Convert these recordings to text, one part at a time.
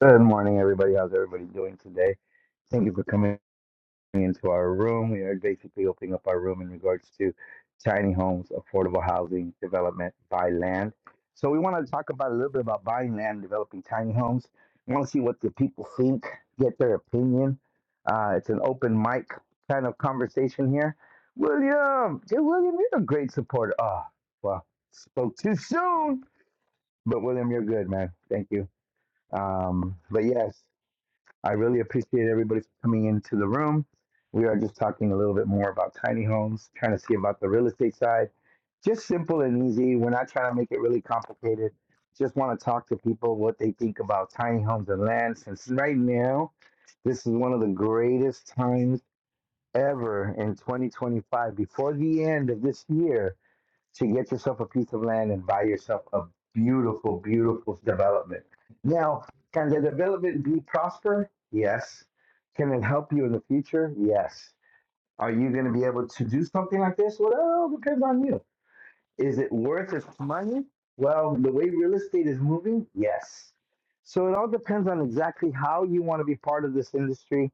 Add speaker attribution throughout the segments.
Speaker 1: Good morning, everybody. How's everybody doing today? Thank you for coming into our room. We are basically opening up our room in regards to tiny homes, affordable housing development buy land. So we want to talk about a little bit about buying land, developing tiny homes. We want to see what the people think, get their opinion. Uh, it's an open mic kind of conversation here. William, dear William, you're a great supporter. Oh, well, spoke too soon, but William, you're good, man. Thank you. Um, but yes. I really appreciate everybody for coming into the room. We are just talking a little bit more about tiny homes, trying to see about the real estate side. Just simple and easy. We're not trying to make it really complicated. Just want to talk to people what they think about tiny homes and land since right now, this is one of the greatest times ever in 2025. Before the end of this year, to get yourself a piece of land and buy yourself a beautiful, beautiful development. Now, can the development be prosper? Yes. Can it help you in the future? Yes. Are you going to be able to do something like this? Well, it all depends on you. Is it worth its money? Well, the way real estate is moving, yes. So it all depends on exactly how you want to be part of this industry,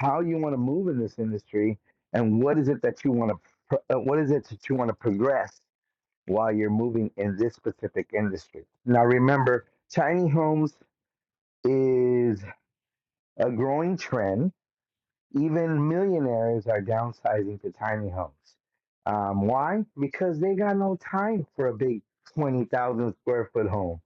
Speaker 1: how you want to move in this industry, and what is it that you want to, pro- uh, what is it that you want to progress while you're moving in this specific industry. Now, remember, tiny homes is a growing trend. Even millionaires are downsizing to tiny homes. Um, why? Because they got no time for a big 20,000 square foot home.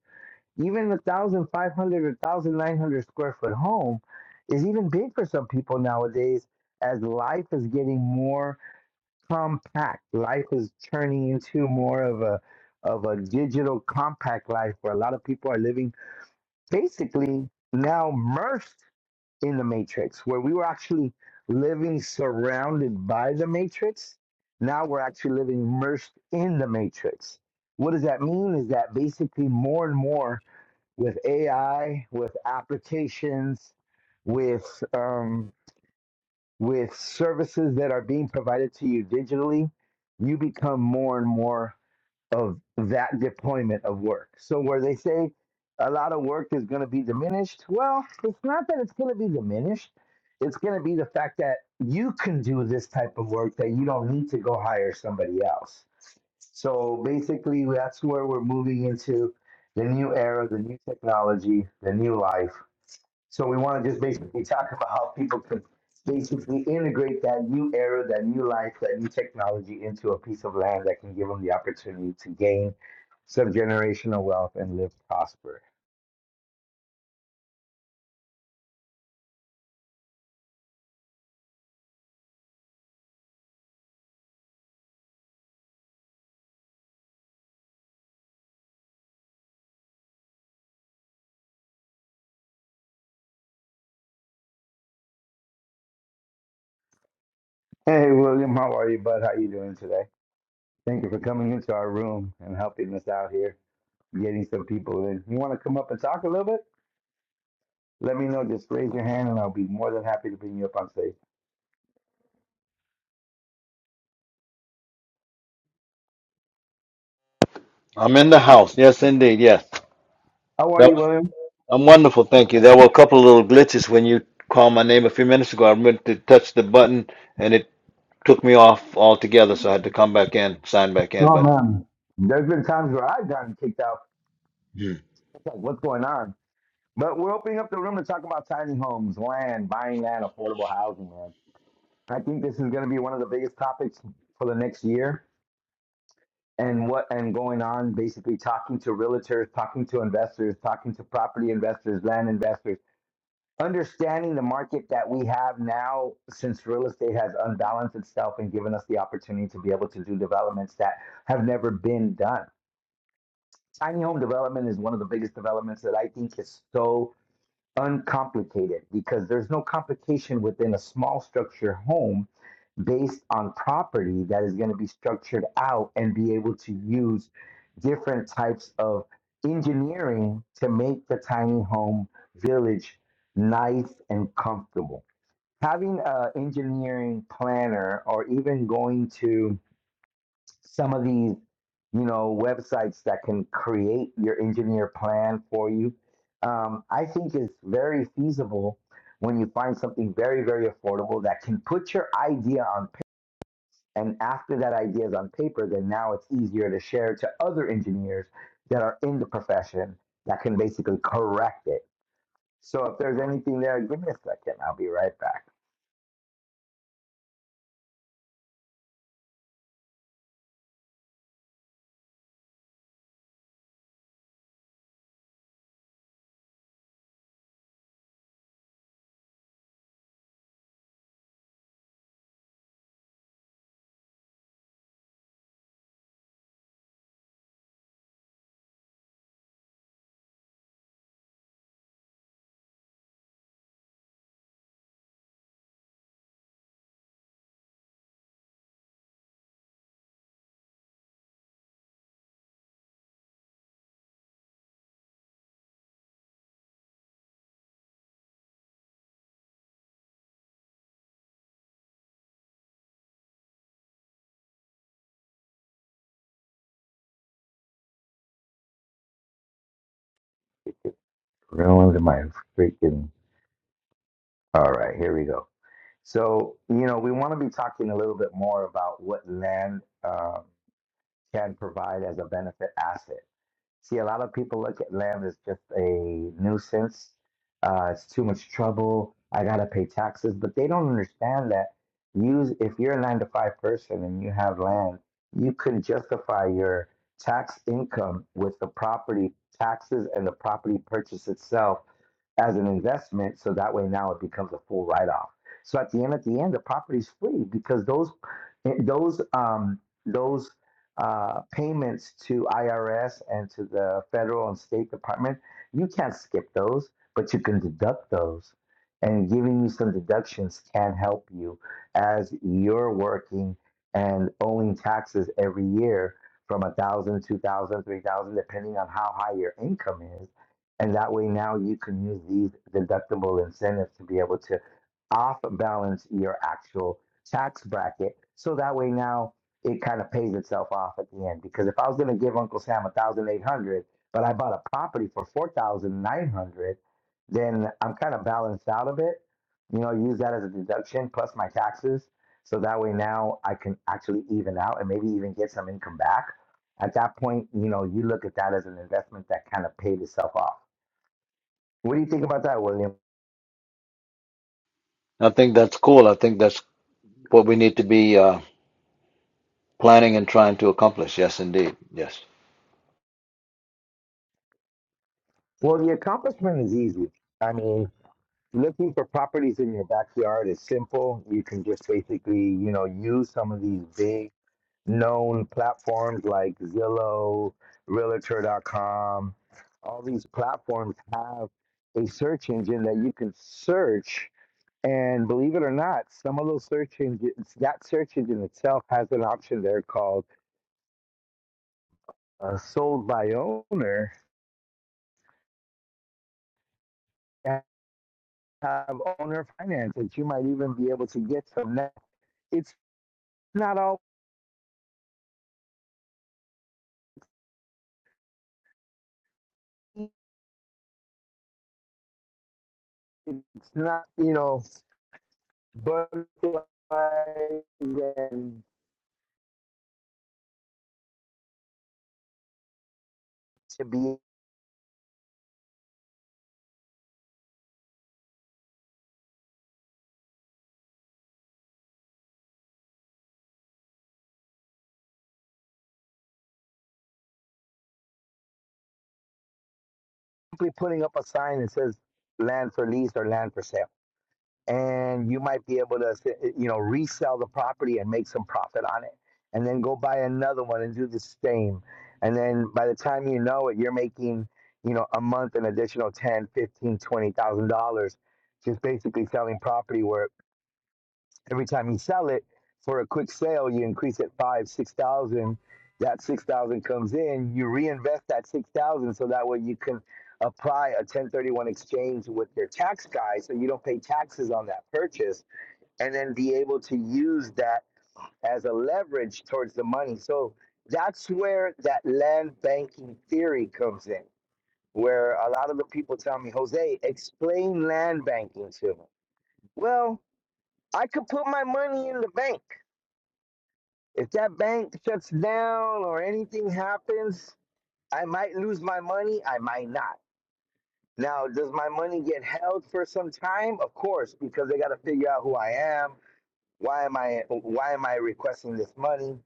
Speaker 1: Even a 1,500 or 1,900 square foot home is even big for some people nowadays as life is getting more compact. Life is turning into more of a of a digital compact life where a lot of people are living basically now immersed in the matrix where we were actually living surrounded by the matrix now we're actually living immersed in the matrix what does that mean is that basically more and more with ai with applications with um, with services that are being provided to you digitally, you become more and more of that deployment of work. So, where they say a lot of work is going to be diminished, well, it's not that it's going to be diminished. It's going to be the fact that you can do this type of work that you don't need to go hire somebody else. So, basically, that's where we're moving into the new era, the new technology, the new life so we want to just basically talk about how people can basically integrate that new era, that new life, that new technology into a piece of land that can give them the opportunity to gain subgenerational wealth and live prosper. Hey, William, how are you, bud? How you doing today? Thank you for coming into our room and helping us out here, getting some people in. You want to come up and talk a little bit? Let me know. Just raise your hand, and I'll be more than happy to bring you up on stage.
Speaker 2: I'm in the house. Yes, indeed. Yes.
Speaker 1: How are
Speaker 2: That,
Speaker 1: you,
Speaker 2: was,
Speaker 1: William?
Speaker 2: I'm wonderful. Thank you. There were a couple of little glitches when you called my name a few minutes ago. I meant to touch the button and it took me off altogether. So I had to come back in, sign back in.
Speaker 1: Oh
Speaker 2: But
Speaker 1: man, There's been times where I've gotten kicked out.
Speaker 2: hmm,
Speaker 1: It's like, what's going on? But we're opening up the room to talk about tiny homes, land, buying land, affordable housing, man. I think this is going to be one of the biggest topics for the next year. And what and going on, basically talking to realtors, talking to investors, talking to property investors, land investors, understanding the market that we have now since real estate has unbalanced itself and given us the opportunity to be able to do developments that have never been done. Tiny home development is one of the biggest developments that I think is so uncomplicated because there's no complication within a small structure home based on property that is going to be structured out and be able to use different types of engineering to make the tiny home village nice and comfortable. Having an engineering planner or even going to some of these, you know, websites that can create your engineer plan for you, um, I think is very feasible when you find something very, very affordable that can put your idea on paper. And after that idea is on paper, then now it's easier to share to other engineers that are in the profession that can basically correct it. So if there's anything there, give me a second. I'll be right back. Real into my freaking. All right, here we go. So, you know, we want to be talking a little bit more about what land um, can provide as a benefit asset. See, a lot of people look at land as just a nuisance. Uh, it's too much trouble. I gotta pay taxes, but they don't understand that. Use if you're a nine to five person and you have land, you can justify your tax income with the property taxes and the property purchase itself as an investment. So that way now it becomes a full write off. So at the end, at the end, the property's free because those those um, those uh, payments to IRS and to the federal and state department, you can't skip those, but you can deduct those. And giving you some deductions can help you as you're working and owing taxes every year from a thousand, dollars, two thousand, dollars, three thousand, dollars, depending on how high your income is. And that way now you can use these deductible incentives to be able to off balance your actual tax bracket. So that way now it kind of pays itself off at the end because if I was going to give Uncle Sam a thousand eight hundred, dollars, but I bought a property for four thousand nine hundred, dollars, then I'm kind of balanced out of it. You know, use that as a deduction plus my taxes, so that way now I can actually even out and maybe even get some income back. At that point, you know, you look at that as an investment that kind of paid itself off. What do you think about that, William?
Speaker 2: I think that's cool. I think that's what we need to be uh, planning and trying to accomplish. Yes, indeed. Yes.
Speaker 1: Well, the accomplishment is easy. I mean, looking for properties in your backyard is simple. You can just basically, you know, use some of these big known platforms like Zillow, Realtor.com. All these platforms have a search engine that you can search. And believe it or not, some of those search engines, that search engine itself has an option there called uh, sold by owner and have owner finance that you might even be able to get some. Now, It's not all. it's not, you know, butterflies and to be simply putting up a sign that says land for lease or land for sale. And you might be able to, you know, resell the property and make some profit on it. And then go buy another one and do the same. And then by the time you know it, you're making, you know, a month an additional ten, fifteen, twenty thousand dollars just basically selling property where Every time you sell it for a quick sale, you increase it five, six thousand. That six thousand comes in. You reinvest that six thousand so that way you can apply a 1031 exchange with your tax guy so you don't pay taxes on that purchase and then be able to use that as a leverage towards the money. So that's where that land banking theory comes in, where a lot of the people tell me, Jose, explain land banking to me. Well, I could put my money in the bank If that bank shuts down or anything happens, I might lose my money. I might not. Now, does my money get held for some time? Of course, because they got to figure out who I am. Why am I? Why am I requesting this money?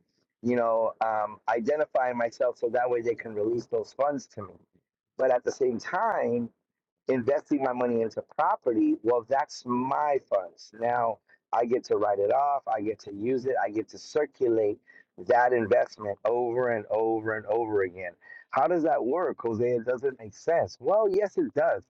Speaker 1: You know, um, identifying myself so that way they can release those funds to me. But at the same time, investing my money into property, well, that's my funds. Now I get to write it off, I get to use it, I get to circulate that investment over and over and over again. How does that work, Jose? It doesn't make sense. Well, yes, it does.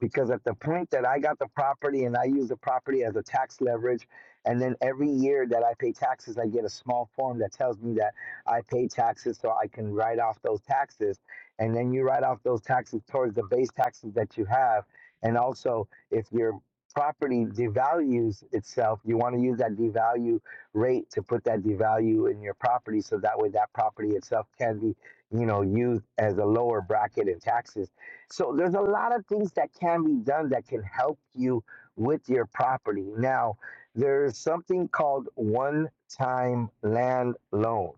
Speaker 1: Because at the point that I got the property and I use the property as a tax leverage, and then every year that I pay taxes, I get a small form that tells me that I pay taxes so I can write off those taxes and then you write off those taxes towards the base taxes that you have. And also, if your property devalues itself, you want to use that devalue rate to put that devalue in your property, so that way that property itself can be, you know, used as a lower bracket in taxes. So there's a lot of things that can be done that can help you with your property. Now, there's something called one-time land loan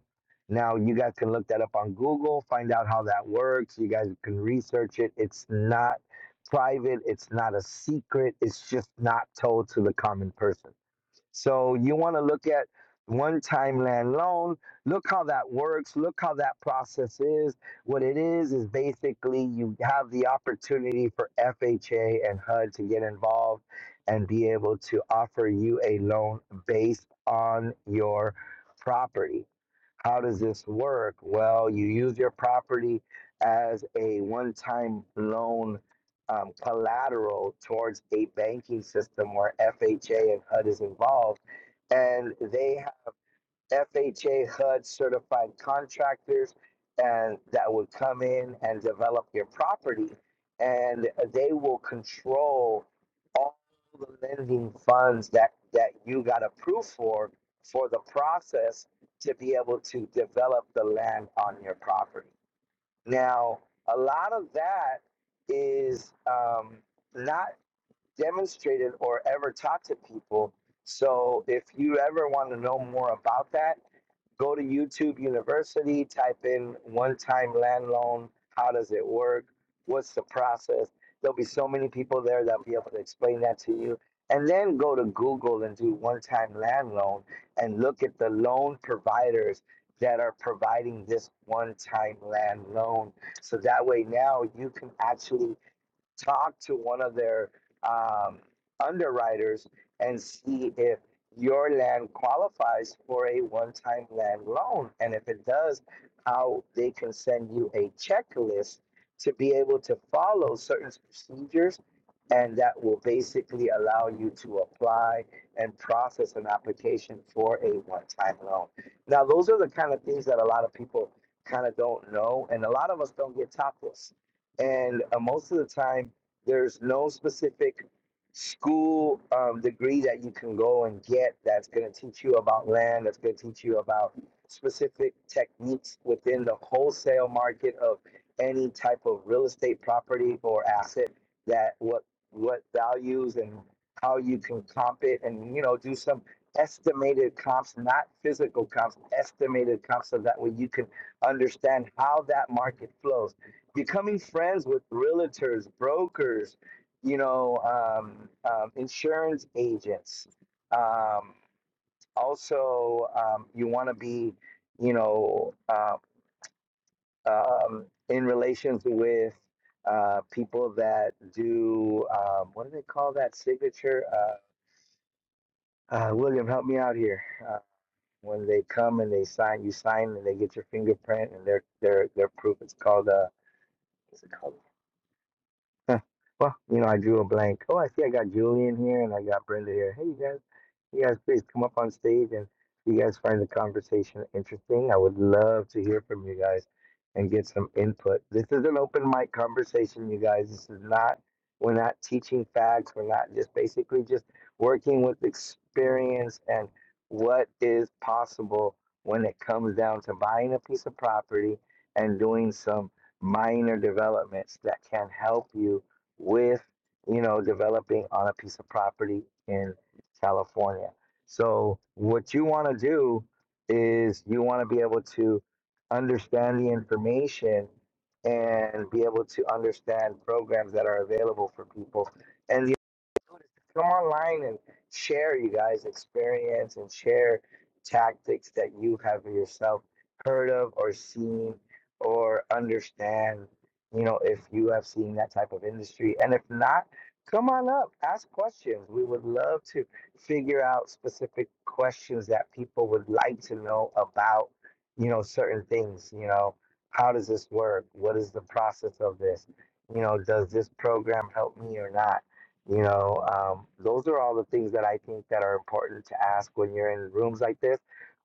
Speaker 1: now you guys can look that up on Google, find out how that works. You guys can research it. It's not private, it's not a secret, it's just not told to the common person. So you want to look at one time land loan. Look how that works. Look how that process is. What it is is basically you have the opportunity for FHA and HUD to get involved and be able to offer you a loan based on your property. How does this work? Well, you use your property as a one time loan um, collateral towards a banking system where FHA and HUD is involved. And they have FHA HUD certified contractors and that would come in and develop your property and they will control all the lending funds that, that you got approved for for the process to be able to develop the land on your property. Now, a lot of that is um, not demonstrated or ever taught to people. So, if you ever want to know more about that, Go to YouTube University, type in one time land loan. How does it work? What's the process? There'll be so many people there that'll be able to explain that to you. And then go to Google and do one time land loan and look at the loan providers that are providing this one time land loan. So that way now you can actually talk to one of their um, underwriters and see if your land qualifies for a one-time land loan. And if it does, how they can send you a checklist to be able to follow certain procedures. And that will basically allow you to apply and process an application for a one-time loan. Now, those are the kind of things that a lot of people kind of don't know. And a lot of us don't get taught this and uh, most of the time there's no specific school um, degree that you can go and get that's going to teach you about land that's going to teach you about specific techniques within the wholesale market of any type of real estate property or asset that what what values and how you can comp it and you know do some estimated comps not physical comps estimated comps so that way you can understand how that market flows becoming friends with realtors, brokers, you know, um, um, insurance agents. Um, also, um, you want to be, you know, uh, um, in relations with uh, people that do um, what do they call that signature? Uh, uh, William, help me out here. Uh, when they come and they sign, you sign and they get your fingerprint and their their their proof. It's called a. What's it called? Huh. Well, you know, I drew a blank. Oh, I see I got Julian here and I got Brenda here. Hey, you guys, you guys, please come up on stage and if you guys find the conversation interesting. I would love to hear from you guys and get some input. This is an open mic conversation, you guys. This is not, we're not teaching facts. We're not just basically just working with experience and what is possible when it comes down to buying a piece of property and doing some minor developments that can help you with, you know, developing on a piece of property in California. So, what you want to do is you want to be able to understand the information and be able to understand programs that are available for people. And the Come online and share you guys' experience and share tactics that you have yourself heard of or seen or understand. You know, if you have seen that type of industry, and if not, come on up, ask questions. We would love to figure out specific questions that people would like to know about. You know, certain things. You know, how does this work? What is the process of this? You know, does this program help me or not? You know, um, those are all the things that I think that are important to ask when you're in rooms like this.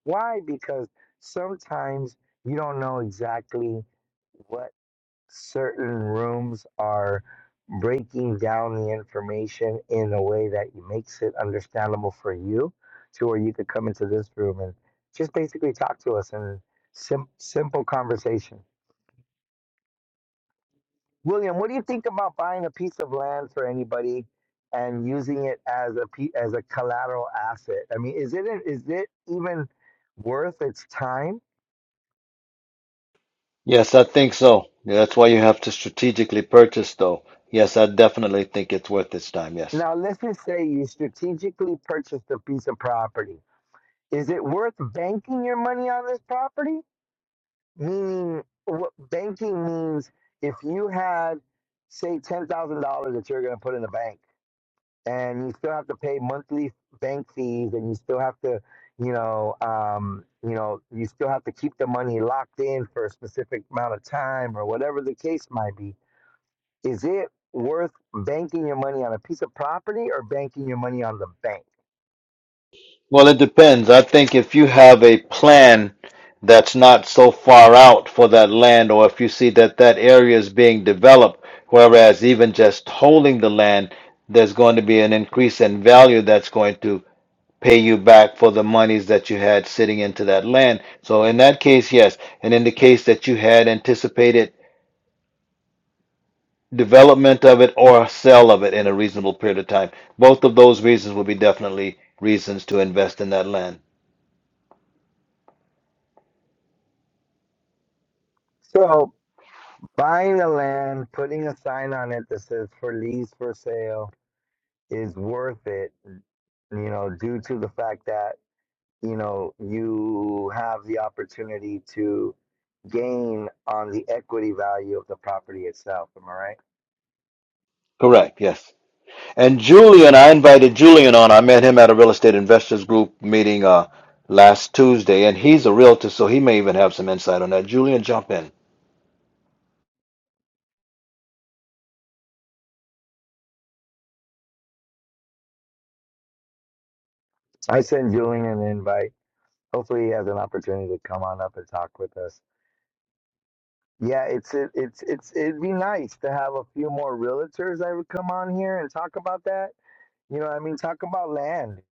Speaker 1: Why? Because sometimes you don't know exactly what certain rooms are breaking down the information in a way that makes it understandable for you to where you could come into this room and just basically talk to us and sim- simple conversation William, what do you think about buying a piece of land for anybody and using it as a pe- as a collateral asset? I mean, is it is it even worth its time?
Speaker 2: Yes, I think so. Yeah, that's why you have to strategically purchase, though. Yes, I definitely think it's worth its time. Yes.
Speaker 1: Now, let's just say you strategically purchased a piece of property. Is it worth banking your money on this property? Meaning, what banking means if you had, say, ten thousand dollars that you're going to put in the bank and you still have to pay monthly bank fees and you still have to you know um you know you still have to keep the money locked in for a specific amount of time or whatever the case might be is it worth banking your money on a piece of property or banking your money on the bank
Speaker 2: Well, it depends. I think if you have a plan that's not so far out for that land, or if you see that that area is being developed, whereas even just holding the land, there's going to be an increase in value that's going to pay you back for the monies that you had sitting into that land. So in that case, yes. And in the case that you had anticipated development of it or sale of it in a reasonable period of time, both of those reasons will be definitely reasons to invest in that land.
Speaker 1: so buying the land putting a sign on it that says for lease for sale is worth it you know due to the fact that you know, you have the opportunity to gain on the equity value of the property itself. Am I right?
Speaker 2: Correct. Yes. And Julian, I invited Julian on. I met him at a real estate investors group meeting uh, last Tuesday, and he's a realtor, so he may even have some insight on that. Julian, jump in.
Speaker 1: I send Julian an invite. Hopefully, he has an opportunity to come on up and talk with us. Yeah, it's it, it's it's it'd be nice to have a few more realtors that would come on here and talk about that. You know, what I mean, talk about land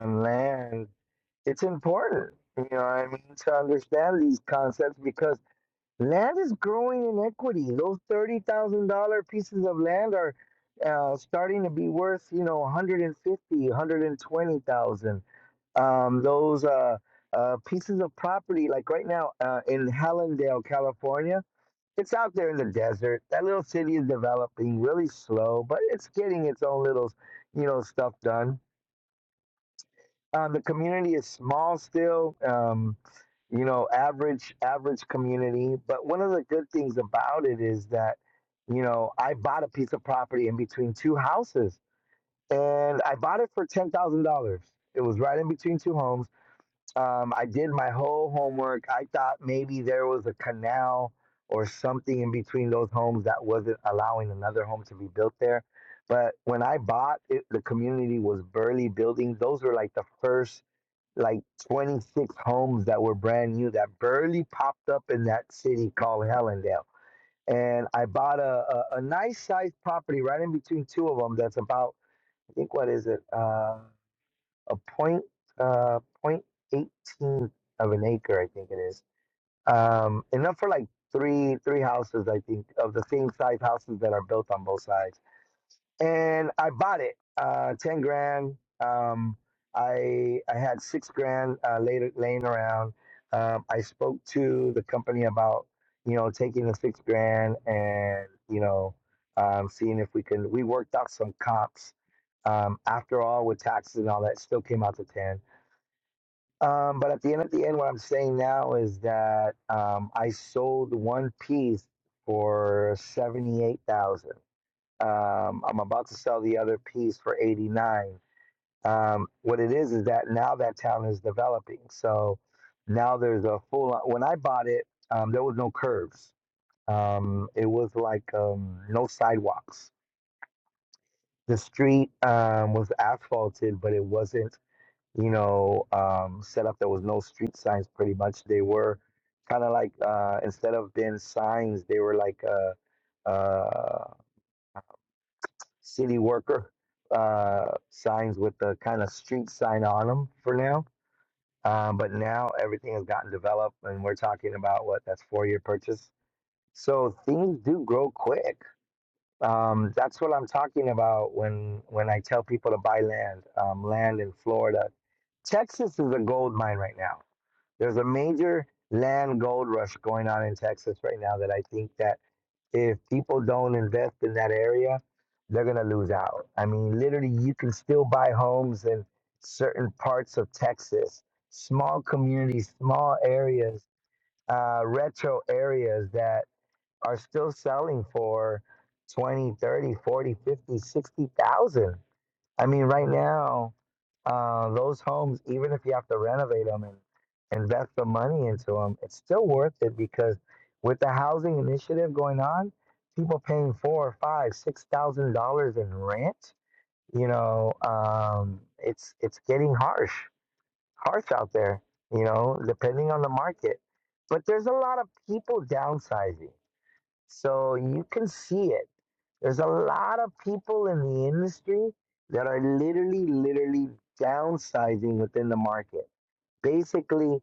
Speaker 1: and land. It's important. You know, what I mean, to understand these concepts because Land is growing in equity. Those thirty thousand dollar pieces of land are uh, starting to be worth, you know, one hundred and fifty, one hundred and twenty thousand. Um, those uh, uh, pieces of property, like right now uh, in Hallandale, California, it's out there in the desert. That little city is developing really slow, but it's getting its own little, you know, stuff done. Um, the community is small still. Um, you know average average community but one of the good things about it is that you know i bought a piece of property in between two houses and i bought it for $10000 it was right in between two homes um, i did my whole homework i thought maybe there was a canal or something in between those homes that wasn't allowing another home to be built there but when i bought it the community was barely building those were like the first like 26 homes that were brand new that barely popped up in that city called Hellendale. And I bought a, a, a nice sized property right in between two of them that's about, I think, what is it? Uh, a point, uh, point 18 of an acre, I think it is. Um, enough for like three, three houses, I think, of the same size houses that are built on both sides and I bought it, uh, ten grand. Um, I I had six grand uh, later laying around. Um, I spoke to the company about you know taking the six grand and you know um, seeing if we can. We worked out some comps. Um, after all, with taxes and all that, it still came out to ten. Um, but at the end of the end, what I'm saying now is that um, I sold one piece for seventy eight thousand um, I'm about to sell the other piece for 89. Um, what it is is that now that town is developing. So now there's a full. When I bought it, um, there was no curves. Um, it was like um, no sidewalks. The street um, was asphalted, but it wasn't, you know, um, set up. There was no street signs. Pretty much, they were kind of like uh, instead of being signs, they were like. Uh, uh, city worker uh, signs with the kind of street sign on them for now. Um, but now everything has gotten developed, and we're talking about what that's four year purchase. So things do grow quick. Um, that's what I'm talking about when when I tell people to buy land, um, land in Florida. Texas is a gold mine right now. There's a major land gold rush going on in Texas right now that I think that if people don't invest in that area, they're going to lose out. I mean, literally, you can still buy homes in certain parts of Texas, small communities, small areas, uh, retro areas that are still selling for 20, 30, 40, 50, 60,000. I mean, right now, uh, those homes, even if you have to renovate them and invest the money into them, it's still worth it because with the housing initiative going on, people paying four, five, six thousand dollars in rent, you know, um, it's it's getting harsh, harsh out there, you know, depending on the market. But there's a lot of people downsizing. So you can see it. There's a lot of people in the industry that are literally, literally downsizing within the market. Basically,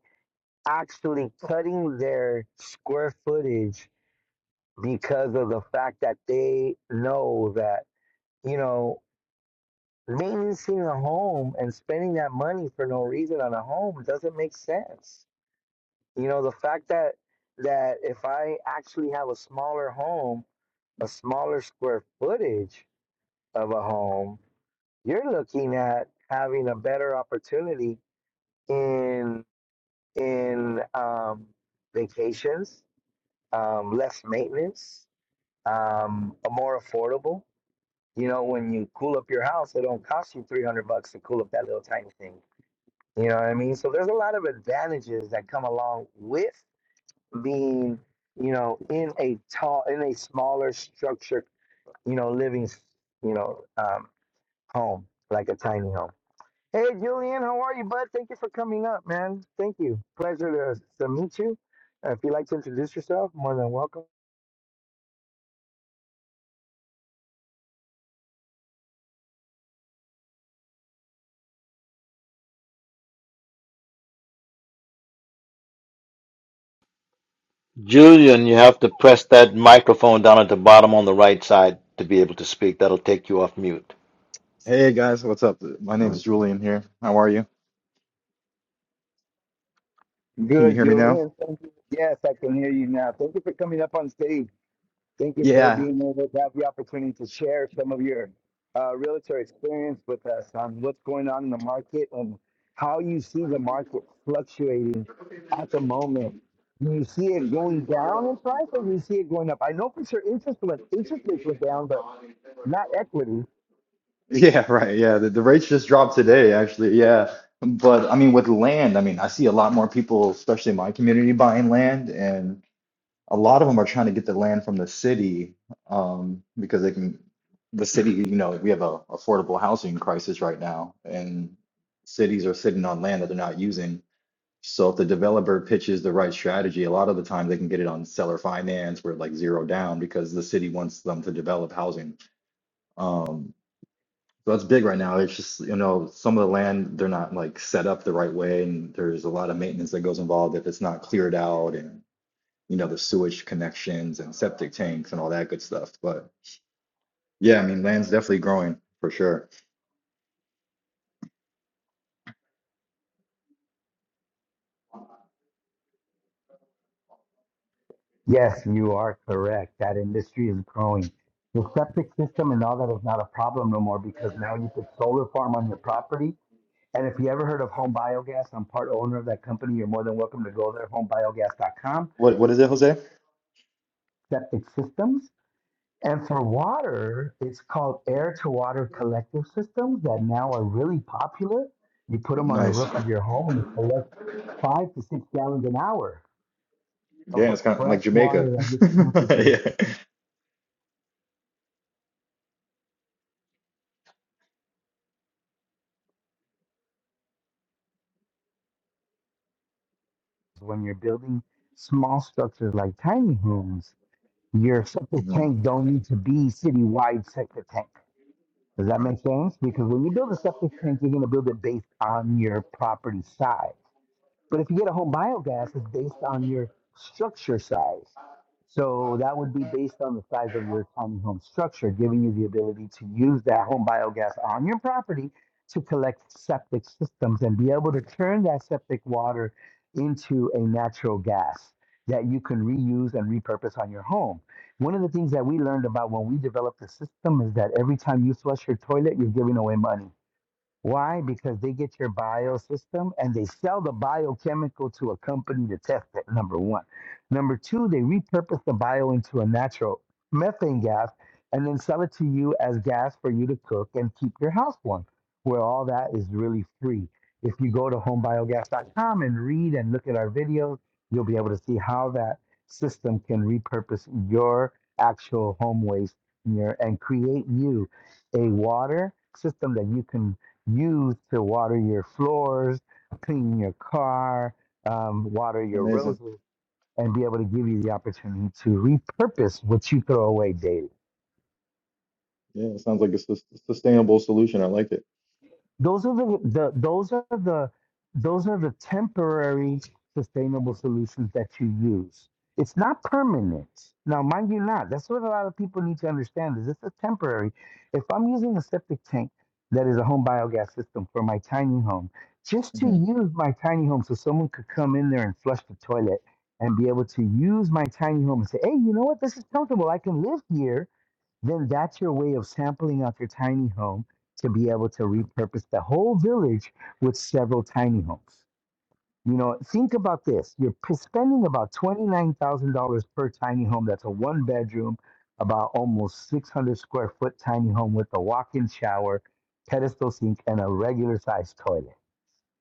Speaker 1: actually cutting their square footage because of the fact that they know that, you know, maintaining a home and spending that money for no reason on a home doesn't make sense You know, the fact that that if I actually have a smaller home, a smaller square footage of a home, you're looking at having a better opportunity in in um, vacations, um, less maintenance, um, a more affordable. You know, when you cool up your house, it don't cost you three hundred bucks to cool up that little tiny thing. You know what I mean? So there's a lot of advantages that come along with being, you know, in a tall, in a smaller structure, you know, living, you know, um, home, like a tiny home. Hey, Julian, how are you, bud? Thank you for coming up, man. Thank you. Pleasure to, to meet you. Uh, if you'd like to introduce yourself, more than welcome.
Speaker 2: Julian, you have to press that microphone down at the bottom on the right side to be able to speak. That'll take you off mute.
Speaker 3: Hey guys, what's up? My name is Julian here. How are you? Can you
Speaker 1: Good,
Speaker 3: hear me now?
Speaker 1: Julian. Thank you. Yes, I can hear you now. Thank you for coming up on stage. Thank you for
Speaker 3: Yeah.
Speaker 1: being able to have the opportunity to share some of your uh, realtor experience with us on what's going on in the market and how you see the market fluctuating at the moment. Do you see it going down in price or do you see it going up? I know for sure interest went, interest rates went down, but not equity.
Speaker 3: Yeah, right. Yeah, the, the rates just dropped today, actually. Yeah. But I mean, with land, I mean, I see a lot more people, especially in my community, buying land, and a lot of them are trying to get the land from the city, um, because they can, the city, you know, we have a affordable housing crisis right now, and cities are sitting on land that they're not using. So if the developer pitches the right strategy, a lot of the time they can get it on seller finance where like zero down because the city wants them to develop housing. Um, so that's big right now. It's just, you know, some of the land, they're not like set up the right way and there's a lot of maintenance that goes involved if it's not cleared out and, you know, the sewage connections and septic tanks and all that good stuff. But yeah, I mean, land's definitely growing for sure.
Speaker 1: Yes, you are correct. That industry is growing. The septic system and all that is not a problem no more because now you put solar farm on your property And if you ever heard of Home Biogas, I'm part owner of that company. You're more than welcome to go there, homebiogas.com,
Speaker 3: What, what is it, Jose?
Speaker 1: septic systems. And for water, it's called air to water collective systems that now are really popular. You put them on the
Speaker 3: Nice.
Speaker 1: roof of your home and you collect five to six gallons an hour
Speaker 3: Yeah,
Speaker 1: of
Speaker 3: it's kind of like
Speaker 1: fresh water
Speaker 3: Jamaica.
Speaker 1: that
Speaker 3: Yeah.
Speaker 1: when you're building small structures like tiny homes. Your septic
Speaker 3: Mhm.
Speaker 1: tank don't need to be city-wide septic tanks Does that make sense? Because when you build a septic tank, you're going to build it based on your property size. But if you get a home biogas, it's based on your structure size. So that would be based on the size of your tiny home structure, giving you the ability to use that home biogas on your property to collect septic systems and be able to turn that septic water into a natural gas that you can reuse and repurpose on your home. One of the things that we learned about when we developed the system is that every time you flush your toilet, you're giving away money why? Because they get your biosystem and they sell the biochemical to a company to test it, number one. Number two, they repurpose the bio into a natural methane gas and then sell it to you as gas for you to cook and keep your house warm, where all that is really free. If you go to homebiogas.com and read and look at our videos, you'll be able to see how that system can repurpose your actual home waste and, your, and create you a water system that you can use to water your floors, clean your car, um, water your
Speaker 3: Amazing.
Speaker 1: roses, and be able to give you the opportunity to repurpose what you throw away daily.
Speaker 3: Yeah, it sounds like a sus- sustainable solution. I like it.
Speaker 1: Those are the, the those are the those are the temporary sustainable solutions that you use. It's not permanent. Now, mind you, not that's what a lot of people need to understand is it's a temporary. If I'm using a septic tank that is a home biogas system for my tiny home, just to
Speaker 3: hmm
Speaker 1: use my tiny home, so someone could come in there and flush the toilet and be able to use my tiny home and say, "Hey, you know what? This is comfortable. I can live here." Then that's your way of sampling out your tiny home to be able to repurpose the whole village with several tiny homes. You know, think about this. You're p- spending about $29,000 per tiny home. That's a one bedroom, about almost 600 square foot tiny home with a walk in shower, pedestal sink, and a regular sized toilet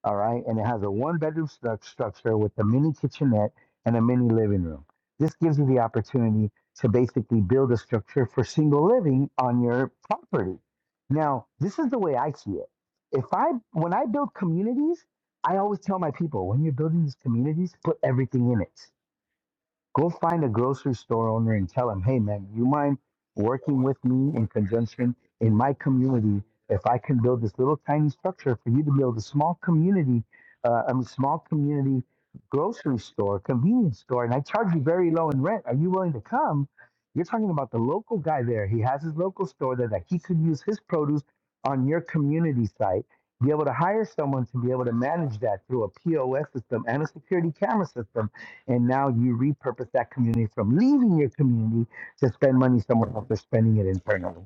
Speaker 1: all right. And it has a one bedroom stru- structure with a mini kitchenette and a mini living room. This gives you the opportunity to basically build a structure for single living on your property. Now, this is the way I see it. If I, when I build communities, I always tell my people when you're building these communities, put everything in it Go find a grocery store owner and tell him, hey man, you mind working with me in conjunction in my community? If I can build this little tiny structure for you to build a small community, uh, I mean, small community grocery store, convenience store, and I charge you very low in rent. Are you willing to come? You're talking about the local guy there. He has his local store there that he could use his produce on your community site. Be able to hire someone to be able to manage that through a POS system and a security camera system and now you repurpose that community from leaving your community to spend money somewhere else or spending it internally.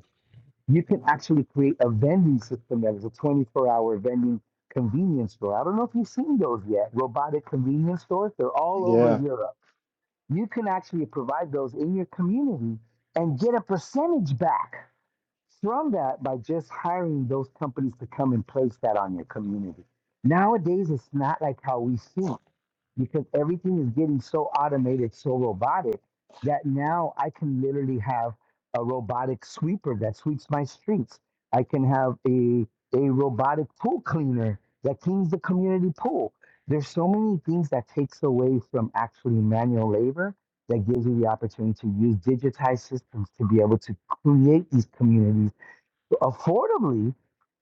Speaker 1: You can actually create a vending system that is a 24 hour vending convenience store. I don't know if you've seen those yet. Robotic convenience stores, they're all over
Speaker 3: Yeah.
Speaker 1: Europe. You can actually provide those in your community and get a percentage back from that by just hiring those companies to come and place that on your community. Nowadays, it's not like how we think because everything is getting so automated, so robotic that now I can literally have a robotic sweeper that sweeps my streets. I can have a a robotic pool cleaner that cleans the community pool. There's so many things that takes away from actually manual labor that gives you the opportunity to use digitized systems to be able to create these communities affordably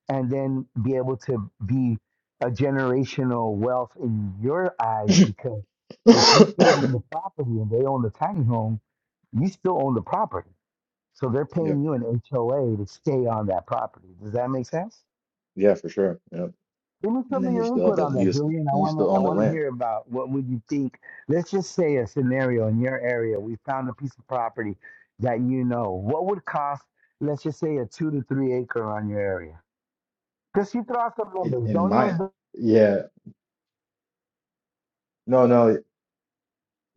Speaker 1: and then be able to be a generational wealth in your eyes because if you still own the property and they own the tiny home, you still own the property. So they're
Speaker 3: Yeah.
Speaker 1: paying you an HOA to stay on that property. Does that make sense?
Speaker 3: Yeah, for sure. Yeah.
Speaker 1: Give me
Speaker 3: And
Speaker 1: some of
Speaker 3: then you
Speaker 1: your
Speaker 3: still have
Speaker 1: input
Speaker 3: the
Speaker 1: on
Speaker 3: you
Speaker 1: that,
Speaker 3: s-
Speaker 1: Julian. I
Speaker 3: and you
Speaker 1: wanna
Speaker 3: still
Speaker 1: I
Speaker 3: own the
Speaker 1: wanna
Speaker 3: land.
Speaker 1: hear about what would you think. Let's just say a scenario in your area. We found a piece of property that you know. What would cost, let's just say a two to three acre on your area? Because you throw out some
Speaker 3: It,
Speaker 1: numbers.
Speaker 3: in
Speaker 1: Don't
Speaker 3: my
Speaker 1: even
Speaker 3: yeah. No, no.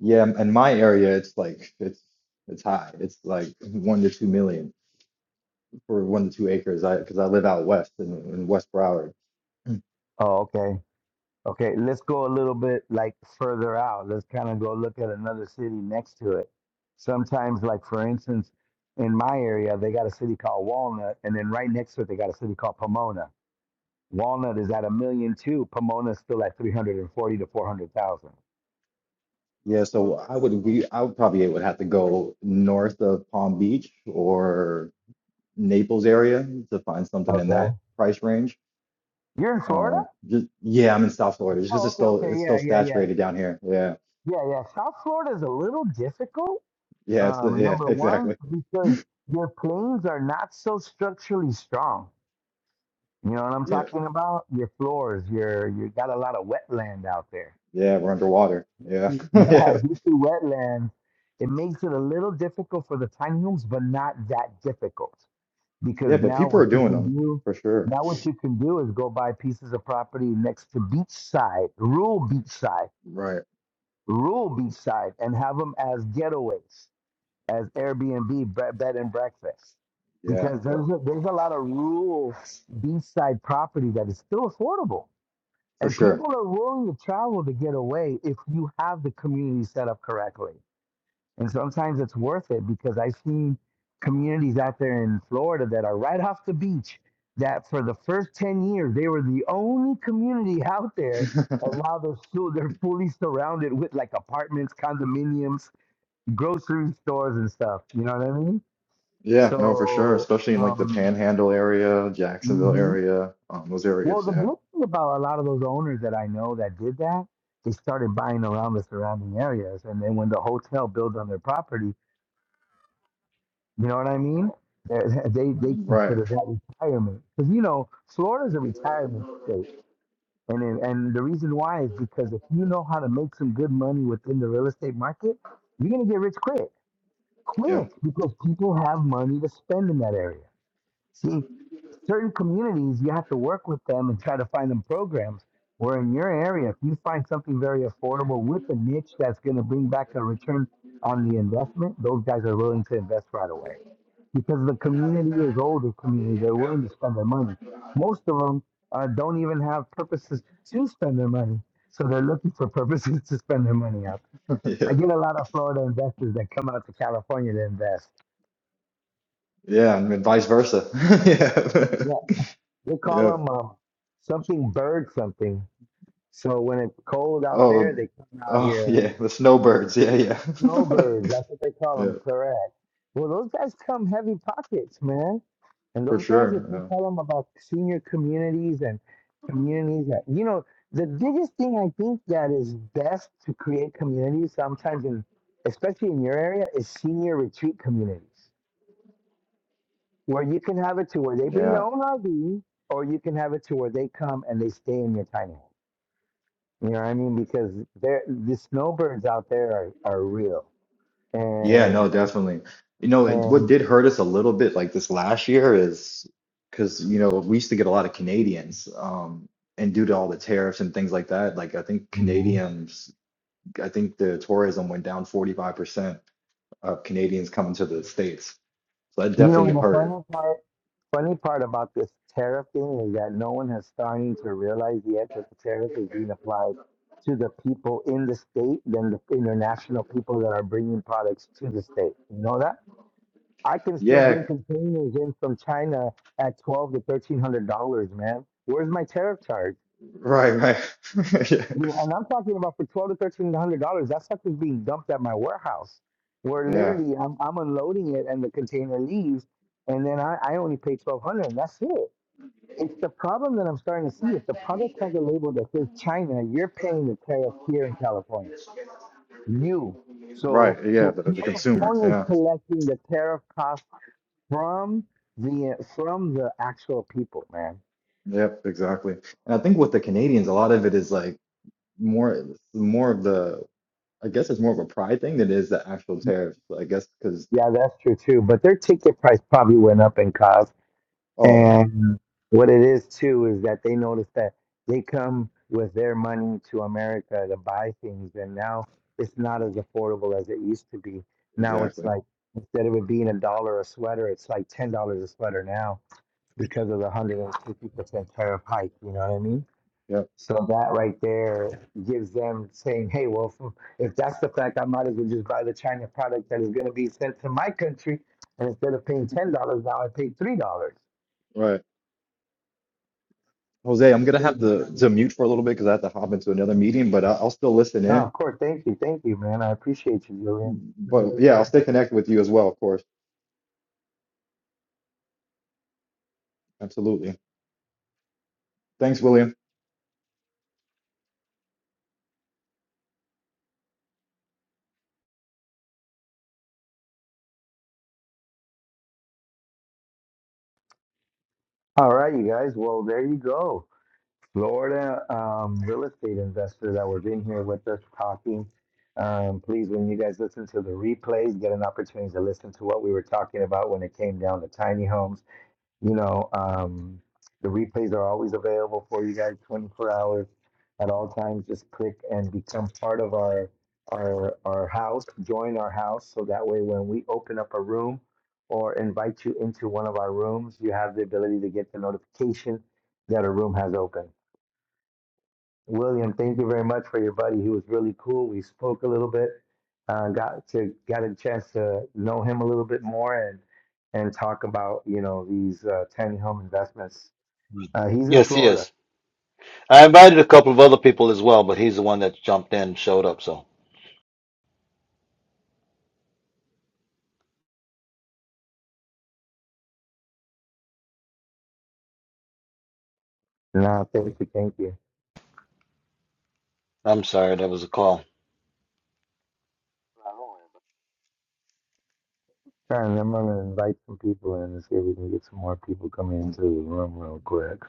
Speaker 3: Yeah, in my area it's like it's it's high. It's like one to two million for one to two acres. I because I live out west in, in West Broward. Mm.
Speaker 1: Oh, okay. Okay, let's go a little bit like further out. Let's kind of go look at another city next to it. Sometimes, like for instance, in my area, they got a city called Walnut, and then right next to it, they got a city called Pomona. Walnut is at a million two. Pomona's still at three hundred and forty to four hundred thousand.
Speaker 3: Yeah, so I would we I would probably would have to go north of Palm Beach or Naples area to find something in
Speaker 1: Okay.
Speaker 3: that price range.
Speaker 1: You're in Florida?
Speaker 3: Uh, just yeah, I'm in South Florida. Just 'cause
Speaker 1: Oh,
Speaker 3: it's
Speaker 1: okay,
Speaker 3: still
Speaker 1: okay,
Speaker 3: it's still
Speaker 1: yeah, yeah, yeah,
Speaker 3: saturated down here. Yeah,
Speaker 1: yeah, yeah. South Florida is a little difficult.
Speaker 3: yeah, it's
Speaker 1: Um,
Speaker 3: yeah,
Speaker 1: number one,
Speaker 3: exactly.
Speaker 1: because your planes are not so structurally strong You know what I'm
Speaker 3: Yeah,
Speaker 1: talking about? Your floors, your you got a lot of wetland out there.
Speaker 3: yeah, we're underwater. Yeah,
Speaker 1: Yeah,
Speaker 3: yeah,
Speaker 1: due to wetlands, it makes it a little difficult for the tiny homes, but not that difficult. Because
Speaker 3: yeah. But
Speaker 1: now
Speaker 3: people
Speaker 1: what
Speaker 3: are
Speaker 1: you
Speaker 3: doing
Speaker 1: can
Speaker 3: them
Speaker 1: do,
Speaker 3: for sure.
Speaker 1: now what you can do is go buy pieces of property next to beachside, rural beachside,
Speaker 3: Right.
Speaker 1: rural beachside, and have them as getaways, as Airbnb bre- bed and breakfast.
Speaker 3: Yeah,
Speaker 1: Because
Speaker 3: yep,
Speaker 1: there's a, there's a lot of rural beachside property that is still affordable
Speaker 3: for
Speaker 1: And people
Speaker 3: sure.
Speaker 1: are willing to travel to get away if you have the community set up correctly. And sometimes it's worth it because I've seen communities out there in Florida that are right off the beach that for the first 10 years, they were the only community out there. And now they're, so, they're fully surrounded with like apartments, condominiums, grocery stores, and stuff. You know what I mean?
Speaker 3: Yeah, no, for sure.
Speaker 1: So,
Speaker 3: Especially in like the
Speaker 1: um,
Speaker 3: Panhandle area, Jacksonville
Speaker 1: mhm.
Speaker 3: area, um, those
Speaker 1: Well,
Speaker 3: areas.
Speaker 1: the
Speaker 3: Yeah.
Speaker 1: good thing about a lot of those owners that I know that did that, they started buying around the surrounding areas, and then when the hotel builds on their property, you know what I mean? They're- They they
Speaker 3: Right.
Speaker 1: consider that retirement because you know Florida's a retirement state, and it- and the reason why is because if you know how to make some good money within the real estate market, you're gonna get rich quick,
Speaker 3: Yep.
Speaker 1: quick because people have money to spend in that area. See, certain communities, you have to work with them and try to find them programs. Where in your area, if you find something very affordable with a niche that's going to bring back a return on the investment, those guys are willing to invest right away because the community is older community. They're willing to spend their money. Most of them uh, don't even have purposes to spend their money, so they're looking for purposes to spend their money out. I
Speaker 3: Yeah.
Speaker 1: get a lot of Florida investors that come out to California to invest.
Speaker 3: Yeah, and then vice versa. Yeah.
Speaker 1: They call
Speaker 3: Yeah.
Speaker 1: them um, something bird something. So when it's cold out there,
Speaker 3: Oh,
Speaker 1: they come out
Speaker 3: oh,
Speaker 1: here. Um,
Speaker 3: yeah. The snowbirds. Yeah. Yeah,
Speaker 1: snowbirds, that's what they call
Speaker 3: yeah.
Speaker 1: them, correct. Well, those guys come heavy pockets, man. And
Speaker 3: For
Speaker 1: those guys, if
Speaker 3: sure.
Speaker 1: you
Speaker 3: Yeah.
Speaker 1: tell them about senior communities and communities that, you know, the biggest thing I think that is best to create communities sometimes, in, especially in your area, is senior retreat communities where you can have it to where they bring their
Speaker 3: Yeah,
Speaker 1: own RV or you can have it to where they come and they stay in your tiny home. You know what I mean? Because there, the snowbirds out there are, are real.
Speaker 3: Yeah,
Speaker 1: And
Speaker 3: no, definitely. You know, it, what
Speaker 1: and
Speaker 3: did hurt us a little bit like this last year is because, you know, we used to get a lot of Canadians, um, and due to all the tariffs and things like that, like I think
Speaker 1: Mhm.
Speaker 3: Canadians, I think the tourism went down 45% of Canadians coming to the States. So that
Speaker 1: you know,
Speaker 3: definitely
Speaker 1: and the
Speaker 3: hurt.
Speaker 1: funny part, funny part about this tariff thing is that no one has starting to realize yet that the tariff is being applied to the people in the state than the international people that are bringing products to the state. You know that? I can still
Speaker 3: Yeah,
Speaker 1: bring containers in from China at twelve to thirteen hundred dollars, man. Where's my tariff charge?
Speaker 3: right, right.
Speaker 1: Yeah, And I'm talking about for twelve to thirteen hundred dollars. That stuff is being dumped at my warehouse, where
Speaker 3: Yeah, yeah,
Speaker 1: literally I'm I'm unloading it and the container leaves, and then I, I only pay twelve hundred, and that's it. It's the problem that I'm starting to see. If the product has a label that says China, you're paying the tariff here in California. You.
Speaker 3: right.
Speaker 1: So
Speaker 3: Yeah,
Speaker 1: so
Speaker 3: the, the consumer.
Speaker 1: California is
Speaker 3: Yeah,
Speaker 1: collecting the tariff cost from the from the actual people, man.
Speaker 3: yep, exactly. And I think with the Canadians, a lot of it is like, more more of the I guess it's more of a pride thing than it is the actual tariffs. I guess because
Speaker 1: Yeah, that's true too. But their ticket price probably went up in cost
Speaker 3: oh
Speaker 1: And what it is too is that they notice that they come with their money to America to buy things, and now it's not as affordable as it used to be. Now it's
Speaker 3: exactly
Speaker 1: like instead of it being a dollar a sweater, it's like ten dollars a sweater now because of the hundred and fifty percent tariff hike. You know what I mean?
Speaker 3: Yep.
Speaker 1: So that right there gives them saying, "Hey, well, if that's the fact, I might as well just buy the China product that is going to be sent to my country, and instead of paying ten dollars now, I pay three dollars."
Speaker 3: right Jose I'm gonna have to to mute for a little bit because I have to hop into another meeting but I, I'll still listen
Speaker 1: No,
Speaker 3: in
Speaker 1: of course. Thank you. Thank you, man. I appreciate you, Julian.
Speaker 3: but yeah I'll stay connected with you as well of course absolutely thanks William.
Speaker 1: All right, you guys. Well, there you go. Florida um, real estate investors that were in here with us talking. Um, please, when you guys listen to the replays, get an opportunity to listen to what we were talking about when it came down to tiny homes. You know, um, the replays are always available for you guys 24 hours at all times. Just click and become part of our our our house, join our house so that way when we open up a room or invite you into one of our rooms, you have the ability to get the notification that a room has opened. William, thank you very much for your buddy. He was really cool. We spoke a little bit, uh, got to got a chance to know him a little bit more and and talk about you know these uh, tiny home investments.
Speaker 2: Mm.
Speaker 1: Uh, he's in
Speaker 2: Yes, he
Speaker 1: Florida.
Speaker 2: is. I invited a couple of other people as well, but he's the one that jumped in and showed up, so
Speaker 1: No, thank you, thank you.
Speaker 2: I'm sorry that was a call.
Speaker 1: All right, I'm gonna invite some people in and see if we can get some more people coming into the room real quick.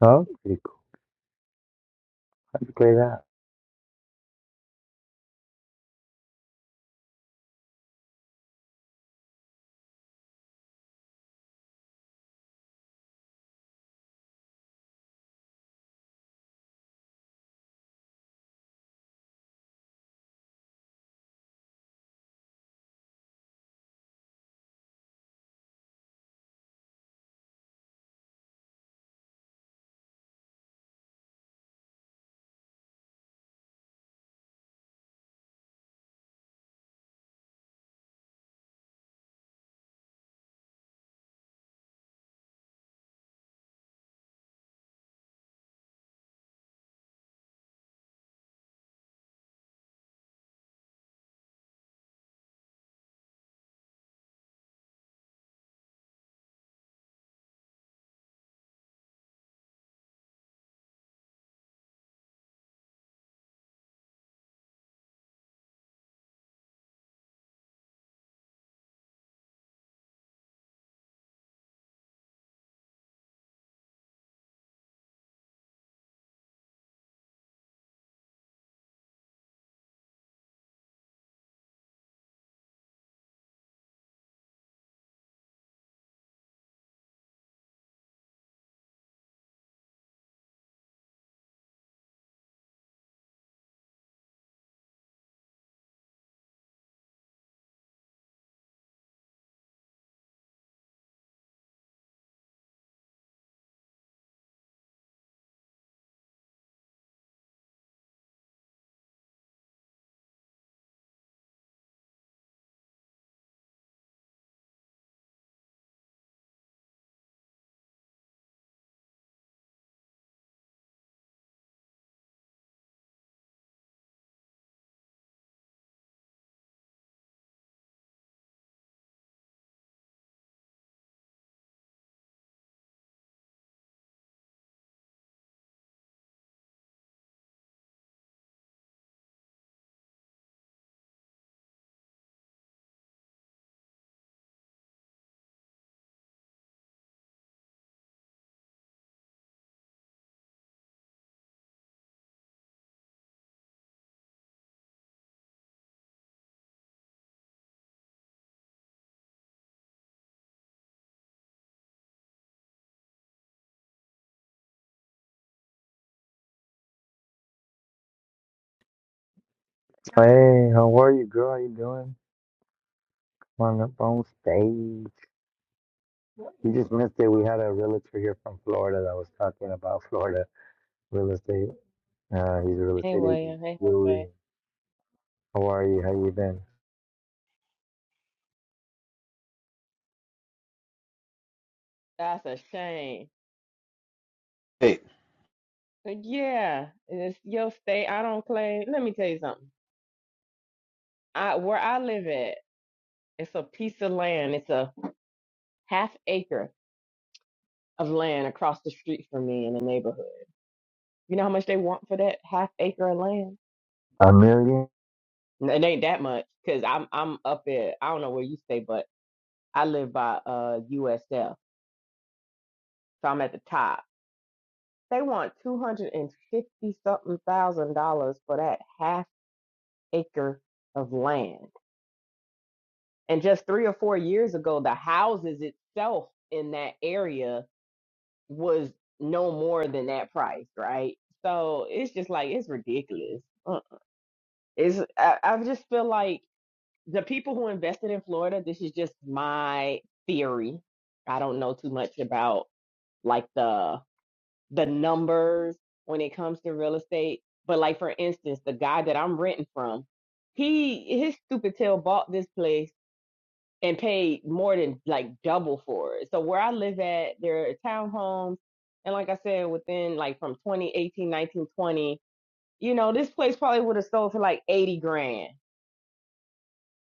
Speaker 1: Oh, pretty cool. How'd you play that? Hey, how are you, girl? How you doing? Come on up on stage. You just missed it. We had a realtor here from Florida that was talking about Florida Real estate. Uh, he's a real
Speaker 4: Hey
Speaker 1: estate agent.
Speaker 4: William, hey Jose.
Speaker 1: Julian, how are you? How you been?
Speaker 4: That's a shame.
Speaker 2: Hey,
Speaker 4: But yeah, it's your state. I don't claim. Let me tell you something. I where I live at, it's a piece of land. It's a half acre of land across the street from me in the neighborhood. You know how much they want for that half acre of land?
Speaker 1: Amelia,
Speaker 4: No, It ain't that much because I'm I'm up at I don't know where you stay, but I live by uh USF, so I'm at the top. They want two hundred and fifty something thousand dollars for that half acre of land. And just three or four years ago, the houses itself in that area was no more than that price, right? So it's just like it's ridiculous. Uh, It's I, I just feel like the people who invested in Florida. This is just my theory. I don't know too much about like the the numbers when it comes to real estate, but like for instance, the guy that I'm renting from, he his stupid tail bought this place and paid more than like double for it. So where I live at, there are townhomes. And like I said, within like from 2018, 19, 20, you know, this place probably would have sold for like 80 grand.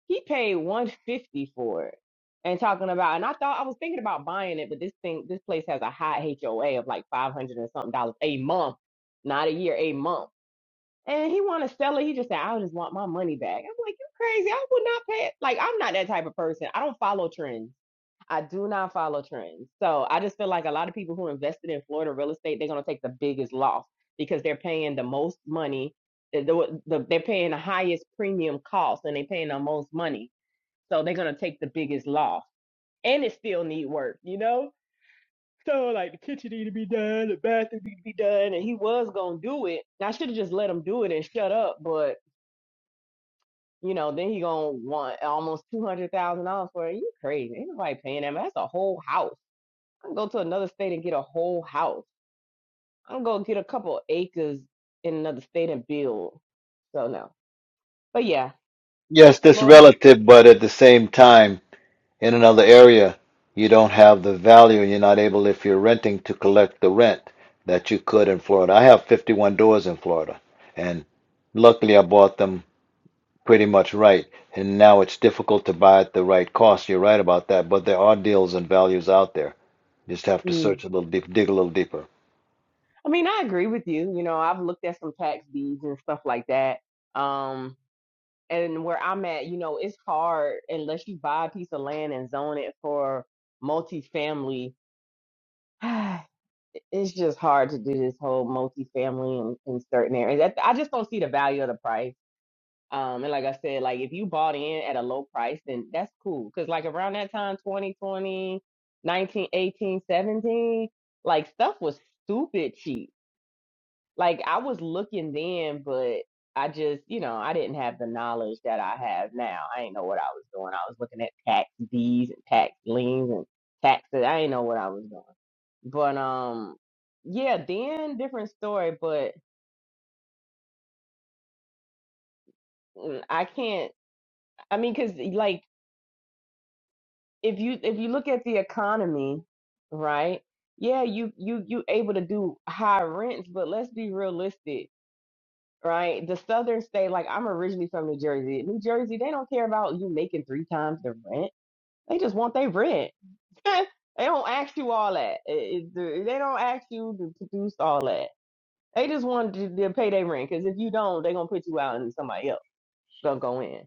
Speaker 4: He paid 150 for it. And talking about, and I thought I was thinking about buying it, but this thing, this place has a high HOA of like 500 and something dollars a month, not a year, a month. And he want to sell it. He just said, I just want my money back. I'm like, you crazy. I would not pay it. Like, I'm not that type of person. I don't follow trends. I do not follow trends. So I just feel like a lot of people who invested in Florida real estate, they're going to take the biggest loss because they're paying the most money. The, the, the- they're paying the highest premium cost and they're paying the most money. So they're going to take the biggest loss. And it still need work, you know? So like the kitchen need to be done, the bathroom need to be done. And he was going to do it. And I should have just let him do it and shut up. But, you know, then he going to want almost $200,000 for it. You crazy. Ain't nobody paying that. That's a whole house I can go to another state and get a whole house. I don't go get a couple acres in another state and build. So no. But yeah,
Speaker 2: yes, this
Speaker 4: Laura.
Speaker 2: relative, but at the same time. in another area, you don't have the value. You're not able, if you're renting, to collect the rent that you could in Florida. I have 51 doors in Florida, and luckily I bought them pretty much right. And now it's difficult to buy at the right cost. You're right about that, but there are deals and values out there. You Just have to
Speaker 4: Mm.
Speaker 2: search a little deep, dig a little deeper.
Speaker 4: I mean, I agree with you. You know, I've looked at some tax deeds and stuff like that. Um, and where I'm at, you know, it's hard unless you buy a piece of land and zone it for multifamily. It's just hard to do this whole multifamily in, in certain areas. I I just don't see the value of the price Um, and like I said, like if you bought in at a low price, then that's cool. Cause like around that time, 2020, 19, 18, 17, like stuff was stupid cheap. Like I was looking then, but I just, you know, I didn't have the knowledge that I have now. I didn't know what I was doing. I was looking at tax deeds and tax liens and taxes. I didn't know what I was doing. But um, yeah, then different story, but mm, I can't, I mean, cause like if you if you look at the economy, right? Yeah, you you you able to do high rents, but let's be realistic, right? The southern state, like I'm originally from New Jersey. New Jersey, they don't care about you making three times the rent. They just want their rent. they don't ask you all that. It- it- they don't ask you to produce all that. They just want to, to pay their rent because if you don't, they're gonna put you out and somebody else gonna go in.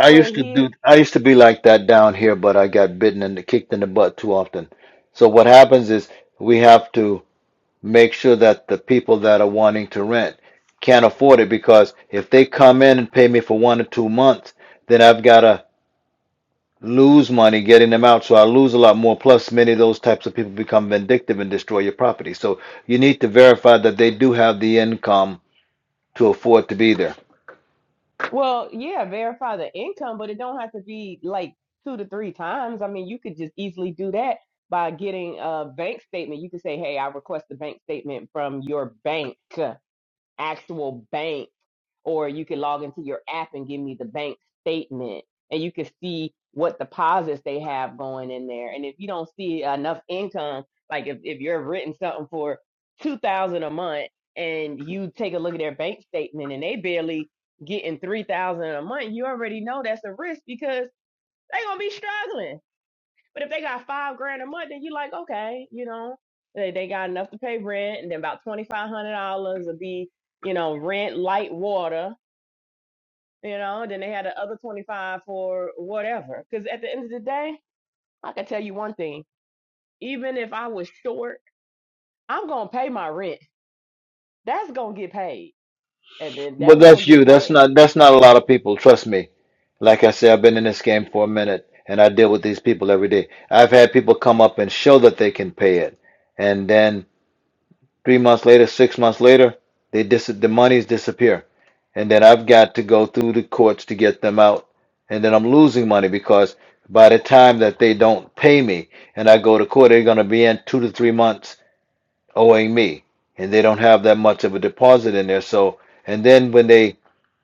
Speaker 2: I
Speaker 4: But
Speaker 2: used to
Speaker 4: here.
Speaker 2: do, I used to be like that down here, but I got bitten and kicked in the butt too often. So what happens is we have to make sure that the people that are wanting to rent can't afford it because if they come in and pay me for one or two months, then I've got to lose money getting them out. So I lose a lot more. Plus, many of those types of people become vindictive and destroy your property. So you need to verify that they do have the income to afford to be there.
Speaker 4: Well, yeah, verify the income, but it don't have to be like two to three times. I mean, you could just easily do that by getting a bank statement. You could say, "Hey, I request a bank statement from your bank, actual bank." or you can log into your app and give me the bank statement and you can see what deposits they have going in there and if you don't see enough income like if, if you're written something for 2000 a month and you take a look at their bank statement and they barely getting 3000 a month you already know that's a risk because they gonna be struggling but if they got five grand a month then you are like okay you know they, they got enough to pay rent and then about $2500 will be you know rent light water you know, then they had the other 25 for whatever. Because at the end of the day, I can tell you one thing even if I was short, I'm going to pay my rent. That's going to get paid. And then
Speaker 2: Well,
Speaker 4: that's going
Speaker 2: that's
Speaker 4: to get
Speaker 2: you. That's
Speaker 4: paid.
Speaker 2: not that's not a lot of people. Trust me. Like I said, I've been in this game for a minute and I deal with these people every day. I've had people come up and show that they can pay it. And then Three months later, six months later, they dis- the monies disappear. And then I've got to go through the courts to get them out. And then I'm losing money because by the time that they don't pay me and I go to court, they're going to be in two to three months owing me. And they don't have that much of a deposit in there. So, and then when they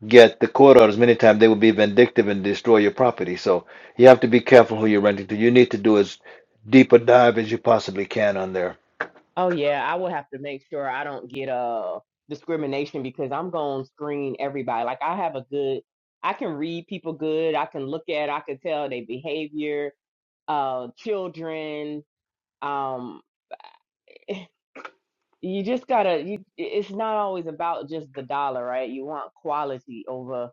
Speaker 2: get the court orders, many times they will be vindictive and destroy your property. So you have to be careful who you're renting to. You need to do as deep a dive as you possibly can on their
Speaker 4: Oh, yeah, I will have to make sure I don't get uh, discrimination because I'm going to screen everybody. Like, I have a good, I can read people good. I can look at, I can tell their behavior, uh, children. Um, you just gotta you it's not always about just the dollar right you want quality over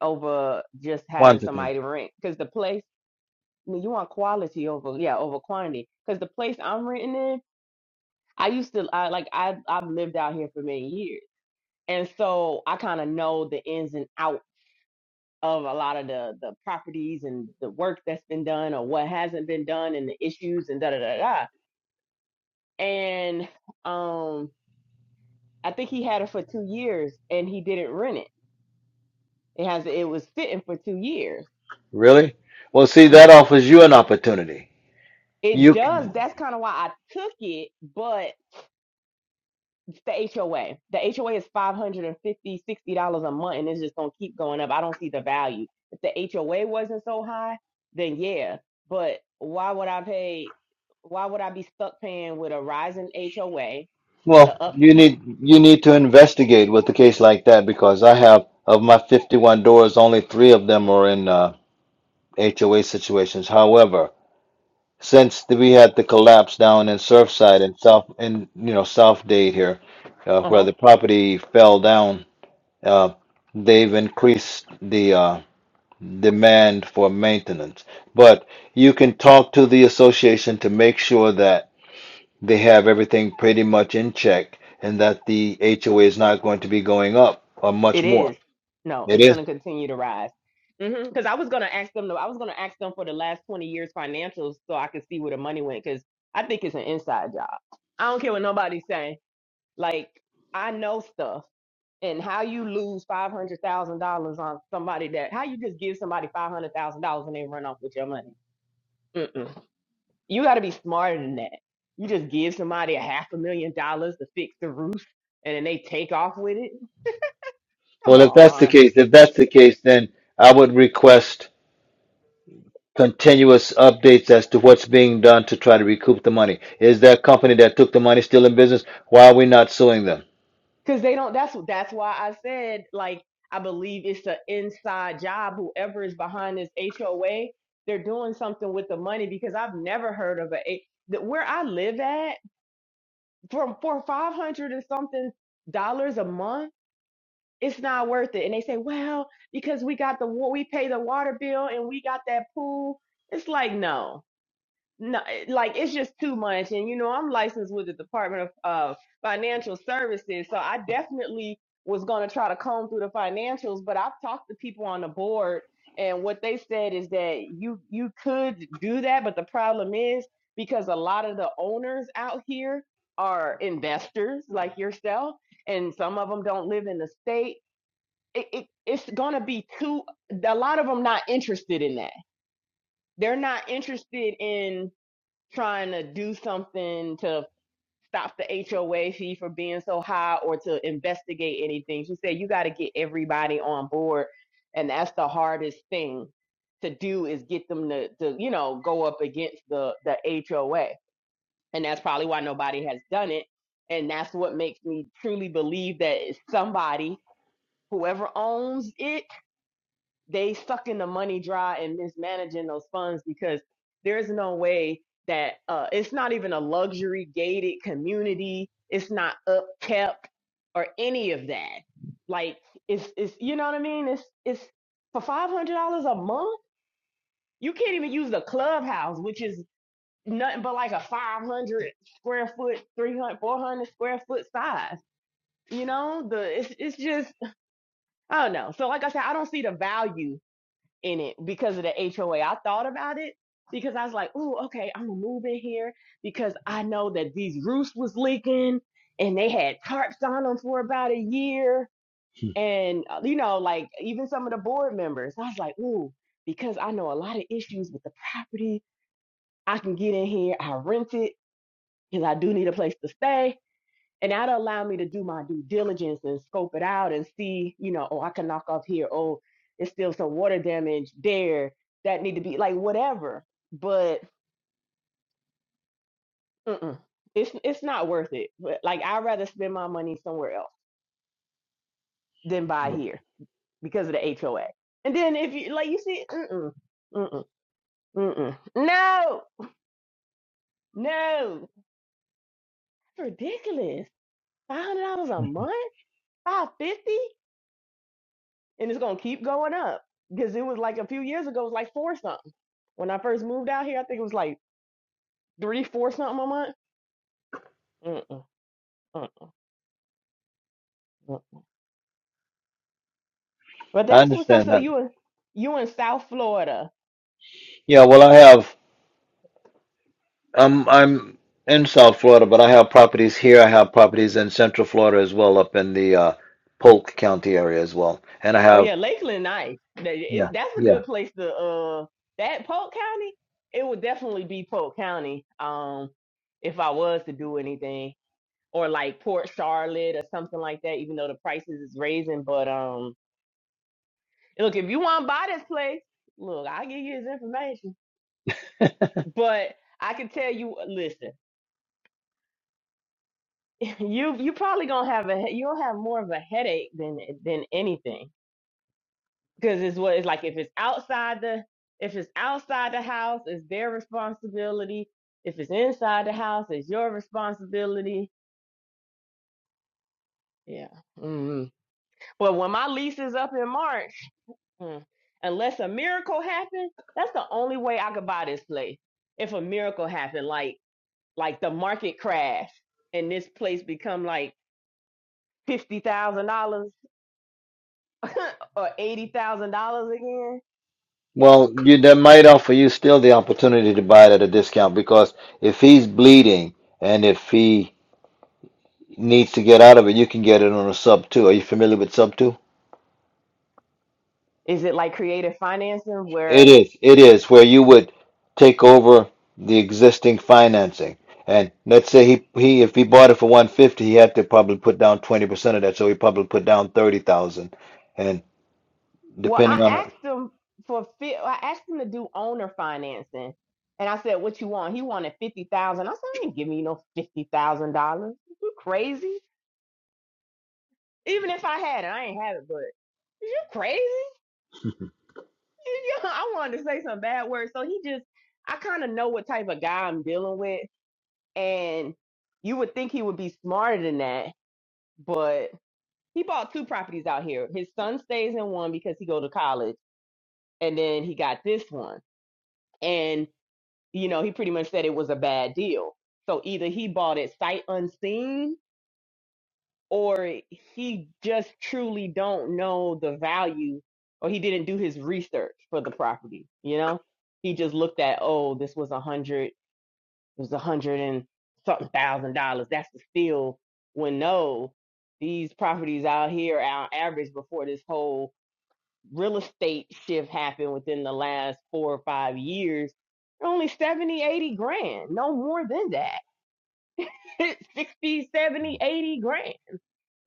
Speaker 4: over just having
Speaker 2: quantity.
Speaker 4: somebody to rent because the place I mean, you want quality over yeah over quantity because the place i'm renting in i used to I, like i i've lived out here for many years and so i kind of know the ins and out of a lot of the the properties and the work that's been done or what hasn't been done and the issues and da da da da and um i think he had it for two years and he didn't rent it It has it was sitting for two years.
Speaker 2: Really? Well, see,
Speaker 4: Mm.
Speaker 2: that offers you an opportunity.
Speaker 4: It
Speaker 2: You c-
Speaker 4: does. That's kind of why I took it, but it's the HOA. The HOA is $550, $60 a month, and it's just gonna keep going up. I don't see the value. If the HOA wasn't so high, then yeah. But why would I pay? Why would I be stuck paying with a rising HOA,
Speaker 2: well,
Speaker 4: the
Speaker 2: you
Speaker 4: upkeep?
Speaker 2: need you need to investigate with a case like that because I have of my 51 doors, only three of them are in uh, HOA situations. However, since the, we had the collapse down in Surfside and South in you know South Dade here, uh,
Speaker 4: Uh
Speaker 2: where
Speaker 4: huh.
Speaker 2: the property fell down, uh, they've increased the uh, demand for maintenance. But you can talk to the association to make sure that they have everything pretty much in check and that the HOA is not going to be going up or much
Speaker 4: It
Speaker 2: more.
Speaker 4: is. No,
Speaker 2: It
Speaker 4: it's
Speaker 2: is.
Speaker 4: going to continue to rise. Because I was going to ask them. I was going to ask them for the last twenty years financials so I could see where the money went. Because I think it's an inside job. I don't care what nobody's saying. Like I know stuff. And how you lose five hundred thousand dollars on somebody that? How you just give somebody five hundred thousand dollars and they run off with your money? Mm-mm. You got to be smarter than that. You just give somebody a half a million dollars to fix the roof, and then they take off with it. Come
Speaker 2: Well, if that's the
Speaker 4: on
Speaker 2: case, if that's the case, then I would request continuous updates as to what's being done to try to recoup the money. Is that company that took the money still in business? Why are we not suing them?
Speaker 4: because they don't that's that's why i said like i believe it's an inside job whoever is behind this hoa they're doing something with the money because i've never heard of a a- that where i live at from for 500 and something dollars a month it's not worth it and they say well because we got the wa- we pay the water bill and we got that pool it's like no no, like it's just too much. And you know, I'm licensed with the Department of uh, Financial Services, so I definitely was going to try to comb through the financials. But I've talked to people on the board, and what they said is that you you could do that, but the problem is because a lot of the owners out here are investors like yourself, and some of them don't live in the state. It, it, it's going to be too. A lot of them not interested in that. They're not interested in trying to do something to stop the HOA fee for being so high or to investigate anything. She said you got to get everybody on board, and that's the hardest thing to do is get them to, to you know go up against the the HOA, and that's probably why nobody has done it. And that's what makes me truly believe that it's somebody, whoever owns it they sucking the money dry and mismanaging those funds because there's no way that uh, it's not even a luxury gated community. It's not upkept or any of that. Like it's it's you know what I mean. It's it's for five hundred dollars a month. You can't even use the clubhouse, which is nothing but like a 500 square foot, 300 400 square foot size. You know, the it's it's just I don't know. So like I said, I don't see the value in it because of the HOA. I thought about it because I was like, "Ooh, okay, I'm gonna move in here because I know that these roofs was leaking and they had tarps on them for about a year." And uh, you know, like even some of the board members, I was like, "Ooh, because I know a lot of issues with the property, I can get in here. I rent it because I do need a place to stay." and that'll allow me to do my due diligence and scope it out and see, you know, oh, I can knock off here. Oh, it's still some water damage there that need to be like whatever. But mm-mm, it's it's not worth it. But like I'd rather spend my money somewhere else than buy here because of the HOA. And then if you like, you see, mm-mm, mm-mm, mm-mm. no, no, ridiculous. Five hundred dollars a month, five fifty, and it's gonna keep going up because it was like a few years ago, it was like four something When I first moved out here, I think it was like three, four something a month. Mm-mm, mm-mm. But
Speaker 2: I
Speaker 4: that's what's up.
Speaker 2: understand
Speaker 4: So
Speaker 2: that.
Speaker 4: you in you in South Florida?
Speaker 2: Yeah, well, I have. I'm I'm in South Florida, but I have properties here. I have properties in Central Florida as well, up in the uh, Polk County area as well, and I
Speaker 4: Oh
Speaker 2: have
Speaker 4: yeah, Lakeland, nice. That- It's
Speaker 2: Yeah,
Speaker 4: that's a
Speaker 2: yeah.
Speaker 4: good place to. Uh, that Polk County, it would definitely be Polk County. Um, if I was to do anything, or like Port Charlotte or something like that, even though the prices is raising. But um, look, if you want to buy this place, look, I'll give you his information. But I can tell you, listen. you you probably gonna have a he- you'll have more of a headache than than anything because it's what it's like if it's outside the if it's outside the house it's their responsibility if it's inside the house it's your responsibility yeah mm well when my lease is up in march mm, unless a miracle happens that's the only way i could buy this place if a miracle happened like like the market crash and this place become like $50000 or eighty thousand dollars again? Yeah.
Speaker 2: Well, you that might offer you still the opportunity to buy it at a discount because if he's bleeding and if he needs to get out of it, you can get it on a sub two. Are you familiar with sub two?
Speaker 4: Is it like creative financing
Speaker 2: It
Speaker 4: where?
Speaker 2: is, it is where you would take over the existing financing. And let's say he, he if he bought it for 150, he had to probably put down 20% of that, so he probably put down 30,000. And
Speaker 4: Well, I
Speaker 2: depending on,
Speaker 4: asked him for fi- I asked him to do owner financing, and I said, "What you want?" He wanted fifty thousand. I said, "I ain't giving you no fifty thousand dollars. You crazy? Even if I had it, I ain't have it. But you crazy? I wanted to say some bad words, so he just I kind of know what type of guy I'm dealing with, and you would think he would be smarter than that, but he bought two properties out here. His son stays in one because he go to college, and then he got this one. And you know, he pretty much said it was a bad deal. So either he bought it sight unseen, or he just truly don't know the value, or he didn't do his research for the property. You know, he just looked at oh, this was a hundred, it was a hundred and something thousand dollars. That's the steal. When no, these properties out here are on average before this whole real estate shift happened within the last four or five years, only 70, 80 grand, no more than that. 60, 70, 80 grand,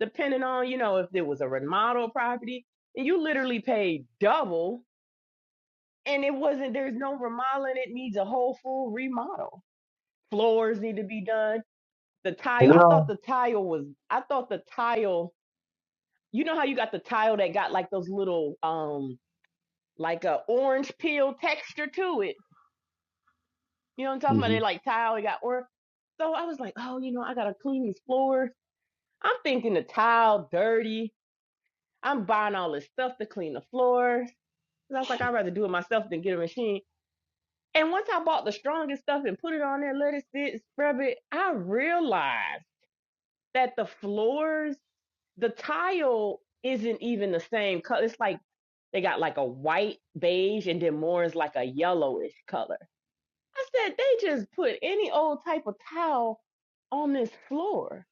Speaker 4: depending on, you know, if it was a remodel property. And you literally paid double, and it wasn't, there's no remodeling. It needs a whole full remodel. Floors need to be done. The tile, I thought
Speaker 1: girl,
Speaker 4: the tile was, I thought the tile, you know how you got the tile that got like those little, um, like a orange peel texture to it You know what I'm talking about? They
Speaker 2: Mhm.
Speaker 4: like tile, they got or so I was like, oh, you know, I gotta clean these floors. I'm thinking the tile dirty. I'm buying all this stuff to clean the floors. 'Cause I was like, I'd rather do it myself than get a machine. And once I bought the strongest stuff and put it on there, let it sit, scrub it, I realized that the floors, the tile isn't even the same color. It's like they got like a white beige and then more is like a yellowish color. I said they just put any old type of towel on this floor.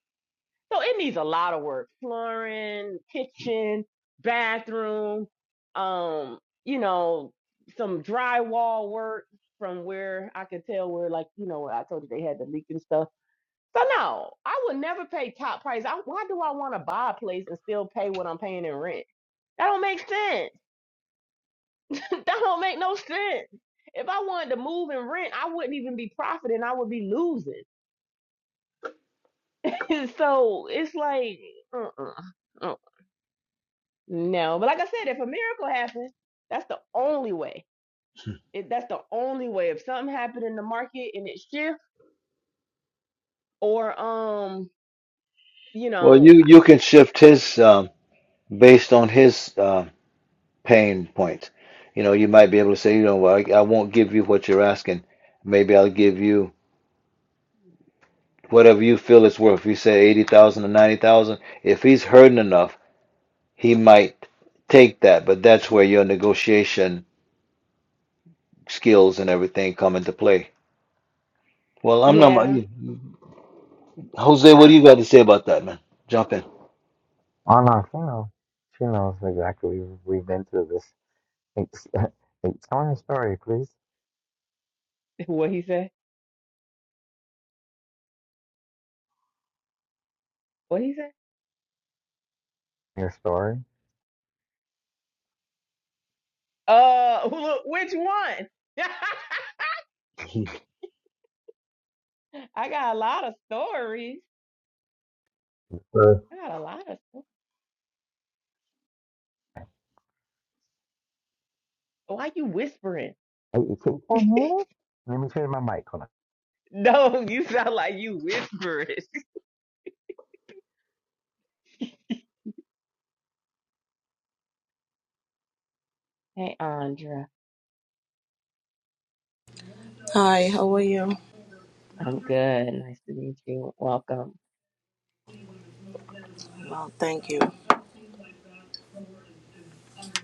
Speaker 4: So it needs a lot of work. Flooring, kitchen, bathroom, um, you know, some drywall work from where I could tell where like, you know, I told you they had the leak and stuff. So no, I would never pay top price. I, why do I want to buy a place and still pay what I'm paying in rent? That don't make sense. that don't make no sense. If I wanted to move and rent, I wouldn't even be profiting. I would be losing. so it's like, uh-uh, uh uh, no. But like I said, if a miracle happens, that's the only way. It, that's the only way. If something happened in the market and it shifts, or um, you
Speaker 2: well, you
Speaker 4: know,
Speaker 2: you can shift his um, based on his. uh, pain points. You know, you might be able to say, you know, well, I, I won't give you what you're asking. Maybe I'll give you whatever you feel it's worth. If You say eighty thousand or ninety thousand. If he's hurting enough, he might take that. But that's where your negotiation skills and everything come into play. Well, I'm not.
Speaker 4: yeah.
Speaker 2: Jose, what do
Speaker 4: Uh,
Speaker 2: you got to say about that, man? Jump in.
Speaker 1: on our phone. She knows exactly. We've we've been through this. It's, it's, tell me your story, please.
Speaker 4: what he said? What he said?
Speaker 1: Your story.
Speaker 4: Uh, wh- which one?
Speaker 2: Mm-hmm.
Speaker 4: I got a lot of stories.
Speaker 1: Sure.
Speaker 4: I got a lot of stories. Why you whispering?
Speaker 1: Hey, you take one minute? Let me turn my mic on.
Speaker 4: No, you sound like you whispering. Hey, Andra.
Speaker 5: Hi, how are you?
Speaker 4: I'm good. Nice to meet you. Welcome.
Speaker 5: Well, thank you.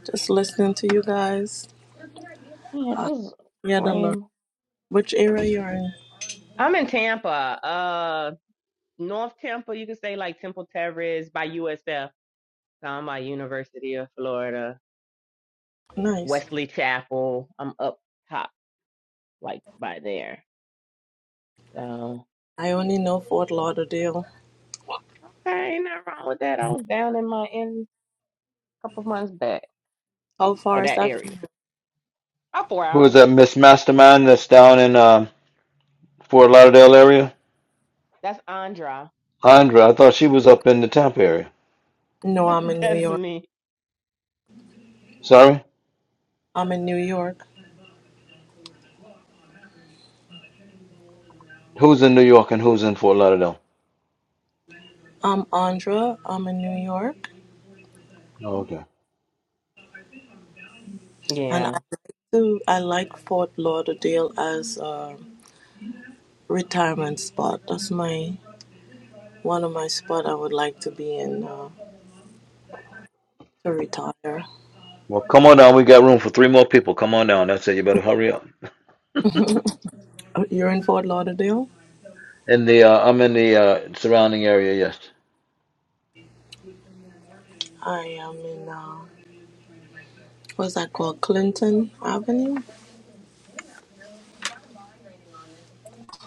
Speaker 5: Just listening to you guys.
Speaker 4: Yeah,
Speaker 5: Uh,
Speaker 4: just
Speaker 5: yeah, the Lord.
Speaker 4: lame.
Speaker 5: Which area you're in?
Speaker 4: I'm in Tampa, uh, North Tampa. You could say like Temple Terrace by USF. So I'm by University of Florida,
Speaker 5: Nice.
Speaker 4: Wesley Chapel. I'm up top, like by there. So
Speaker 5: I only know Fort Lauderdale.
Speaker 4: okay, ain't nothing wrong with that. I was down in my in a couple months back,
Speaker 5: How
Speaker 4: or
Speaker 5: far is
Speaker 4: that
Speaker 5: that?
Speaker 4: area, about four
Speaker 2: Who is
Speaker 4: hours.
Speaker 2: that Miss Mastermind that's down in um, Fort Lauderdale area?
Speaker 4: That's Andra.
Speaker 2: Andra, I thought she was up in the Tampa area.
Speaker 5: No, I'm in New
Speaker 4: That's
Speaker 5: York.
Speaker 4: me.
Speaker 2: Sorry?
Speaker 5: I'm in New York.
Speaker 2: Who's in New York and who's in Fort Lauderdale?
Speaker 5: I'm Andra. I'm in New York,
Speaker 2: Oh, okay.
Speaker 5: and
Speaker 4: Yeah.
Speaker 5: I like to. I like Fort Lauderdale as a retirement spot. That's my one of my spot I would like to be in uh, to retire.
Speaker 2: Well, come on down. We got room for three more people. Come on down. That's it. You better hurry up.
Speaker 5: Uh, You're in Fort Lauderdale.
Speaker 2: In the uh, I'm in the uh, surrounding area. Yes.
Speaker 5: I am in. Uh, what's that called? Clinton Avenue?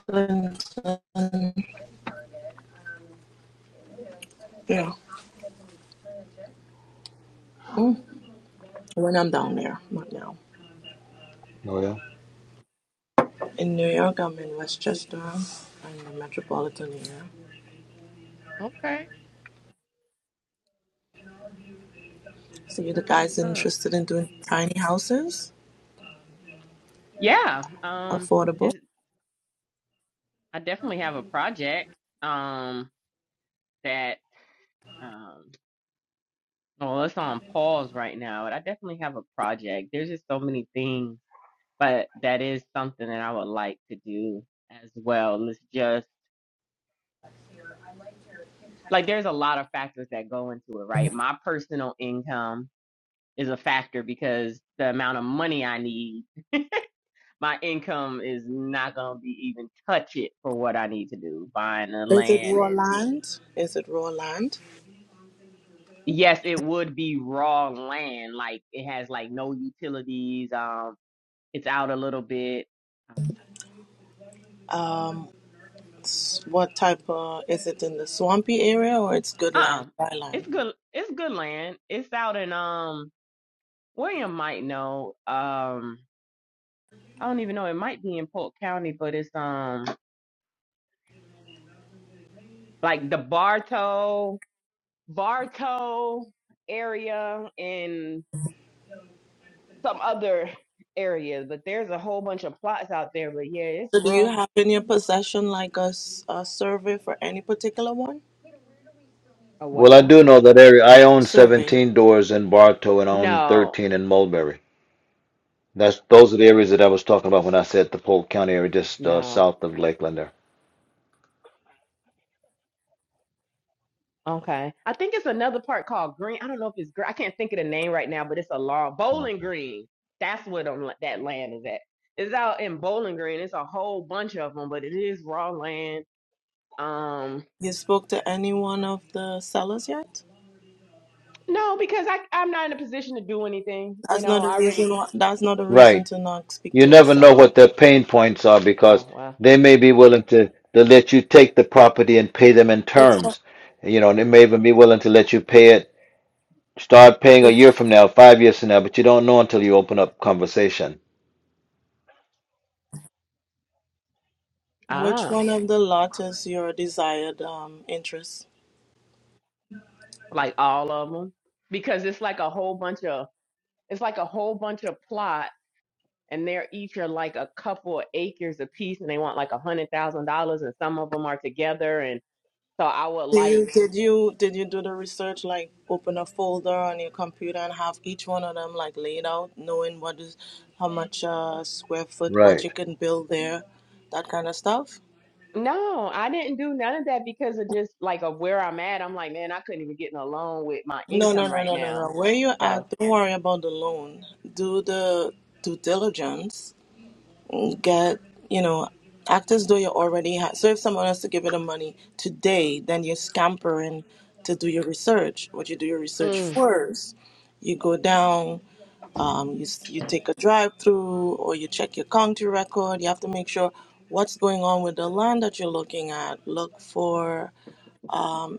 Speaker 5: Clinton. Yeah. When I'm down there, not now.
Speaker 2: Oh yeah.
Speaker 5: In New York, I'm in Westchester, in the metropolitan area.
Speaker 4: Okay.
Speaker 5: So you the
Speaker 4: That's what's
Speaker 5: guys
Speaker 4: up.
Speaker 5: interested in doing tiny houses,
Speaker 4: Yeah. Um.
Speaker 5: affordable?
Speaker 4: It's, I definitely have a project. Um. that. Um, well, it's on pause right now, and I definitely have a project. There's just so many things, but that is something that I would like to do as well. It's just like there's a lot of factors that go into it, right? My personal income is a factor because the amount of money I need, my income is not going to be even touch it for what I need to do, buying the
Speaker 5: Is it
Speaker 4: land
Speaker 5: raw
Speaker 4: and
Speaker 5: land? Is it raw land?
Speaker 4: yes, it would be raw land, like it has like no utilities. Um. It's out a little bit.
Speaker 5: Um, s- what type of, is it in the swampy area or it's good
Speaker 4: Uh
Speaker 5: land,
Speaker 4: uh
Speaker 5: dry land?
Speaker 4: It's good it's good land. It's out in um William might know. Um I don't even know, it might be in Polk County, but it's um like the Bartow Bartow area and some other areas, but there's a whole bunch of plots out there. But yeah, it's
Speaker 5: So do you
Speaker 4: raw.
Speaker 5: have in your possession like a, s- a survey for any particular one?
Speaker 4: Oh what
Speaker 2: Well, I
Speaker 4: now?
Speaker 2: do know that area. I own
Speaker 5: Survey.
Speaker 2: 17 doors in Bartow and I own
Speaker 4: No,
Speaker 2: 13 in Mulberry. That's those are the areas that I was talking about when I said the Polk County area, just uh,
Speaker 4: no.
Speaker 2: south of Lakeland there.
Speaker 4: Okay. I think it's another part called Green. I don't know if it's Green. I can't think of the name right now, but it's a long Bowling
Speaker 2: Okay.
Speaker 4: Green. That's what um, that land is at. It's out in Bowling Green. It's a whole bunch of them, but it is raw land. Um,
Speaker 5: You spoke to any one of the sellers yet?
Speaker 4: no, because I I'm not in a position to do anything. You
Speaker 5: That's
Speaker 4: know,
Speaker 5: not a
Speaker 4: I
Speaker 5: reason.
Speaker 4: already.
Speaker 5: wh- That's not a reason
Speaker 2: Right.
Speaker 5: to not speak
Speaker 2: You
Speaker 5: to a
Speaker 2: never know
Speaker 5: seller.
Speaker 2: what their pain points are because
Speaker 4: Oh well.
Speaker 2: they may be willing to, to let you take the property and pay them in terms. You know, and they may even be willing to let you pay it Start paying a year from now, five years from now, but you don't know until you open up conversation.
Speaker 5: Which
Speaker 4: Ah,
Speaker 5: one of the lot is your desired um, interest?
Speaker 4: like all of them, because it's like a whole bunch of it's like a whole bunch of plot and they're each are like a couple of acres apiece, and they want like a hundred thousand dollars, and some of them are together, and So I would
Speaker 5: Do
Speaker 4: like,
Speaker 5: you did you did you do the research like open a folder on your computer and have each one of them like laid out, knowing what is how much uh, square foot, what
Speaker 2: Right.
Speaker 5: you can build there, that kind of stuff?
Speaker 4: no, I didn't do none of that because of just like of where I'm at. I'm like, man, I couldn't even get in a loan with my
Speaker 5: No, no,
Speaker 4: income
Speaker 5: no,
Speaker 4: right
Speaker 5: no, no, no.
Speaker 4: now.
Speaker 5: Where you at?
Speaker 4: So,
Speaker 5: Don't worry about the loan. Do the due diligence get, you know, act as though you already have? so if someone has to give you the money today, then you're scampering to do your research. What you do your research
Speaker 4: mm,
Speaker 5: first, you go down, um, you s- you take a drive through, or you check your county record. You have to make sure what's going on with the land that you're looking at. Look for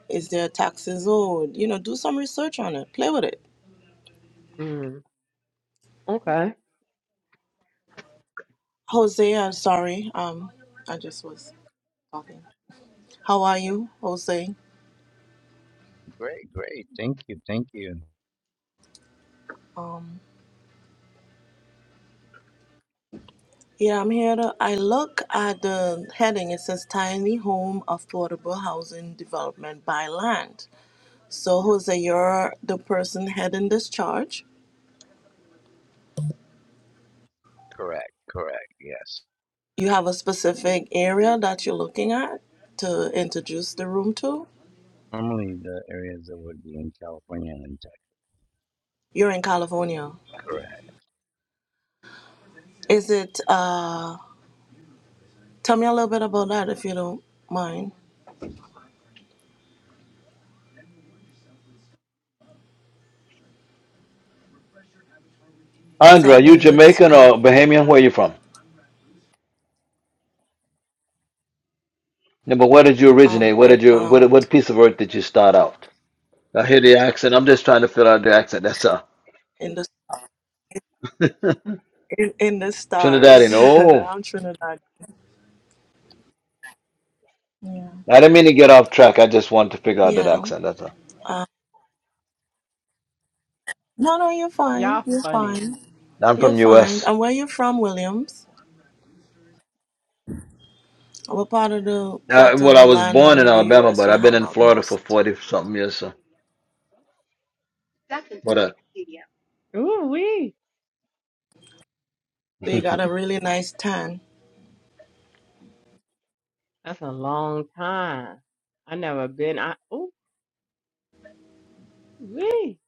Speaker 5: is there taxes owed? You know, do some research on it. Play with it.
Speaker 4: mm, okay.
Speaker 5: Jose, I'm sorry. Um, I just was talking. How are you, Jose?
Speaker 1: Great, great. Thank you, thank you.
Speaker 5: Um. Yeah, I'm here. To, I look at the heading. It says tiny home affordable housing development by land. So, Jose, you're the person heading this charge.
Speaker 1: Correct, correct. Yes.
Speaker 5: You have a specific area that you're looking at to introduce the room to.
Speaker 1: Normally the areas that would be in California and Texas.
Speaker 5: You're in California.
Speaker 1: Correct.
Speaker 5: Is it, uh, tell me a little bit about that if you don't mind. What's
Speaker 2: Andra, are you
Speaker 5: happening with
Speaker 2: Jamaican or
Speaker 5: California
Speaker 2: Bahamian? Where are
Speaker 5: land?
Speaker 2: you from? Yeah, but where did you
Speaker 5: Um,
Speaker 2: originate? Where did you what
Speaker 5: earthbound
Speaker 2: what piece of earth did you start out? I hear the accent. I'm just trying to fill out the accent. That's all.
Speaker 5: in the, in, in the stars.
Speaker 2: Trinidadian. Oh,
Speaker 5: I'm Trinidad. Yeah.
Speaker 2: I didn't mean to get off track. I just wanted to figure out that
Speaker 5: Yeah.
Speaker 2: accent. That's all.
Speaker 5: Uh, no, no, you're fine.
Speaker 4: Y'all
Speaker 5: You're
Speaker 4: funny.
Speaker 5: fine.
Speaker 2: I'm
Speaker 5: You're
Speaker 2: from
Speaker 5: fine.
Speaker 2: U.S.
Speaker 5: And where you from, Williams? What part of the
Speaker 2: Uh,
Speaker 5: plot of
Speaker 2: well,
Speaker 5: the
Speaker 2: I was
Speaker 5: land
Speaker 2: born
Speaker 5: on the
Speaker 2: in Alabama,
Speaker 5: US
Speaker 2: but
Speaker 5: you
Speaker 2: I've been
Speaker 5: hang
Speaker 2: in
Speaker 5: out
Speaker 2: Florida for
Speaker 5: most?
Speaker 2: forty something years. So,
Speaker 4: That's into
Speaker 2: what? A,
Speaker 4: Wikipedia. Ooh wee.
Speaker 5: So you got a really nice tan.
Speaker 4: That's a long time. I never been. I ooh wee.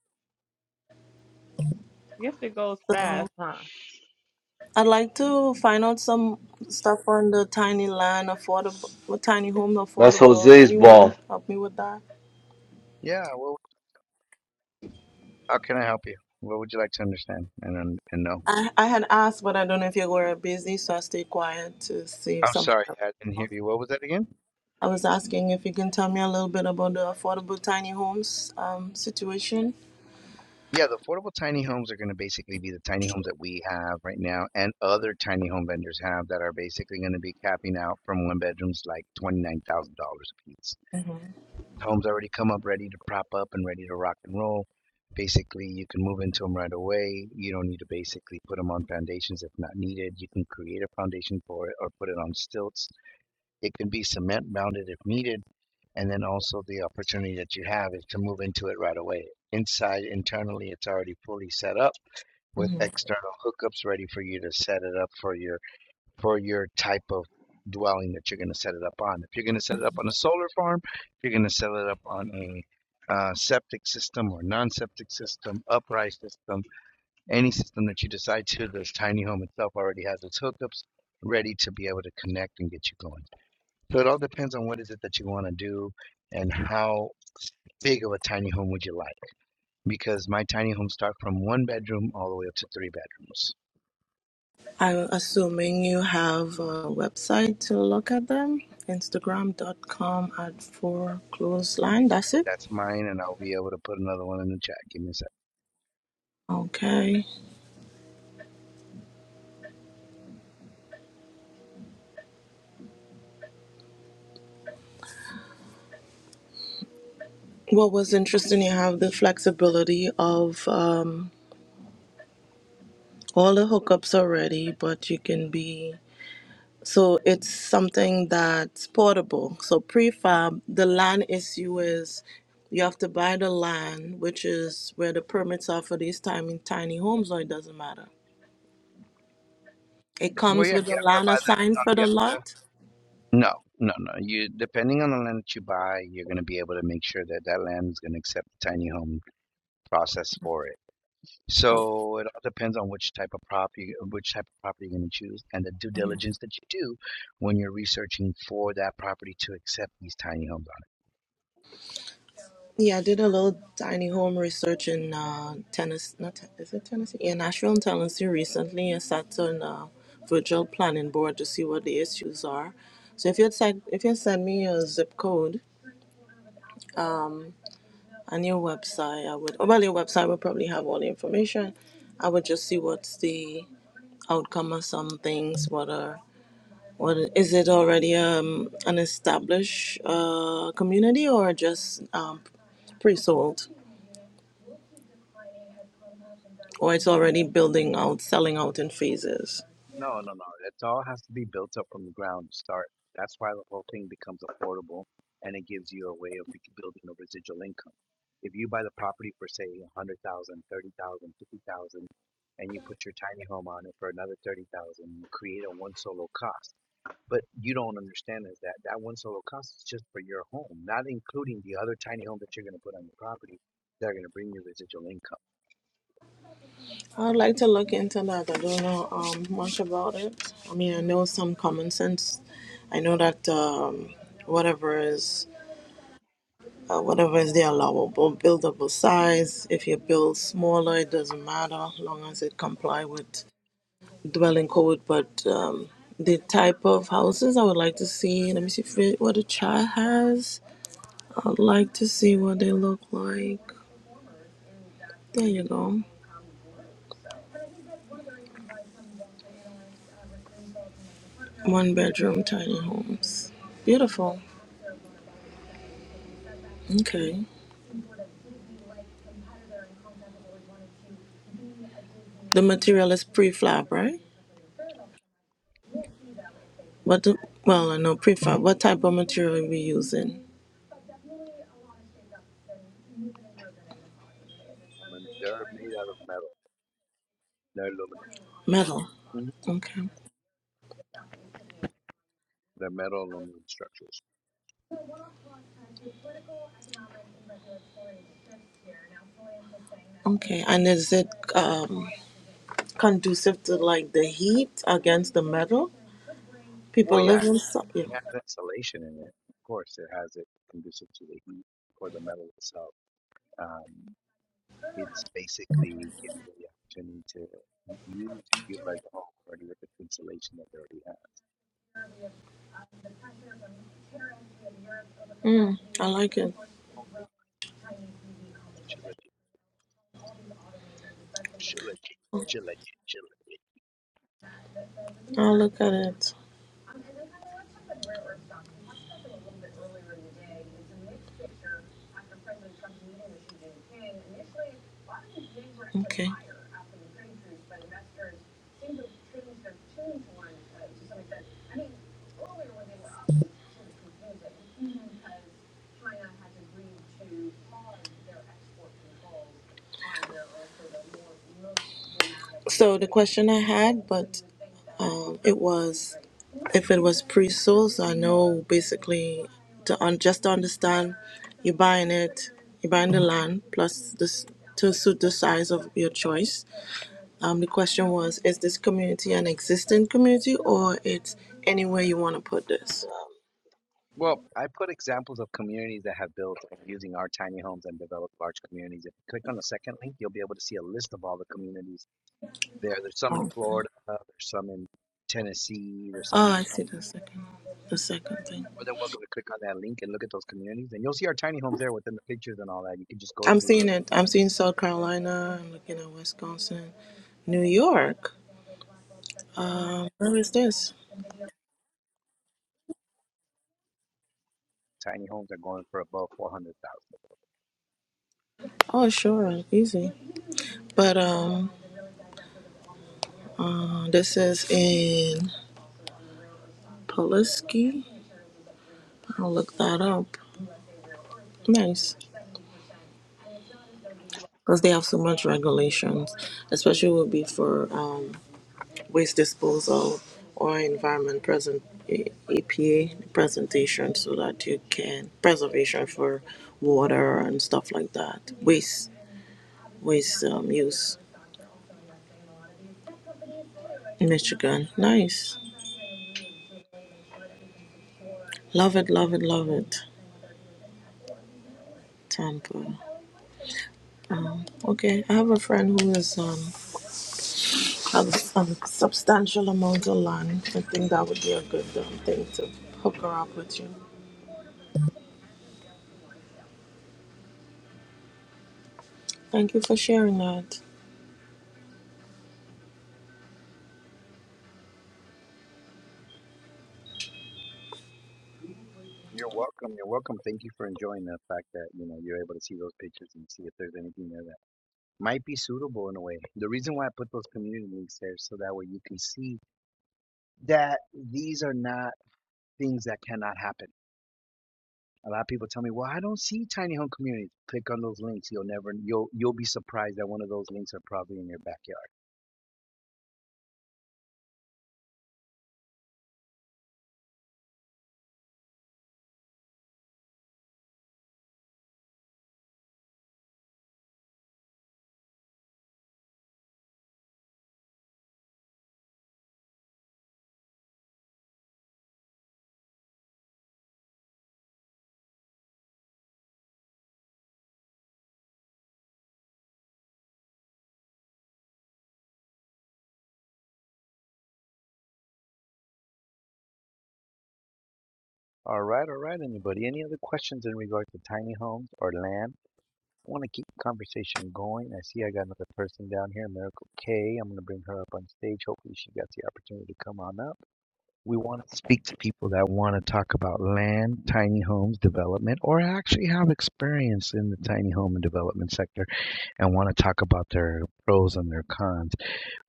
Speaker 4: Guess it goes
Speaker 5: So
Speaker 4: fast, huh?
Speaker 5: I'd like to find out some stuff on the tiny land, affordable, what tiny home,
Speaker 2: that's
Speaker 5: affordable.
Speaker 2: Jose's ball.
Speaker 5: Anyone help me with that?
Speaker 1: Yeah. Well, how can I help you? What would you like to understand and and know?
Speaker 5: I, I had asked, but I don't know if you were busy, so I stayed quiet to see save
Speaker 1: I'm
Speaker 5: some.
Speaker 1: sorry, I didn't hear you. What was that again?
Speaker 5: I was asking if you can tell me a little bit about the affordable tiny homes um, situation.
Speaker 1: Yeah, the affordable tiny homes are going to basically be the tiny homes that we have right now and other tiny home vendors have that are basically going to be capping out from one bedrooms like $29,000 a piece. Homes already come up ready to prop up and ready to rock and roll. Basically, you can move into them right away. You don't need to basically put them on foundations if not needed. You can create a foundation for it or put it on stilts. It can be cement bounded if needed And then also the opportunity that you have is to move into it right away. Inside, internally, it's already fully set up with
Speaker 5: hmm
Speaker 1: external hookups ready for you to set it up for your for your type of dwelling that you're going to set it up on. If you're going to set it up on a solar farm, if you're going to set it up on a uh, septic system or non-septic system, upright system, any system that you decide to, this tiny home itself already has its hookups ready to be able to connect and get you going. So it all depends on what is it that you want to do and how big of a tiny home would you like? Because my tiny homes start from one bedroom all the way up to three bedrooms.
Speaker 5: I'm assuming you have a website to look at them. Instagram.com at four clothesline. That's it.
Speaker 1: That's mine, and I'll be able to put another one in the chat. Give me a sec.
Speaker 5: Okay. What was interesting, you have the flexibility of um, all the hookups already, but you can be so it's something that's portable. So prefab, the land issue is you have to buy the land, which is where the permits are for these tiny tiny homes, or it doesn't matter. It
Speaker 1: Well,
Speaker 5: comes
Speaker 1: yeah,
Speaker 5: with a
Speaker 1: you have to
Speaker 5: land
Speaker 1: buy the.
Speaker 5: assigned
Speaker 1: No,
Speaker 5: for
Speaker 1: you
Speaker 5: the
Speaker 1: have to.
Speaker 5: lot.
Speaker 1: No, no, no. You depending on the land that you buy, you're going to be able to make sure that that land is going to accept the tiny home process for it.
Speaker 5: Oh,
Speaker 1: So it all depends on which type of property, which type of property you're going to choose, and the due diligence that you do when you're researching for that property to accept these tiny homes on it.
Speaker 5: yeah, I did a little tiny home research in uh, Tennessee. Not Ten- is it Tennessee? Yeah, Nashville and Tennessee recently. I sat on a virtual planning board to see what the issues are. So if you send if you send me your zip code and your website, I would. Well, your website would probably have all the information. I would just see what's the outcome of some things. What are What is it already um, an established uh, community or just um, pre-sold, or it's already building out, selling out in phases?
Speaker 1: No, no, no. It all has to be built up from the ground to start. That's why the whole thing becomes affordable and it gives you a way of building a residual income. If you buy the property for, say, a hundred thousand, thirty thousand, fifty thousand, and you put your tiny home on it for another 30,000, you create a one solo cost. But you don't understand is that that one solo cost is just for your home, not including the other tiny home that you're going to put on the property that are going to bring you residual income.
Speaker 5: I'd like to look into that. I don't know um, much about it. I mean, I know some common sense. I know that um, whatever is uh, whatever is the allowable buildable size. If you build smaller, it doesn't matter, long as it comply with dwelling code, but um, the type of houses I would like to see. Let me see if what the child has. I'd like to see what they look like. There you go. One bedroom tiny homes. Beautiful. Okay. The material is prefab, right? What the, well, I know prefab. What type of material are we using?
Speaker 1: Um, and they're made out of metal. They're aluminum.
Speaker 5: Metal.
Speaker 1: Mhm.
Speaker 5: Okay.
Speaker 1: They're metal aluminum structures.
Speaker 5: Okay. And is it um, conducive to like the heat against the metal?
Speaker 1: Well,
Speaker 5: People
Speaker 1: yeah,
Speaker 5: live in. so- Yeah.
Speaker 1: it has insulation in it. Of course, it has it conducive to the heat for the metal itself. Um, it's basically giving you the opportunity to u- use and utilize the whole already with the insulation that they already have.
Speaker 5: Mm, I like it.
Speaker 1: Chill it, chill it, chill it, chill it.
Speaker 5: I'll look at it. So the question I had, but Um, it was if it was pre-source, I know basically to un- just to understand, you're buying it, you're buying the land plus this to suit the size of your choice. Um, the question was, is this community an existing community or it's anywhere you want to put this?
Speaker 1: Well, I put examples of communities that have built using our tiny homes and developed large communities. If you click on the second link, you'll be able to see a list of all the communities there. There's some in
Speaker 5: Oh,
Speaker 1: Florida, there's some in Tennessee, there's some in
Speaker 5: oh, I see
Speaker 1: Milwaukee.
Speaker 5: the second, the second thing.
Speaker 1: More than welcome to click on that link and look at those communities, and you'll see our tiny homes there within the pictures and all that. You can just go
Speaker 5: I'm
Speaker 1: through
Speaker 5: seeing
Speaker 1: the
Speaker 5: it. I'm seeing South Carolina. I'm looking at Wisconsin, New York. Um, where is this?
Speaker 1: tiny homes that are going for above four hundred thousand.
Speaker 5: Oh, sure, easy. But um, uh, this is in Pulaski. I'll look that up. Nice, because they have so much regulations, especially would be for um, waste disposal or environment present A- APA presentation, so that you can preservation for water and stuff like that. Waste waste um, use. Michigan, nice. Love it, love it, love it. Tampa. Um, okay, I have a friend who is um a, a substantial amount of land. I think that would be a good um, thing to hook her up with you. Thank you for sharing that.
Speaker 1: You're welcome. You're welcome. Thank you for enjoying the fact that you know you're able to see those pictures and see if there's anything there that might be suitable in a way. The reason why I put those community links there is so that way you can see that these are not things that cannot happen. A lot of people tell me, "Well, I don't see tiny home communities." Click on those links. You'll never you'll you'll be surprised that one of those links are probably in your backyard. All right, all right, anybody. Any other questions in regards to tiny homes or land? I want to keep the conversation going. I see I got another person down here, Miracle K. I'm going to bring her up on stage. Hopefully, she got the opportunity to come on up. We want to speak to people that want to talk about land, tiny homes development, or actually have experience in the tiny home and development sector and want to talk about their pros and their cons.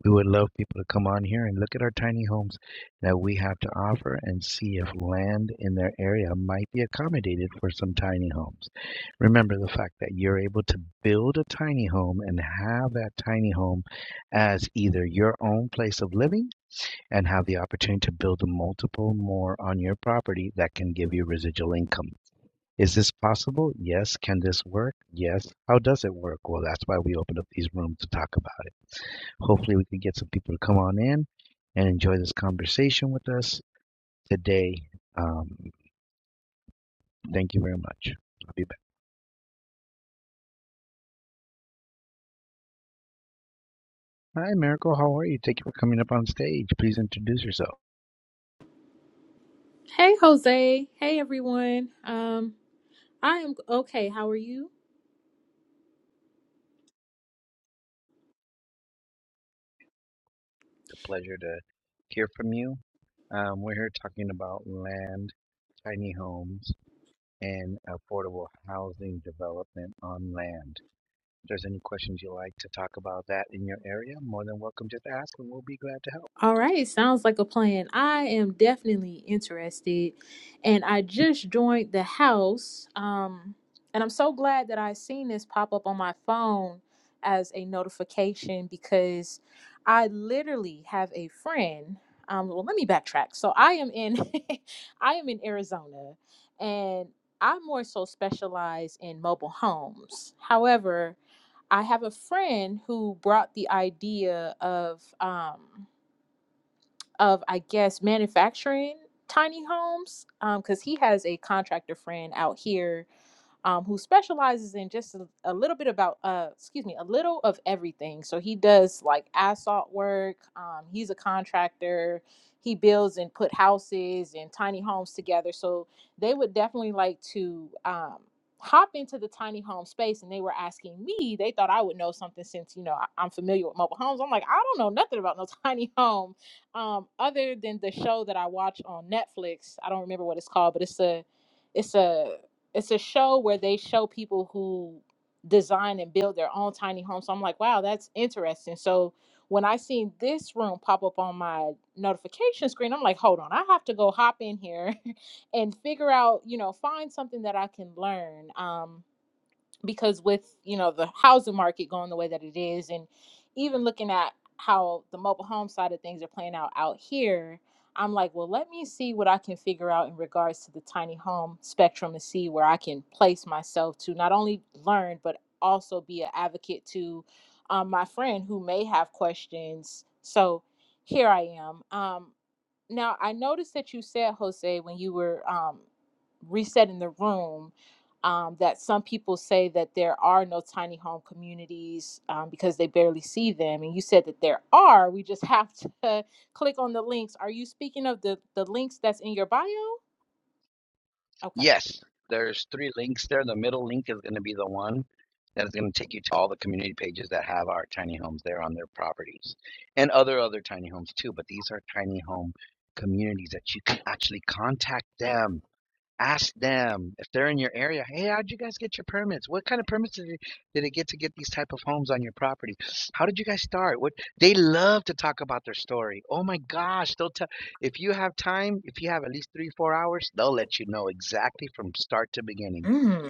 Speaker 1: We would love people to come on here and look at our tiny homes that we have to offer and see if land in their area might be accommodated for some tiny homes. Remember the fact that you're able to build a tiny home and have that tiny home as either your own place of living and have the opportunity to build multiple more on your property that can give you residual income. Is this possible? Yes. Can this work? Yes. How does it work? Well, that's why we open up these rooms to talk about it. Hopefully, we can get some people to come on in and enjoy this conversation with us today. Um, thank you very much. I'll be back. Hi, Miracle. How are you? Thank you for coming up on stage. Please introduce yourself.
Speaker 6: Hey, Jose. Hey, everyone. Um, I am okay. How are you?
Speaker 1: It's a pleasure to hear from you. Um, we're here talking about land, tiny homes and affordable housing development on land. If there's any questions you like to talk about that in your area, more than welcome just to ask and we'll be glad to help.
Speaker 6: All right. Sounds like a plan. I am definitely interested, and I just joined the house. Um, and I'm so glad that I seen this pop up on my phone as a notification because I literally have a friend. Um, well, let me backtrack. So I am in, I am in Arizona, and I more so specialize in mobile homes. However, I have a friend who brought the idea of um of I guess manufacturing tiny homes um cuz he has a contractor friend out here um, who specializes in just a, a little bit about, uh, excuse me, a little of everything. So he does like asphalt work. Um, he's a contractor. He builds and put houses and tiny homes together. So they would definitely like to um, hop into the tiny home space. And they were asking me. They thought I would know something since you know I, I'm familiar with mobile homes. I'm like, I don't know nothing about no tiny home, um, other than the show that I watch on Netflix. I don't remember what it's called, but it's a it's a it's a show where they show people who design and build their own tiny homes. So I'm like, wow, that's interesting. So when I seen this room pop up on my notification screen, I'm like, hold on, I have to go hop in here and figure out, you know, find something that I can learn. Um, because with you know the housing market going the way that it is and even looking at how the mobile home side of things are playing out out here i'm like well let me see what i can figure out in regards to the tiny home spectrum and see where i can place myself to not only learn but also be an advocate to um, my friend who may have questions so here i am um, now i noticed that you said jose when you were um, resetting the room um, that some people say that there are no tiny home communities um, because they barely see them. And you said that there are. We just have to click on the links. Are you speaking of the, the links that's in your bio? Okay.
Speaker 1: Yes, there's three links there. The middle link is going to be the one that is going to take you to all the community pages that have our tiny homes there on their properties and other other tiny homes too, but these are tiny home communities that you can actually contact them Ask them if they're in your area. Hey, how'd you guys get your permits? What kind of permits did it, did it get to get these type of homes on your property? How did you guys start? What they love to talk about their story. Oh my gosh, they'll tell. If you have time, if you have at least three, four hours, they'll let you know exactly from start to beginning.
Speaker 6: Mm,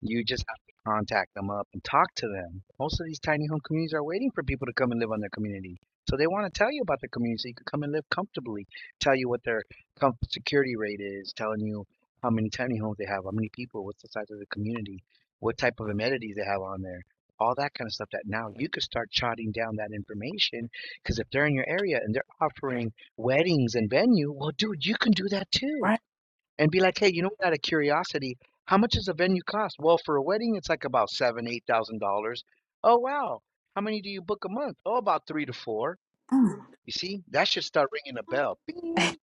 Speaker 1: You just have to contact them up and talk to them. Most of these tiny home communities are waiting for people to come and live on their community. So they want to tell you about their community so you can come and live comfortably, tell you what their com- security rate is, telling you how many tiny homes they have, how many people, what's the size of the community, what type of amenities they have on there, all that kind of stuff that now you could start jotting down that information because if they're in your area and they're offering weddings and venue, well, dude, you can do that too
Speaker 6: right.
Speaker 1: and be like, hey, you know, out of curiosity, how much does a venue cost? Well, for a wedding, it's like about seven, eight thousand dollars. Oh wow, how many do you book a month? Oh, about three to four.
Speaker 6: Mm,
Speaker 1: You see, that should start ringing a bell. Bing,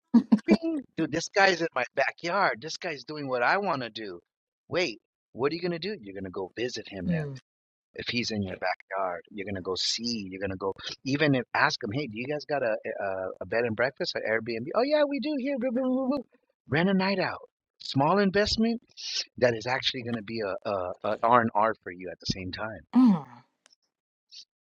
Speaker 1: bing, dude, this guy's in my backyard. This guy's doing what I want to do. Wait, what are you gonna do? You're gonna go visit him now.
Speaker 6: mm,
Speaker 1: If he's in your backyard, you're gonna go see. You're gonna go even if ask him, hey, do you guys got a a, a bed and breakfast or Airbnb? Oh yeah, we do here. Blah, blah, blah, blah. Rent a night out. Small investment that is actually gonna be a a, a R and R for you at the same time.
Speaker 6: mm.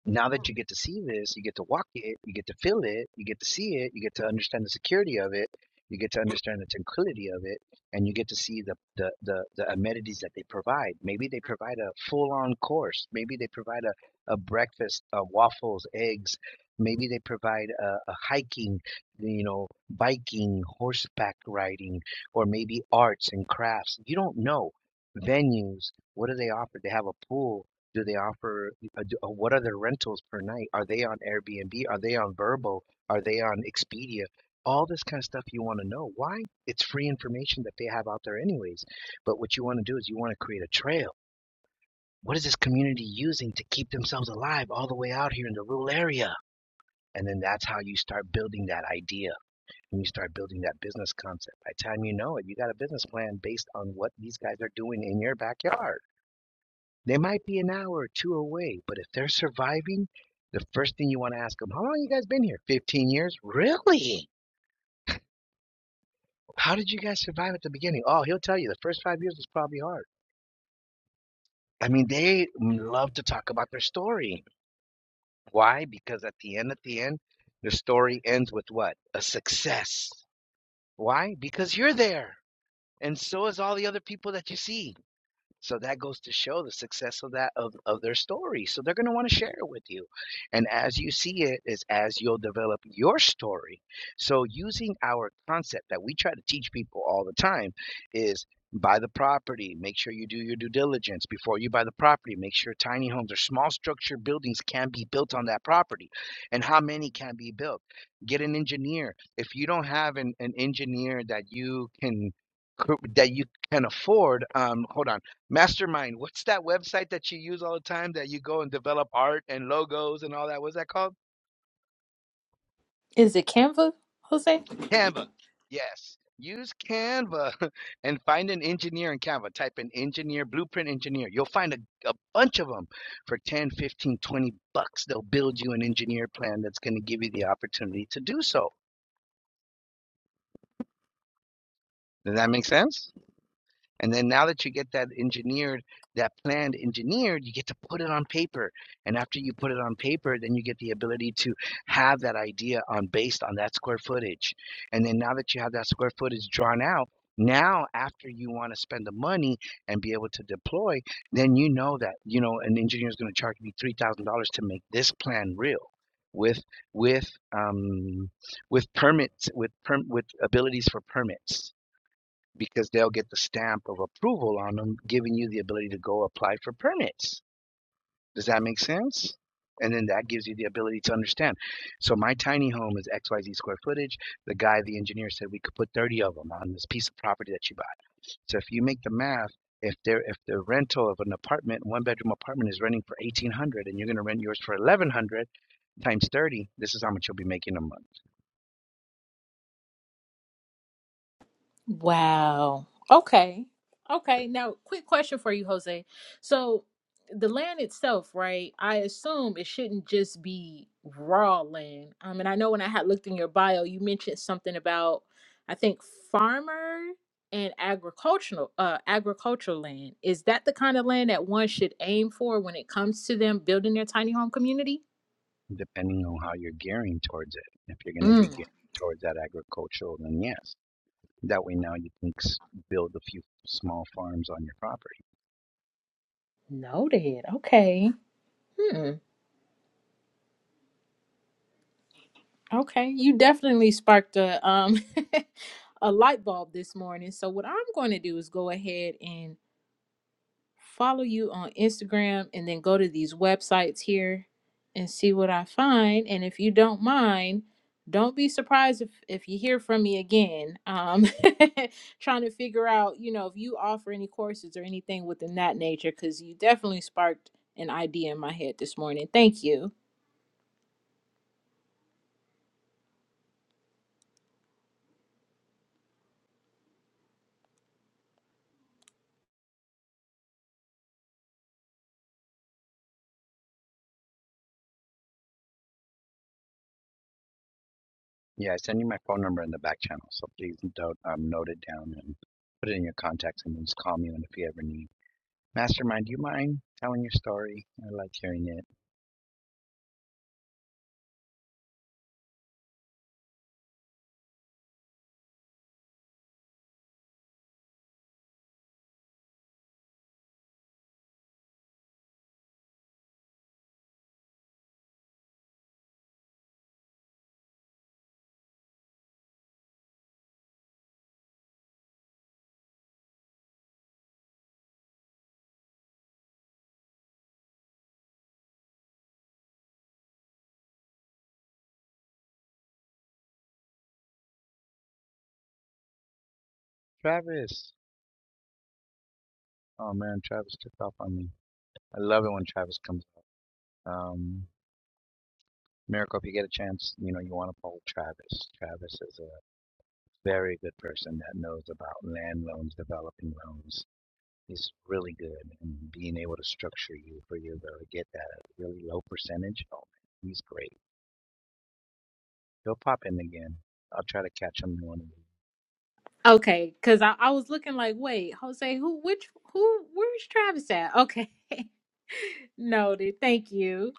Speaker 1: Now that you get to see this, you get to walk it, you get to feel it, you get to see it, you get to understand the security of it, you get to understand the tranquility of it, and you get to see the the the, the amenities that they provide. Maybe they provide a full on course. Maybe they provide a, a breakfast, uh, waffles, eggs. Maybe they provide a, a hiking, you know, biking, horseback riding, or maybe arts and crafts. You don't know venues. What do they offer? They have a pool do they offer, uh, do, uh, what are their rentals per night? Are they on Airbnb? Are they on Verbo? Are they on Expedia? All this kind of stuff you want to know. Why? It's free information that they have out there, anyways. But what you want to do is you want to create a trail. What is this community using to keep themselves alive all the way out here in the rural area? And then that's how you start building that idea and you start building that business concept. By the time you know it, you got a business plan based on what these guys are doing in your backyard. They might be an hour or two away, but if they're surviving, the first thing you want to ask them, how long you guys been here? 15 years? Really? How did you guys survive at the beginning? Oh, he'll tell you the first five years was probably hard. I mean, they love to talk about their story. Why? Because at the end, at the end, the story ends with what? A success. Why? Because you're there. And so is all the other people that you see. So that goes to show the success of that of, of their story. So they're gonna want to share it with you. And as you see it is as you'll develop your story. So using our concept that we try to teach people all the time is buy the property, make sure you do your due diligence before you buy the property, make sure tiny homes or small structure buildings can be built on that property and how many can be built. Get an engineer. If you don't have an, an engineer that you can that you can afford. Um, hold on. Mastermind. What's that website that you use all the time that you go and develop art and logos and all that? What's that called?
Speaker 6: Is it Canva, Jose?
Speaker 1: Canva. Yes. Use Canva and find an engineer in Canva. Type in engineer, blueprint engineer. You'll find a, a bunch of them for 10, 15, 20 bucks. They'll build you an engineer plan that's going to give you the opportunity to do so. Does that make sense? And then now that you get that engineered, that planned engineered, you get to put it on paper. And after you put it on paper, then you get the ability to have that idea on based on that square footage. And then now that you have that square footage drawn out, now after you want to spend the money and be able to deploy, then you know that, you know, an engineer is going to charge me $3,000 to make this plan real with with um with permits with perm with abilities for permits because they'll get the stamp of approval on them, giving you the ability to go apply for permits. Does that make sense? And then that gives you the ability to understand. So my tiny home is XYZ square footage. The guy, the engineer said we could put 30 of them on this piece of property that you buy. So if you make the math, if there if the rental of an apartment, one bedroom apartment is renting for eighteen hundred and you're gonna rent yours for eleven hundred times thirty, this is how much you'll be making a month.
Speaker 6: Wow. Okay. Okay. Now, quick question for you, Jose. So, the land itself, right? I assume it shouldn't just be raw land. Um, and I know when I had looked in your bio, you mentioned something about, I think, farmer and agricultural uh agricultural land. Is that the kind of land that one should aim for when it comes to them building their tiny home community?
Speaker 1: depending on how you're gearing towards it. If you're going to be
Speaker 6: Mm.
Speaker 1: gearing towards that agricultural, then yes. That way now you can build a few small farms on your property.
Speaker 6: Noted. Okay. Hmm. Okay, you definitely sparked a um a light bulb this morning. So what I'm going to do is go ahead and follow you on Instagram and then go to these websites here and see what I find. And if you don't mind, don't be surprised if if you hear from me again. Um trying to figure out, you know, if you offer any courses or anything within that nature cuz you definitely sparked an idea in my head this morning. Thank you.
Speaker 1: Yeah, I send you my phone number in the back channel, so please don't um, note it down and put it in your contacts and then just call me when if you ever need. Mastermind, do you mind telling your story? I like hearing it. Travis. Oh man, Travis took off on me. I love it when Travis comes up. Um, Miracle, if you get a chance, you know, you want to poll Travis. Travis is a very good person that knows about land loans, developing loans. He's really good in being able to structure you for you to get that really low percentage. Oh, man, he's great. He'll pop in again. I'll try to catch him in one of these.
Speaker 6: Okay, because I, I was looking like, wait, Jose, who, which, who, where's Travis at? Okay, noted. Thank you.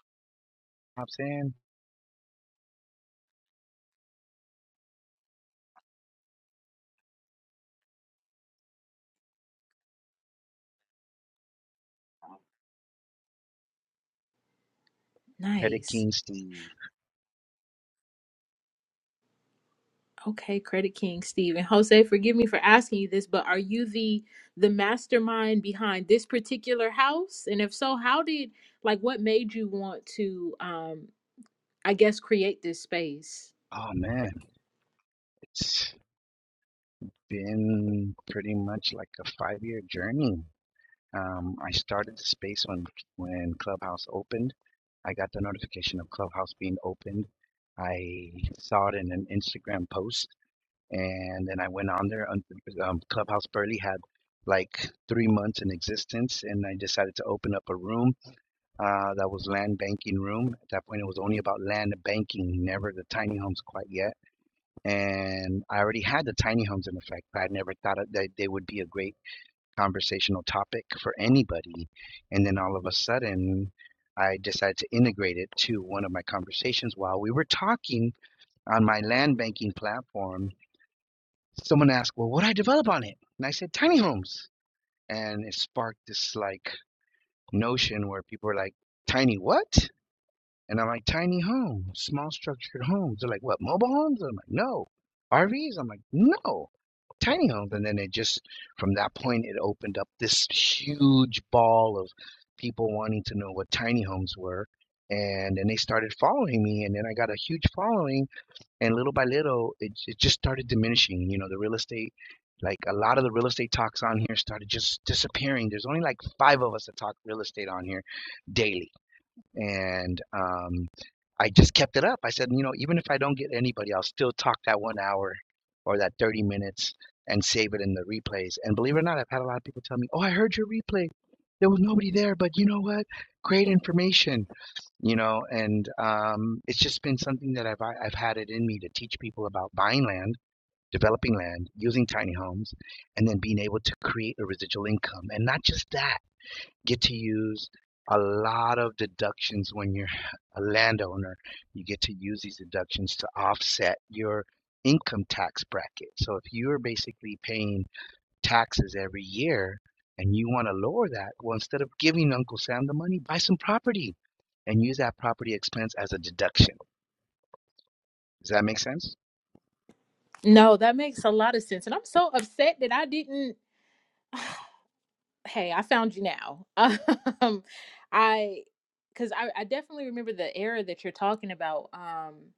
Speaker 1: Pops in. Credit
Speaker 6: Nice.
Speaker 1: King Steve.
Speaker 6: Okay, Credit King Steven. Jose, forgive me for asking you this, but are you the the mastermind behind this particular house? And if so, how did like what made you want to um I guess create this space?
Speaker 1: Oh man, it's been pretty much like a five-year journey. Um, I started the space when when Clubhouse opened. I got the notification of Clubhouse being opened. I saw it in an Instagram post, and then I went on there. Un- Um, Clubhouse barely had like three months in existence, and I decided to open up a room Uh, that was land banking room. At that point, it was only about land banking, never the tiny homes quite yet. And I already had the tiny homes in effect. but I never thought that they would be a great conversational topic for anybody. And then all of a sudden, I decided to integrate it to one of my conversations while we were talking on my land banking platform. Someone asked, Well, what do I develop on it? And I said, Tiny homes. And it sparked this like notion where people were like, Tiny what? And I'm like, tiny homes, small structured homes. They're like, what, mobile homes? I'm like, no. RVs? I'm like, no. Tiny homes. And then it just, from that point, it opened up this huge ball of people wanting to know what tiny homes were. And then they started following me. And then I got a huge following. And little by little, it, it just started diminishing. You know, the real estate, like a lot of the real estate talks on here started just disappearing. There's only like five of us that talk real estate on here daily and um, I just kept it up. I said, you know, even if I don't get anybody, I'll still talk that one hour or that 30 minutes and save it in the replays. And believe it or not, I've had a lot of people tell me, oh, I heard your replay. There was nobody there, but you know what? Great information, you know, and um, it's just been something that I've I've had it in me to teach people about buying land, developing land, using tiny homes, and then being able to create a residual income. And not just that get to use a lot of deductions when you're a landowner. You get to use these deductions to offset your income tax bracket. So if you're basically paying taxes every year and you want to lower that, well, instead of giving Uncle Sam the money, buy some property and use that property expense as a deduction. Does that make sense?
Speaker 6: No, that makes a lot of sense. And I'm so upset that I didn't. Hey, I found you now. Um, I, because I, I definitely remember the era that you're talking about. Um,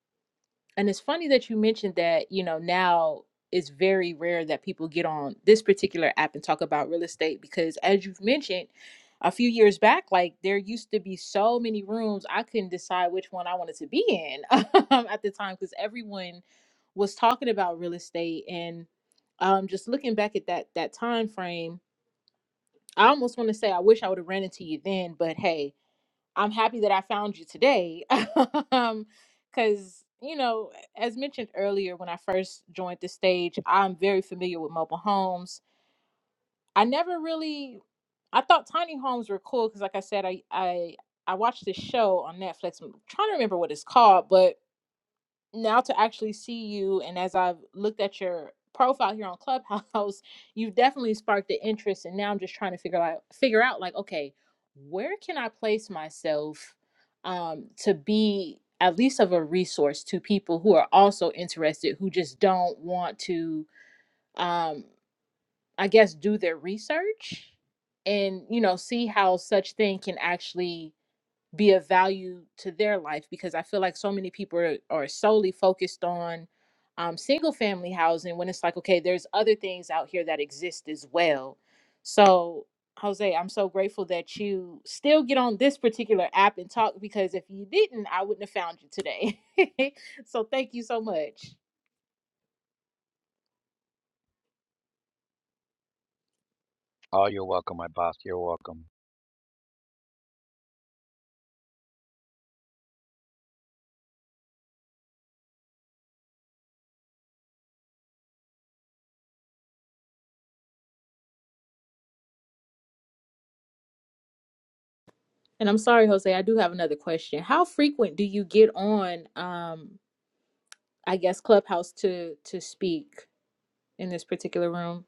Speaker 6: And it's funny that you mentioned that, you know, now it's very rare that people get on this particular app and talk about real estate because as you've mentioned, a few years back, like there used to be so many rooms, I couldn't decide which one I wanted to be in um, at the time because everyone was talking about real estate and um just looking back at that that time frame, I almost want to say I wish I would have ran into you then, but hey, I'm happy that I found you today. um, cause you know, as mentioned earlier, when I first joined the stage, I'm very familiar with mobile homes. I never really, I thought tiny homes were cool because, like I said, I I I watched this show on Netflix. I'm trying to remember what it's called, but now to actually see you and as I've looked at your profile here on Clubhouse, you've definitely sparked the interest and now I'm just trying to figure out figure out like, okay, where can I place myself um to be at least of a resource to people who are also interested who just don't want to um I guess do their research and you know see how such thing can actually be of value to their life because I feel like so many people are, are solely focused on um, single family housing when it's like, okay, there's other things out here that exist as well. So, Jose, I'm so grateful that you still get on this particular app and talk because if you didn't, I wouldn't have found you today. so, thank you so much.
Speaker 1: Oh, you're welcome, my boss. You're welcome.
Speaker 6: And I'm sorry, Jose, I do have another question. How frequent do you get on, um, I guess, Clubhouse to to speak in this particular room?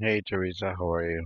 Speaker 1: Hey, Teresa, how are you?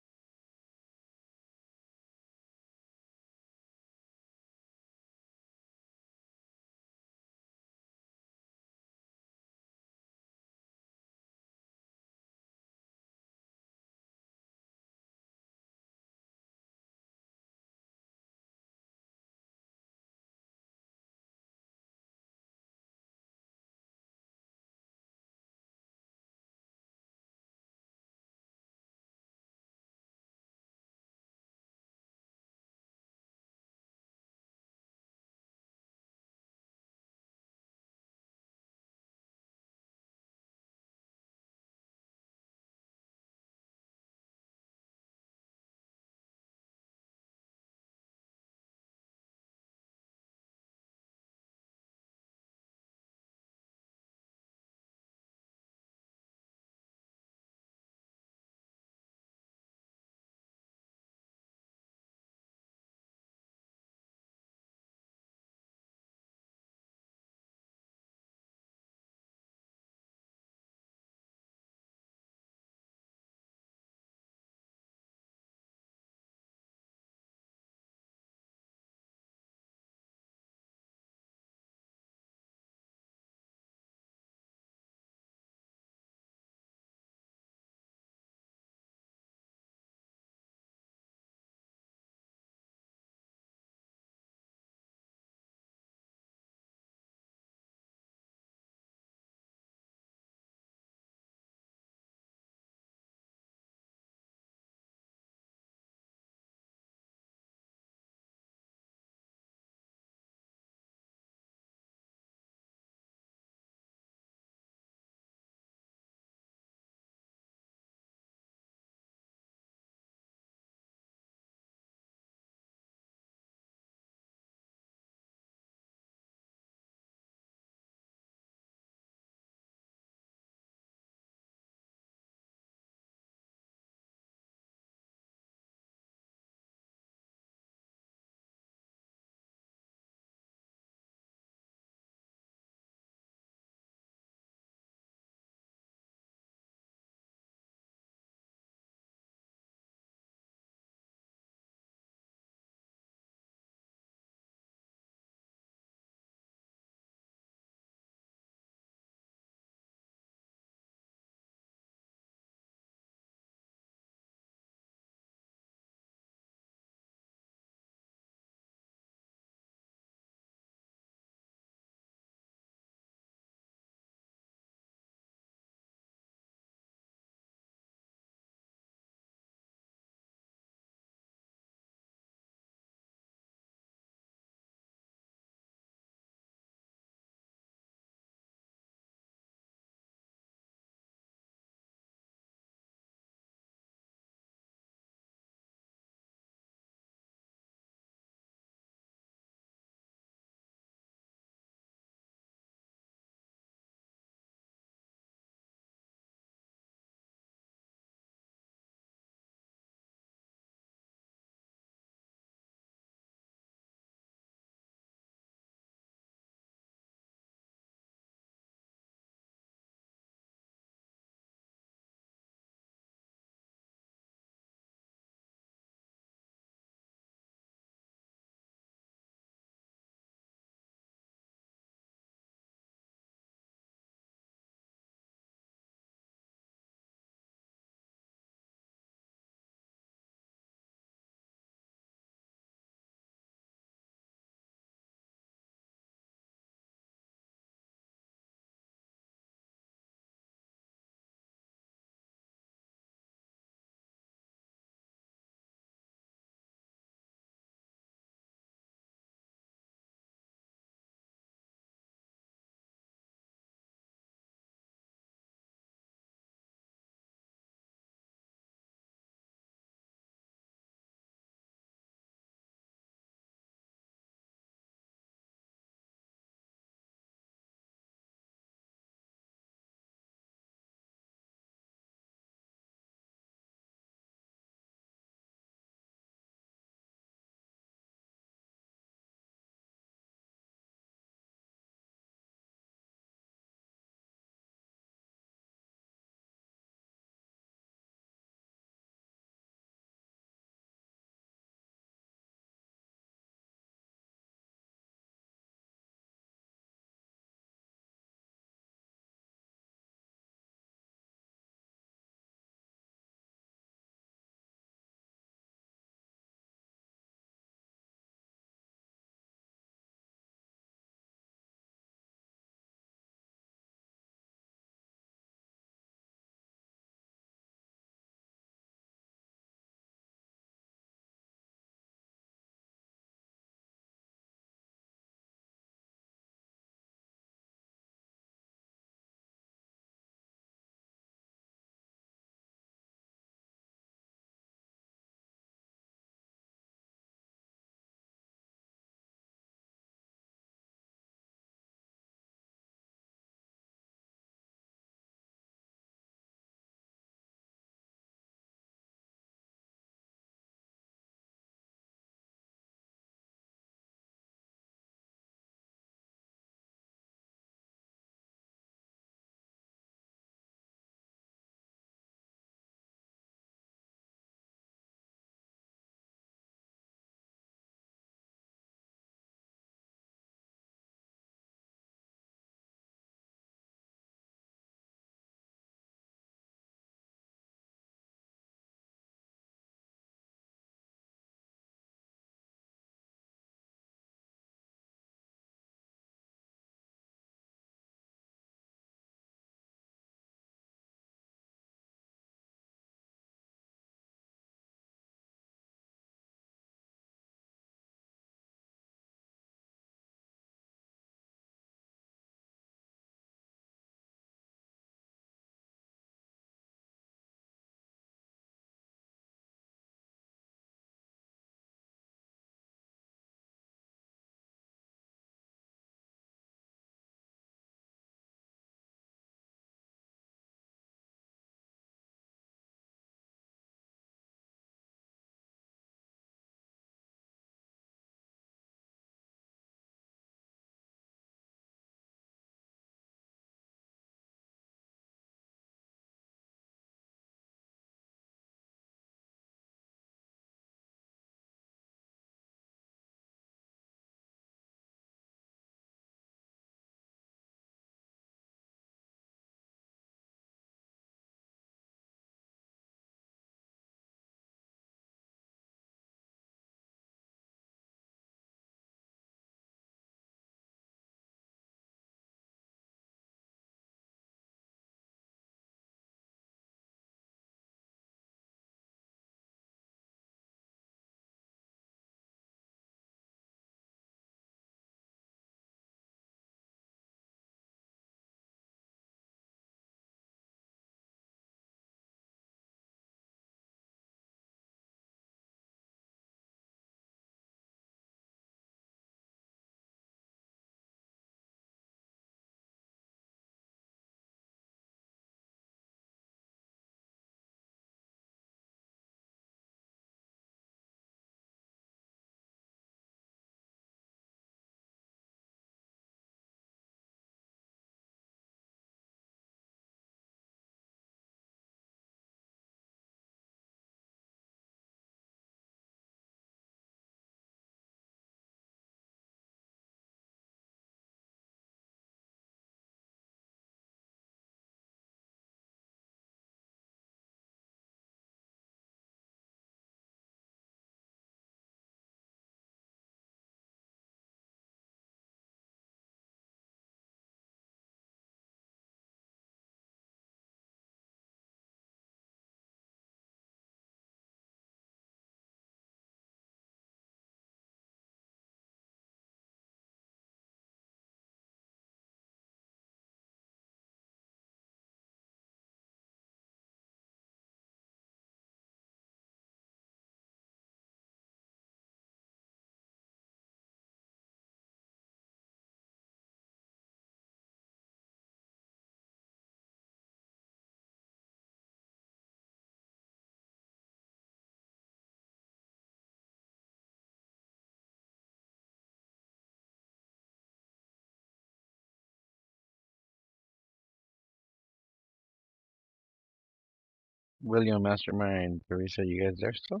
Speaker 1: William, Mastermind, Teresa, you guys there still?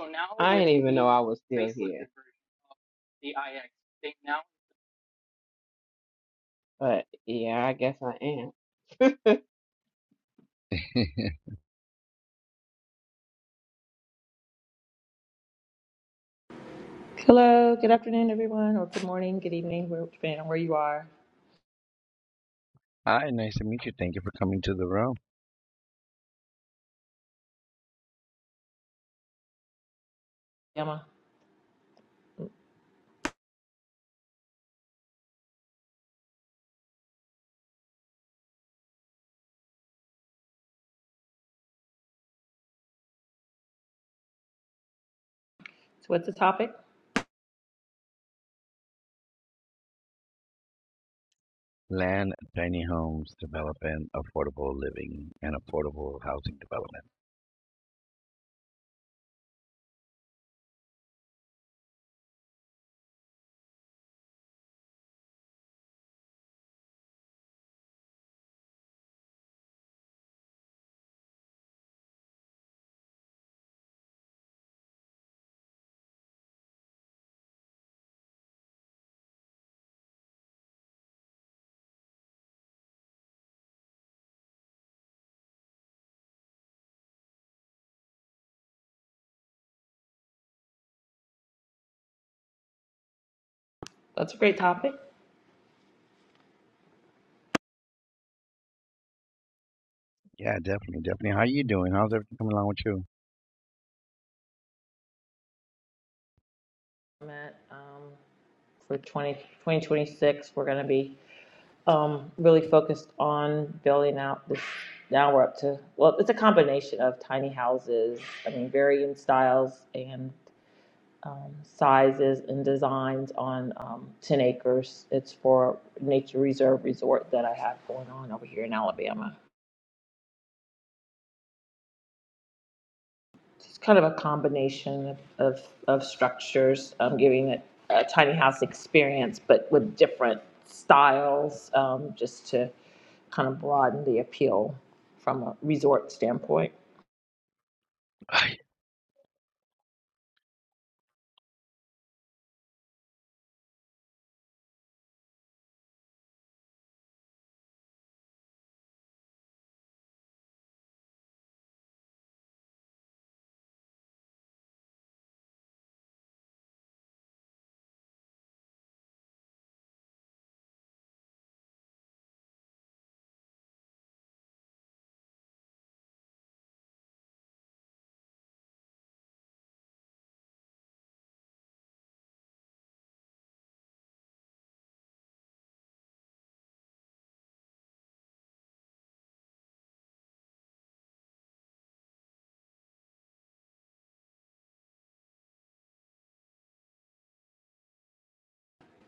Speaker 4: So now I we're didn't even know I was still here. But yeah, I guess I am.
Speaker 7: Hello, good afternoon, everyone, or good morning, good evening, where- depending on where you are.
Speaker 1: Hi, nice to meet you. Thank you for coming to the room.
Speaker 7: Yama, so what's the topic?
Speaker 1: Land, tiny homes, development, affordable living, and affordable housing development.
Speaker 7: That's a great topic.
Speaker 1: Yeah, definitely, definitely. How you doing? How's everything coming along with you?
Speaker 7: I'm at, um, for 20, 2026, we're going to be um, really focused on building out this. Now we're up to, well, it's a combination of tiny houses, I mean, varying styles and um, sizes and designs on um, 10 acres. It's for nature reserve resort that I have going on over here in Alabama. it's kind of a combination of, of, of structures, um, giving it a tiny house experience, but with different styles, um, just to kind of broaden the appeal from a resort standpoint.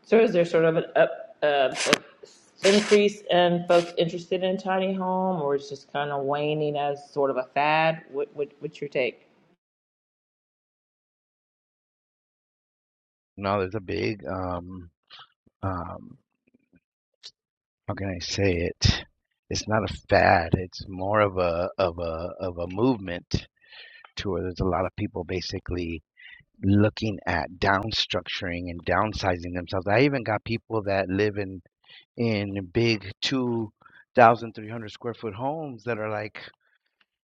Speaker 7: So is there sort of an up, uh, a increase in folks interested in tiny home, or it's just kind of waning as sort of a fad? What, what, what's your take?
Speaker 1: No, there's a big um um how can I say it? It's not a fad. It's more of a of a of a movement to where there's a lot of people basically looking at downstructuring and downsizing themselves. I even got people that live in in big two thousand three hundred square foot homes that are like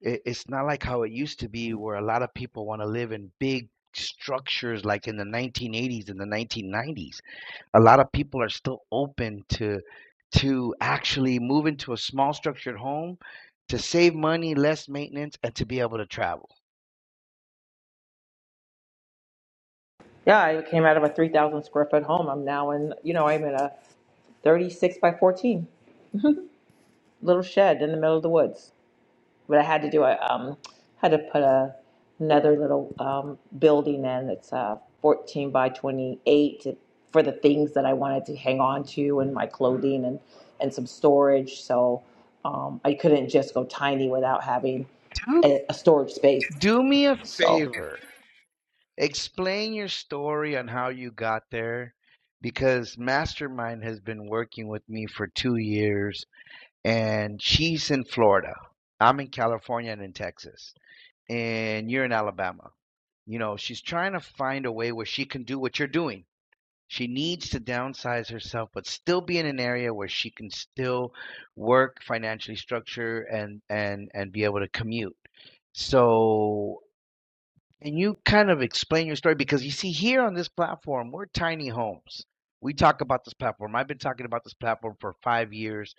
Speaker 1: it, it's not like how it used to be where a lot of people want to live in big structures like in the 1980s and the 1990s a lot of people are still open to to actually move into a small structured home to save money less maintenance and to be able to travel
Speaker 7: Yeah, I came out of a 3,000 square foot home. I'm now in, you know, I'm in a 36 by 14 little shed in the middle of the woods. but I had to do a um, had to put a another little um, building in that's uh, 14 by 28 for the things that I wanted to hang on to and my clothing and and some storage. So um, I couldn't just go tiny without having
Speaker 1: do
Speaker 7: a, a storage space.
Speaker 1: do me a
Speaker 7: So.
Speaker 1: favor explain your story on how you got there because mastermind has been working with me for 2 years and she's in Florida. I'm in California and in Texas, and you're in Alabama. You know, she's trying to find a way where she can do what you're doing. She needs to downsize herself, but still be in an area where she can still work, financially structure, and and and be able to commute. So and you kind of explain your story? Because you see, here on this platform, we're tiny homes. We talk about this platform. I've been talking about this platform for five years.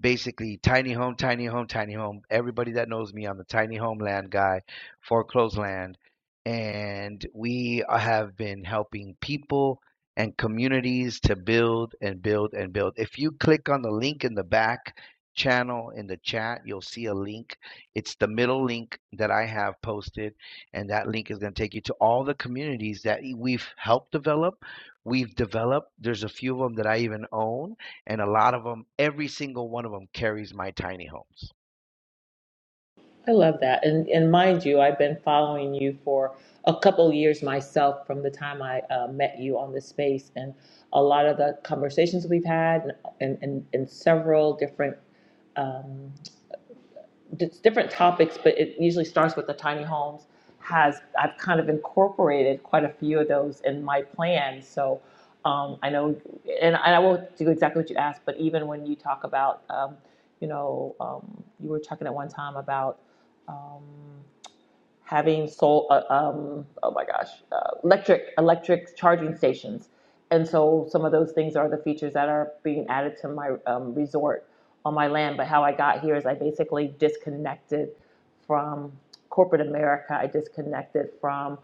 Speaker 1: Basically, tiny home, tiny home, tiny home. Everybody that knows me, I'm the tiny homeland guy, foreclosed land. And we have been helping people and communities to build and build and build. If you click on the link in the back channel in the chat, you'll see a link. It's the middle link that I have posted and that link is going to take you to all the communities that we've helped develop we've developed there's a few of them that i even own and a lot of them every single one of them carries my tiny homes
Speaker 7: I love that. And and mind you, I've been following you for a couple years myself from the time I uh, met you on this space and a lot of the conversations we've had and and, and, and several different um, it's different topics, but it usually starts with the tiny homes. Has I've kind of incorporated quite a few of those in my plan. So um, I know, and I won't do exactly what you asked, but even when you talk about, um, you know, um, you were talking at one time about. Um, having sol uh, um, oh my gosh, uh, electric electric charging stations. And so some of those things are the features that are being added to my um, resort on my land. But how I got here is I basically disconnected from corporate America. I disconnected from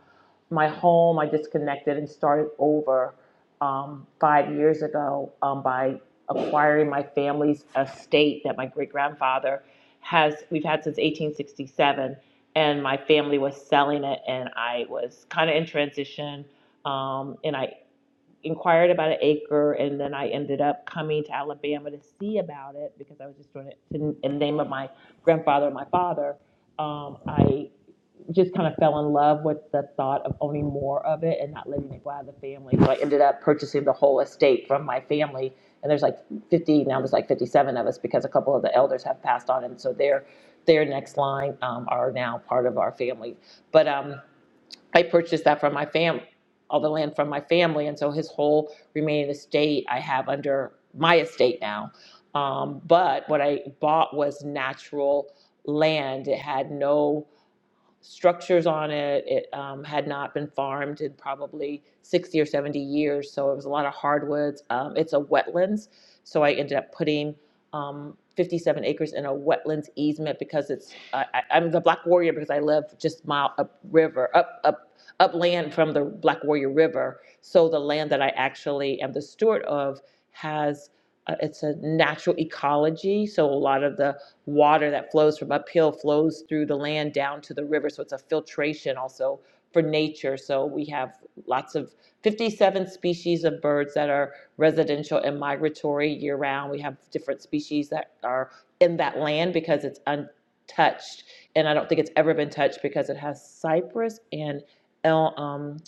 Speaker 7: my home. I disconnected and started over um, five years ago um, by acquiring my family's estate that my great grandfather has. We've had since 1867 and my family was selling it and I was kind of in transition um, and I inquired about an acre and then I ended up coming to Alabama to see about it because I was just doing it to, in the name of my grandfather and my father. Um, I just kind of fell in love with the thought of owning more of it and not letting it go out of the family. So I ended up purchasing the whole estate from my family. And there's like 50 now. There's like 57 of us because a couple of the elders have passed on, and so their their next line um, are now part of our family. But um, I purchased that from my fam, all the land from my family, and so his whole remaining estate I have under my estate now. Um, but what I bought was natural land. It had no structures on it. It um, had not been farmed in probably 60 or 70 years, so it was a lot of hardwoods. Um, it's a wetlands, so I ended up putting um, 57 acres in a wetlands easement because it's I, I- I'm the Black Warrior because I live just mile up river up up upland from the Black Warrior River. So the land that I actually am the steward of has uh, it's a natural ecology. So a lot of the water that flows from uphill flows through the land down to the river. So it's a filtration also for nature. So we have lots of 57 species of birds that are residential and migratory year round. We have different species that are in that land because it's untouched. And I don't think it's ever been touched because it has cypress and el- um,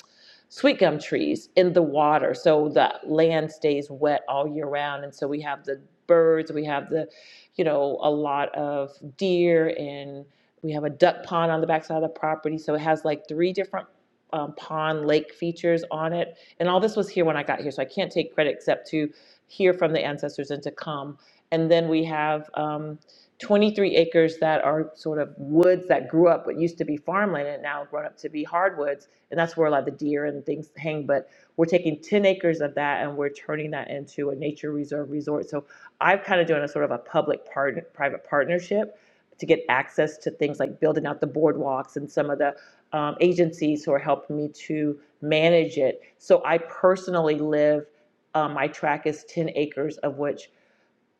Speaker 7: sweet gum trees in the water so the land stays wet all year round and so we have the birds we have the you know a lot of deer and we have a duck pond on the backside of the property so it has like three different um, pond lake features on it and all this was here when i got here so i can't take credit except to hear from the ancestors and to come and then we have um, 23 acres that are sort of woods that grew up what used to be farmland and now grown up to be hardwoods and that's where a lot of the deer and things hang. But we're taking 10 acres of that and we're turning that into a nature reserve resort. So I've kind of done a sort of a public part, private partnership to get access to things like building out the boardwalks and some of the um, agencies who are helping me to manage it. So I personally live, um, my track is 10 acres, of which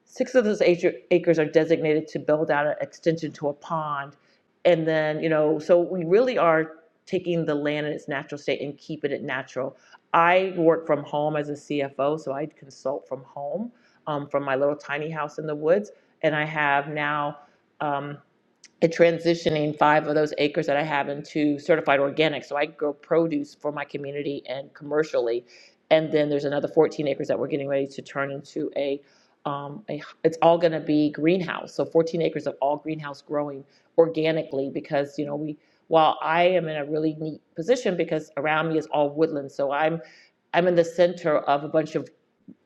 Speaker 7: Six of those acres are designated to build out an extension to a pond. And then, you know, so we really are taking the land in its natural state and keeping it natural. I work from home as a CFO, so I consult from home, um, from my little tiny house in the woods. And I have now, um, and transitioning five of those acres that I have into certified organic. So I grow produce for my community and commercially. And then there's another 14 acres that we're getting ready to turn into a, um, a it's all going to be greenhouse. So 14 acres of all greenhouse growing organically because, you know, we, while I am in a really neat position because around me is all woodland. So I'm, I'm in the center of a bunch of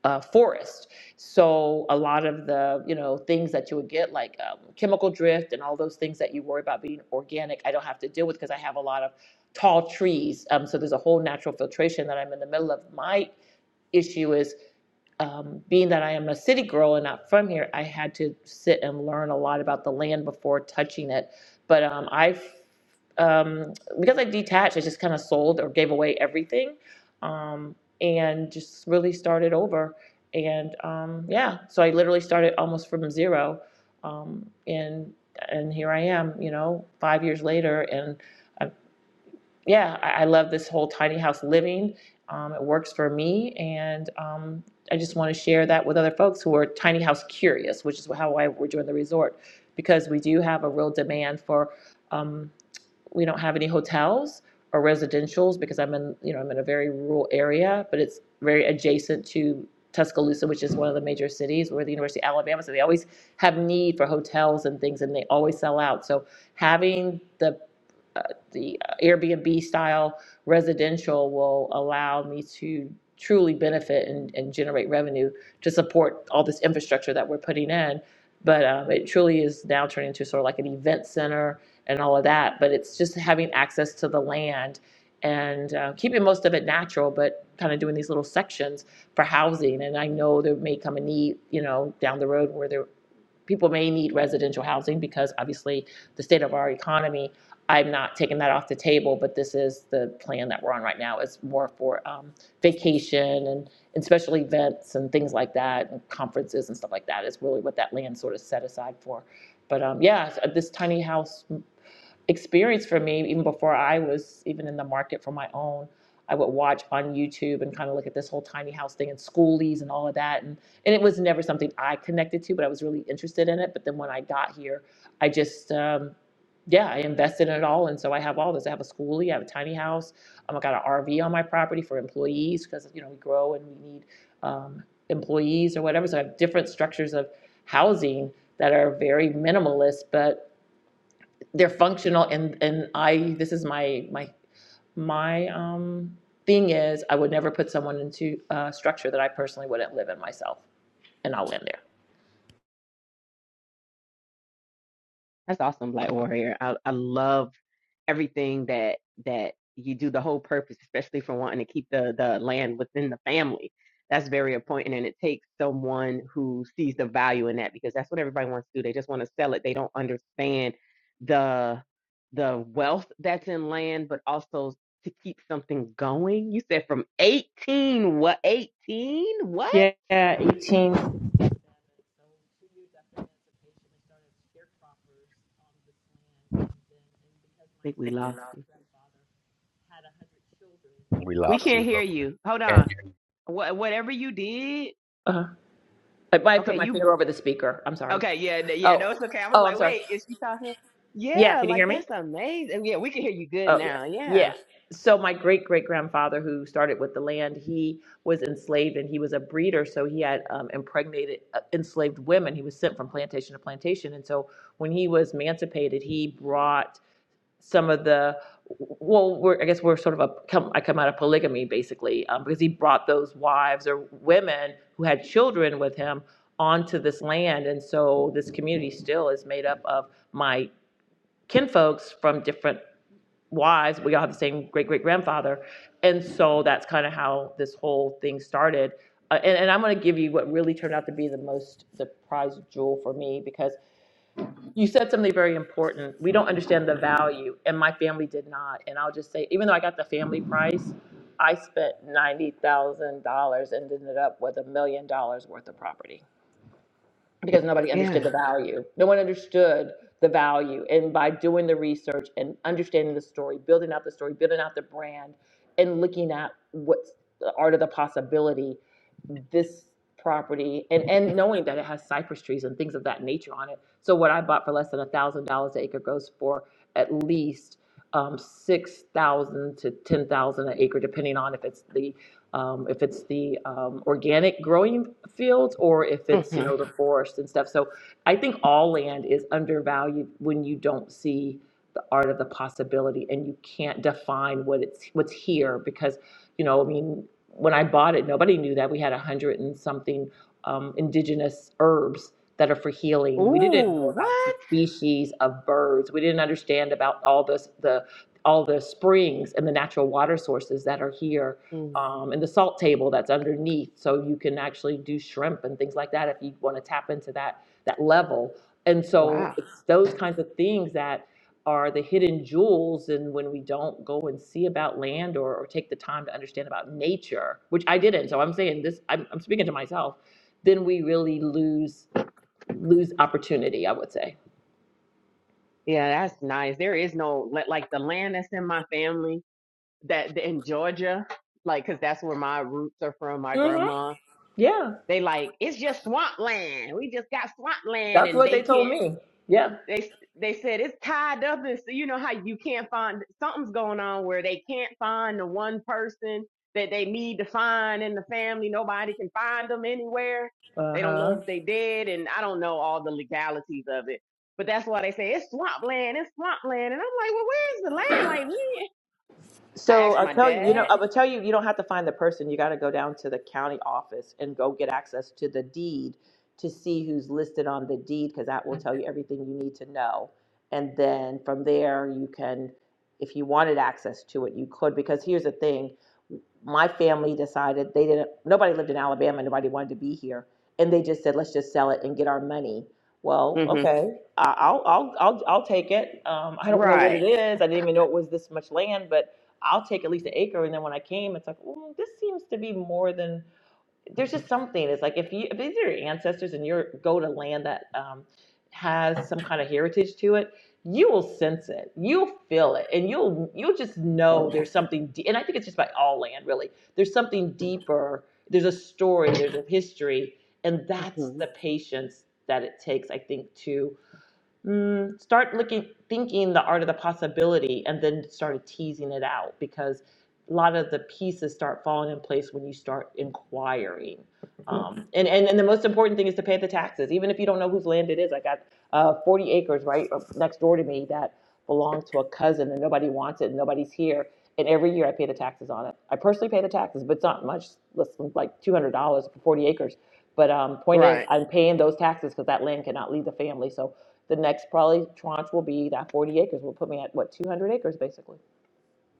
Speaker 7: uh, forest. So a lot of the you know things that you would get like um, chemical drift and all those things that you worry about being organic, I don't have to deal with because I have a lot of tall trees. Um, so there's a whole natural filtration that I'm in the middle of. My issue is um, being that I am a city girl and not from here, I had to sit and learn a lot about the land before touching it. But um, I, um, because I detached, I just kind of sold or gave away everything, um, and just really started over. And um, yeah, so I literally started almost from zero, um, and and here I am, you know, five years later, and yeah, I, I love this whole tiny house living. Um, it works for me, and um, I just want to share that with other folks who are tiny house curious, which is how I we're doing the resort because we do have a real demand for. Um, we don't have any hotels or residential's because I'm in, you know, I'm in a very rural area, but it's very adjacent to Tuscaloosa, which is one of the major cities. where the University of Alabama, so they always have need for hotels and things, and they always sell out. So having the uh, the Airbnb style residential will allow me to truly benefit and, and generate revenue to support all this infrastructure that we're putting in. But um, it truly is now turning into sort of like an event center and all of that. But it's just having access to the land and uh, keeping most of it natural, but kind of doing these little sections for housing. And I know there may come a need, you know, down the road where there people may need residential housing because obviously the state of our economy. I'm not taking that off the table, but this is the plan that we're on right now. It's more for um, vacation and, and special events and things like that, and conferences and stuff like that. Is really what that land sort of set aside for. But um, yeah, this tiny house experience for me even before I was even in the market for my own. I would watch on YouTube and kind of look at this whole tiny house thing and schoolies and all of that. And, and it was never something I connected to, but I was really interested in it. But then when I got here, I just, um, yeah, I invested in it all. And so I have all this. I have a schoolie, I have a tiny house. Um, I got an RV on my property for employees because, you know, we grow and we need um, employees or whatever. So I have different structures of housing that are very minimalist, but they're functional and and I this is my my my um thing is I would never put someone into a structure that I personally wouldn't live in myself and I'll end
Speaker 4: That's awesome, Black Warrior. I, I love everything that that you do. The whole purpose, especially for wanting to keep the the land within the family, that's very important. And it takes someone who sees the value in that because that's what everybody wants to do. They just want to sell it. They don't understand the the wealth that's in land, but also to keep something going. You said from eighteen what eighteen what?
Speaker 7: there.
Speaker 4: I
Speaker 7: Yeah, 18.
Speaker 4: think we lost you.
Speaker 1: We
Speaker 4: We
Speaker 1: lost
Speaker 4: can't
Speaker 1: you
Speaker 4: hear
Speaker 1: real quick.
Speaker 4: you. Hold
Speaker 1: Can't
Speaker 4: on.
Speaker 1: hear you.
Speaker 4: What whatever you did.
Speaker 7: Uh-huh. I, I
Speaker 4: Okay,
Speaker 7: put my
Speaker 4: you
Speaker 7: finger over the speaker. I'm sorry.
Speaker 4: Okay, yeah, n- yeah,
Speaker 7: Oh,
Speaker 4: no, it's okay. I was
Speaker 7: oh, I'm
Speaker 4: like,
Speaker 7: sorry.
Speaker 4: wait, is she talking?
Speaker 7: Yeah,
Speaker 4: Yeah,
Speaker 7: can you
Speaker 4: like
Speaker 7: hear me?
Speaker 4: that's amazing. Yeah, we can hear you good
Speaker 7: Oh,
Speaker 4: now. Yeah,
Speaker 7: yeah. So my great great grandfather, who started with the land, he was enslaved and he was a breeder. So he had um, impregnated uh, enslaved women. He was sent from plantation to plantation. And so when he was emancipated, he brought some of the well, we're, I guess we're sort of a come, I come out of polygamy basically um, because he brought those wives or women who had children with him onto this land. And so this community still is made up of my kinfolks from different wives, we all have the same great great grandfather. And so that's kind of how this whole thing started. Uh, and, and I'm going to give you what really turned out to be the most the jewel for me because you said something very important. We don't understand the value, and my family did not. And I'll just say, even though I got the family price, I spent ninety thousand dollars and ended up with a million dollars worth of property because nobody
Speaker 4: yeah.
Speaker 7: understood the value. No one understood the value. And by doing the research and understanding the story, building out the story, building out the brand, and looking at what's the art of the possibility, this property and and knowing that it has cypress trees and things of that nature on it. So what I bought for less than a thousand dollars an acre goes for at least um, six thousand to ten thousand an acre, depending on if it's the um, if it's the um, organic growing fields or if it's you
Speaker 4: hmm
Speaker 7: know the forest and stuff. So I think all land is undervalued when you don't see the art of the possibility and you can't define what it's what's here because you know I mean when I bought it nobody knew that we had a hundred and something um, indigenous herbs that are for healing. We didn't know
Speaker 4: Ooh,
Speaker 7: about the
Speaker 4: what?
Speaker 7: species of birds. We didn't understand about all this the all the springs and the natural water sources that are here
Speaker 4: Mm,
Speaker 7: um, and the salt table that's underneath, so you can actually do shrimp and things like that if you want to tap into that that level. And so
Speaker 4: wow.
Speaker 7: it's those kinds of things that are the hidden jewels, and when we don't go and see about land or, or take the time to understand about nature, which I didn't, so I'm saying this, I'm, I'm speaking to myself, then we really lose lose opportunity. I would say.
Speaker 4: Yeah, that's nice. There is no li- like the land that's in my family that that in Georgia, like, cause that's where my roots are from. My
Speaker 7: hmm
Speaker 4: grandma,
Speaker 7: Yeah,
Speaker 4: they like it's just swamp land. We just got swamp land,
Speaker 7: that's
Speaker 4: and
Speaker 7: what they
Speaker 4: they
Speaker 7: told
Speaker 4: can't.
Speaker 7: me. Yeah.
Speaker 4: They they said it's tied up, and so you know how you can't find something's going on where they can't find the one person that they need to find in the family. Nobody can find them anywhere.
Speaker 7: Uh
Speaker 4: They don't
Speaker 7: huh.
Speaker 4: know if they did, and I don't know all the legalities of it. But that's why they say it's swamp land, it's swamp land, and I'm like, well, where's the land? Like we, I
Speaker 7: So
Speaker 4: asked
Speaker 7: I'll
Speaker 4: my
Speaker 7: tell you, you know,
Speaker 4: dad.
Speaker 7: I will tell you, you don't have to find the person. You got to go down to the county office and go get access to the deed to see who's listed on the deed because that will tell you everything you need to know. And then from there, you can, if you wanted access to it, you could. Because here's the thing my family decided they didn't, nobody lived in Alabama, nobody wanted to be here. And they just said, let's just sell it and get our money. Well,
Speaker 4: hmm
Speaker 7: okay, I- I'll, I'll, I'll, I'll take it. Um, I don't know what
Speaker 4: Right.
Speaker 7: it is. I didn't even know it was this much land, but I'll take at least an acre. And then when I came, it's like, well, this seems to be more than there's just something. It's like if you if these are your ancestors and you go to land that um, has some kind of heritage to it, you will sense it, you'll feel it, and you'll you'll just know there's something. De- and I think it's just by all land really. There's something deeper. There's a story. There's a history, and that's
Speaker 4: hmm
Speaker 7: the patience that it takes. I think to mm, start looking thinking the art of the possibility and then started teasing it out because a lot of the pieces start falling in place when you start inquiring um, and, and and the most important thing is to pay the taxes even if you don't know whose land it is i got uh, 40 acres right uh, next door to me that belonged to a cousin and nobody wants it and nobody's here. And every year I pay the taxes on it. I personally pay the taxes, but it's not much, less than like two hundred dollars for forty acres. But um, point is,
Speaker 4: Right.
Speaker 7: I'm paying those taxes because that land cannot leave the family. So the next probably tranche will be that forty acres will put me at what two hundred acres basically.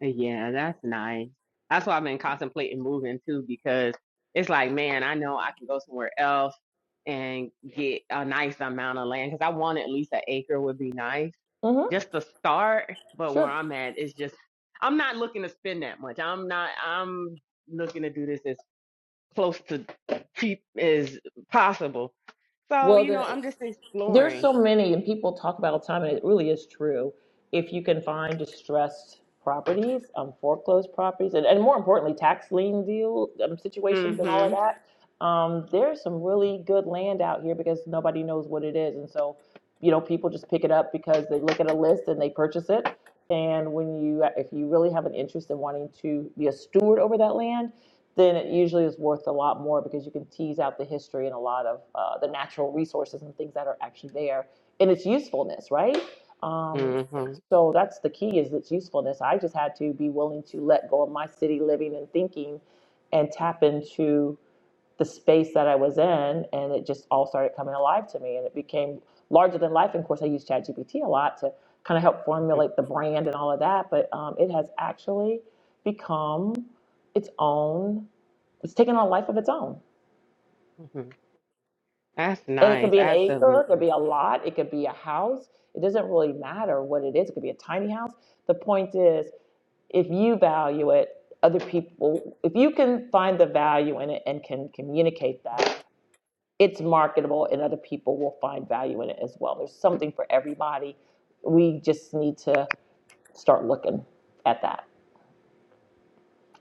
Speaker 4: Yeah, that's nice. That's why I've been contemplating moving too, because it's like, man, I know I can go somewhere else and get a nice amount of land. Because I want at least an acre would be nice
Speaker 7: Mm-hmm.
Speaker 4: just to start. But where
Speaker 7: Sure.
Speaker 4: I'm at, it's just I'm not looking to spend that much. I'm not. I'm looking to do this as close to cheap as possible. So
Speaker 7: Well
Speaker 4: you know,
Speaker 7: then.
Speaker 4: I'm just
Speaker 7: There's
Speaker 4: exploring.
Speaker 7: so many, and people talk about all the time, and it really is true. If you can find distressed properties, um, foreclosed properties, and, and more importantly, tax lien deal um,
Speaker 4: mm
Speaker 7: situations and all of
Speaker 4: Mhm.
Speaker 7: that, um, there's some really good land out here because nobody knows what it is, and so you know people just pick it up because they look at a list and they purchase it. And when you, if you really have an interest in wanting to be a steward over that land then it usually is worth a lot more because you can tease out the history and a lot of uh, the natural resources and things that are actually there and its usefulness, right? Um,
Speaker 4: mm Mhm.
Speaker 7: so that's the key is its usefulness. I just had to be willing to let go of my city living and thinking and tap into the space that I was in. And it just all started coming alive to me and it became larger than life. And of course, I use ChatGPT a lot to kind of help
Speaker 4: mm
Speaker 7: formulate the brand and all of that. But um, it has actually become its own it's taking on a life of its own.
Speaker 4: mhm. That's
Speaker 7: And it could
Speaker 4: nice.
Speaker 7: be an acre, it could
Speaker 4: Absolutely.
Speaker 7: be a lot, it could be a house. It doesn't really matter what it is. It could be a tiny house. The point is, if you value it, other people, if you can find the value in it and can communicate that, it's marketable and other people will find value in it as well. There's something for everybody. We just need to start looking at that.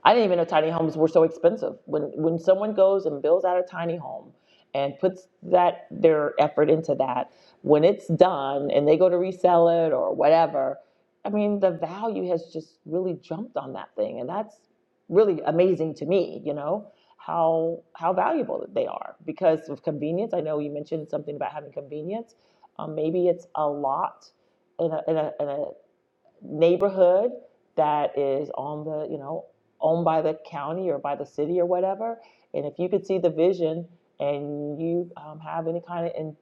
Speaker 7: I didn't even know tiny homes were so expensive. When when someone goes and builds out a tiny home and puts that their effort into that, when it's done and they go to resell it or whatever, I mean the value has just really jumped on that thing, and that's really amazing to me. You know how how valuable they are because of convenience. I know you mentioned something about having convenience. Um, maybe it's a lot in a, in a, in a neighborhood that is on the, you know, owned by the county or by the city or whatever. And if you could see the vision and you um, have any kind of, in,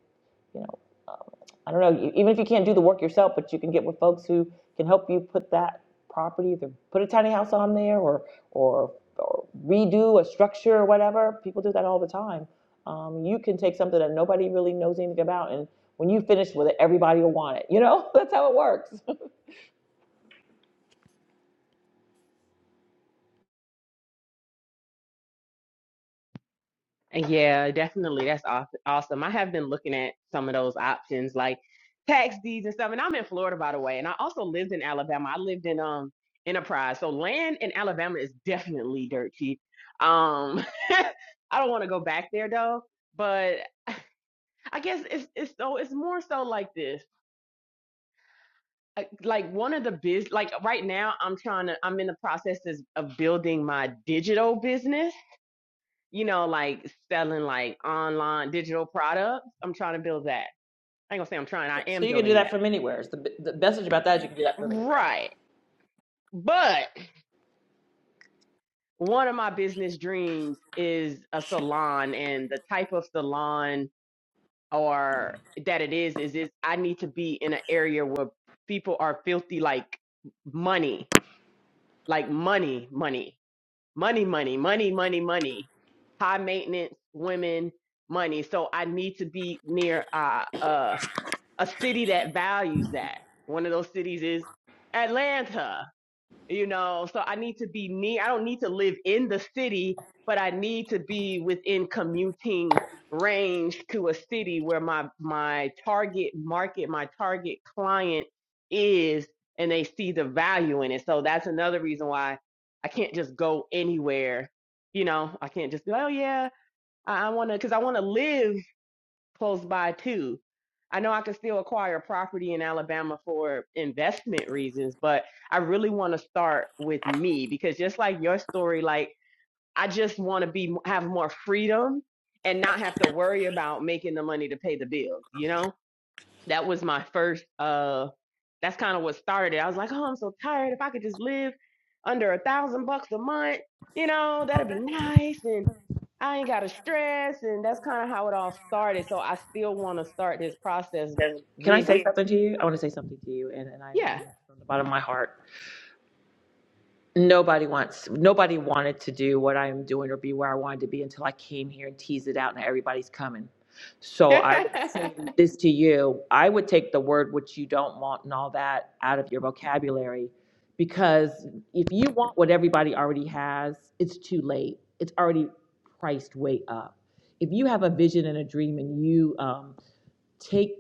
Speaker 7: you know, um, I don't know, you, even if you can't do the work yourself, but you can get with folks who can help you put that property, either put a tiny house on there or, or, or redo a structure or whatever. People do that all the time. Um, you can take something that nobody really knows anything about and when you finish with it, everybody will want it. You know, that's how it works.
Speaker 4: Yeah, definitely. That's aw- awesome. I have been looking at some of those options like tax deeds and stuff. And I'm in Florida, by the way. And I also lived in Alabama. I lived in um Enterprise. So land in Alabama is definitely dirt cheap. Um, I don't want to go back there though, but I guess it's it's so it's more so like this. I- Like one of the biz like right now I'm trying to I'm in the processes of building my digital business, you know, like selling like online digital products. I'm trying to build that. I ain't gonna say I'm trying, I am
Speaker 7: So you can do
Speaker 4: building
Speaker 7: that
Speaker 4: that.
Speaker 7: from anywhere. The, the message about that is you can do that from anywhere.
Speaker 4: Right. But one of my business dreams is a salon and the type of salon or that it is is is I need to be in an area where people are filthy like money, like money, money, money, money, money, money, money, high maintenance women, money. So I need to be near uh, uh, a city that values that. One of those cities is Atlanta you know so i need to be near i don't need to live in the city but i need to be within commuting range to a city where my my target market my target client is and they see the value in it so that's another reason why i can't just go anywhere you know i can't just be like, oh yeah i I want to because i want to live close by too. I know I can still acquire property in Alabama for investment reasons, but I really want to start with me because just like your story, like I just want to be have more freedom and not have to worry about making the money to pay the bills, you know? That was my first uh that's kind of what started. I was like, "Oh, I'm so tired. If I could just live under a thousand bucks a month, you know, that'd be nice." And I ain't got to stress. And that's kind of how it all started. So I still want to start this process
Speaker 7: Can I
Speaker 4: with,
Speaker 7: say something to you? I want to say something to you, and, and I mean
Speaker 4: yeah.
Speaker 7: from the bottom of my heart. nobody wants nobody wanted to do what I'm doing or be where I wanted to be until I came here and teased it out and everybody's coming. So I would say this to you. I would take the word which you don't want and all that out of your vocabulary because if you want what everybody already has, it's too late. It's already priced way up. If you have a vision and a dream and you um, take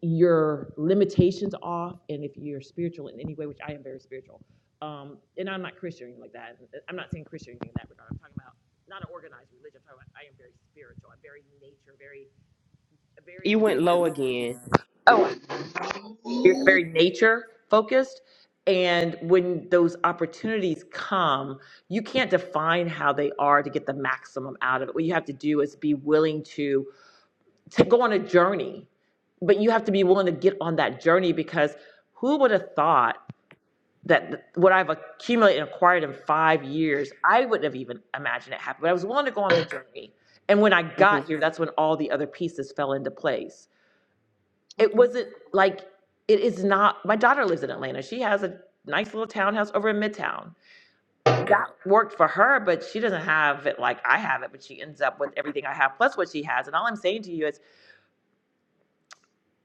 Speaker 7: your limitations off and if you're spiritual in any way, which I am very spiritual. Um, and I'm not Christian or anything like that. I'm not saying Christian or anything in that regard. I'm talking about not an organized religion. I'm talking about I am very spiritual. I'm very nature, very,
Speaker 4: you
Speaker 7: very.
Speaker 4: went low again.
Speaker 7: Oh, I'm very nature focused. And when those opportunities come, you can't define how they are to get the maximum out of it. What you have to do is be willing to to go on a journey but you have to be willing to get on that journey because who would have thought that what I've accumulated and acquired in five years, I wouldn't have even imagined it happened. But I was willing to go on the journey. And when I
Speaker 4: hmm
Speaker 7: got here, that's when all the other pieces fell into place. It wasn't like, it is not, my daughter lives in Atlanta. She has a nice little townhouse over in Midtown. That worked for her, but she doesn't have it like I have it, but she ends up with everything I have plus what she has. And all I'm saying to you is,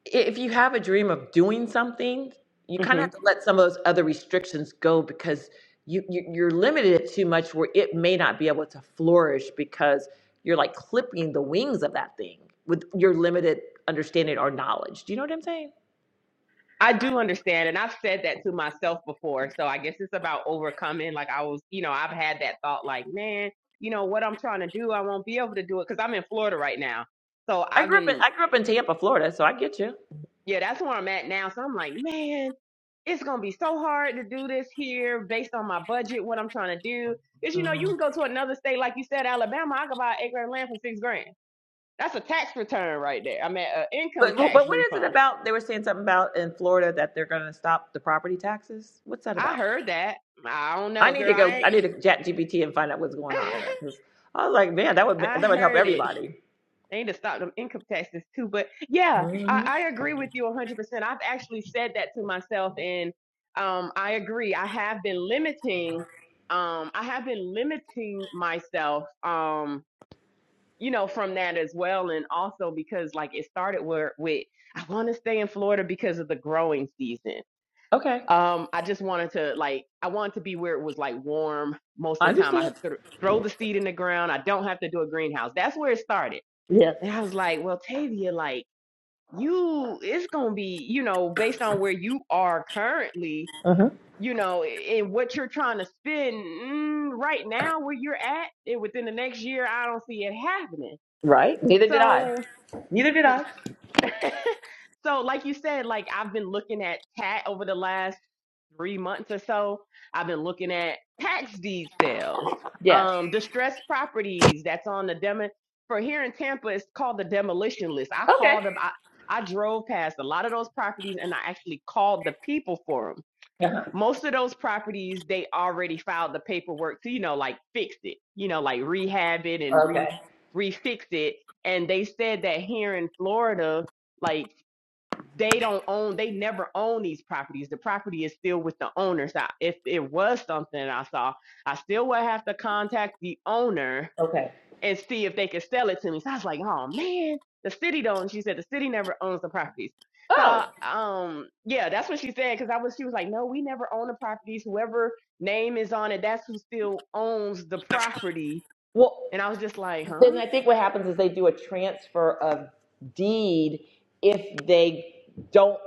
Speaker 7: if you have a dream of doing something, you kind of
Speaker 4: hmm
Speaker 7: have to let some of those other restrictions go because you, you you're limited too much where it may not be able to flourish because you're like clipping the wings of that thing with your limited understanding or knowledge. Do you know what I'm saying?
Speaker 4: I do understand. And I've said that to myself before. So I guess it's about overcoming. Like I was, you know, I've had that thought like, man, you know, what I'm trying to do, I won't be able to do it because I'm in Florida right now. So
Speaker 7: I
Speaker 4: I've
Speaker 7: grew up in
Speaker 4: been
Speaker 7: I grew up in Tampa, Florida, so I get you.
Speaker 4: yeah, that's where I'm at now. So I'm like, man, it's gonna be so hard to do this here based on my budget, what I'm trying to do. Because you know, you
Speaker 7: Mm.
Speaker 4: can go to another state, like you said, Alabama. I could buy an acre of land for six grand. That's a tax return right there. I mean, an income
Speaker 7: But but
Speaker 4: tax
Speaker 7: what is it
Speaker 4: refund.
Speaker 7: about? They were saying something about in Florida that they're going to stop the property taxes. What's that
Speaker 4: I
Speaker 7: about?
Speaker 4: heard that. I don't
Speaker 7: I
Speaker 4: know,
Speaker 7: need
Speaker 4: girl.
Speaker 7: to go.
Speaker 4: I
Speaker 7: I
Speaker 4: ain't.
Speaker 7: need to chat GPT and find out what's going on there. 'cause I was like, man, that would
Speaker 4: I
Speaker 7: that would help
Speaker 4: heard it.
Speaker 7: everybody.
Speaker 4: They need to stop them income taxes too. But yeah, I,
Speaker 7: hmm
Speaker 4: I agree with you 100%. I've actually said that to myself, and um, I agree. I have been limiting. Um, I have been limiting myself. Um, you know, from that as well, and also because like it started where with I want to stay in Florida because of the growing season.
Speaker 7: Okay,
Speaker 4: Um, I just wanted to like I wanted to be where it was like warm most
Speaker 7: I
Speaker 4: of the time. I
Speaker 7: understand.
Speaker 4: have th- throw the seed in the ground. I don't have to do a greenhouse. That's where it started
Speaker 7: Yes.
Speaker 4: and I was like, well, Tavia, like, you, it's going to be, you know, based on where you are currently,
Speaker 7: Uh-huh.
Speaker 4: you know, and what you're trying to spend mm, right now, where you're at, and within the next year, I don't see it happening.
Speaker 7: Right. Neither did I.
Speaker 4: So,
Speaker 7: Neither did I.
Speaker 4: so like you said, like, I've been looking at TAT over the last three months or so, I've been looking at tax deed sales,
Speaker 7: Yes.
Speaker 4: um, distressed properties that's on the demo. For here in Tampa, it's called the demolition list. I
Speaker 7: Okay.
Speaker 4: called them. I, I drove past a lot of those properties and I actually called the people for them.
Speaker 7: Uh-huh.
Speaker 4: Most of those properties, they already filed the paperwork to, you know, like fix it, you know, like rehab it and re
Speaker 7: Okay.
Speaker 4: refix it. And they said that here in Florida, like they don't own they never own these properties the property is still with the owners I, if it was something i saw i still would have to contact the owner
Speaker 7: Okay.
Speaker 4: and see if they could sell it to me so i was like oh man the city don't she said the city never owns the properties so
Speaker 7: Oh
Speaker 4: um yeah that's what she said because i was she was like no we never own the properties whoever name is on it that's who still owns the property
Speaker 7: well,
Speaker 4: and i was just like huh
Speaker 7: then I think what happens is they do a transfer of deed if they don't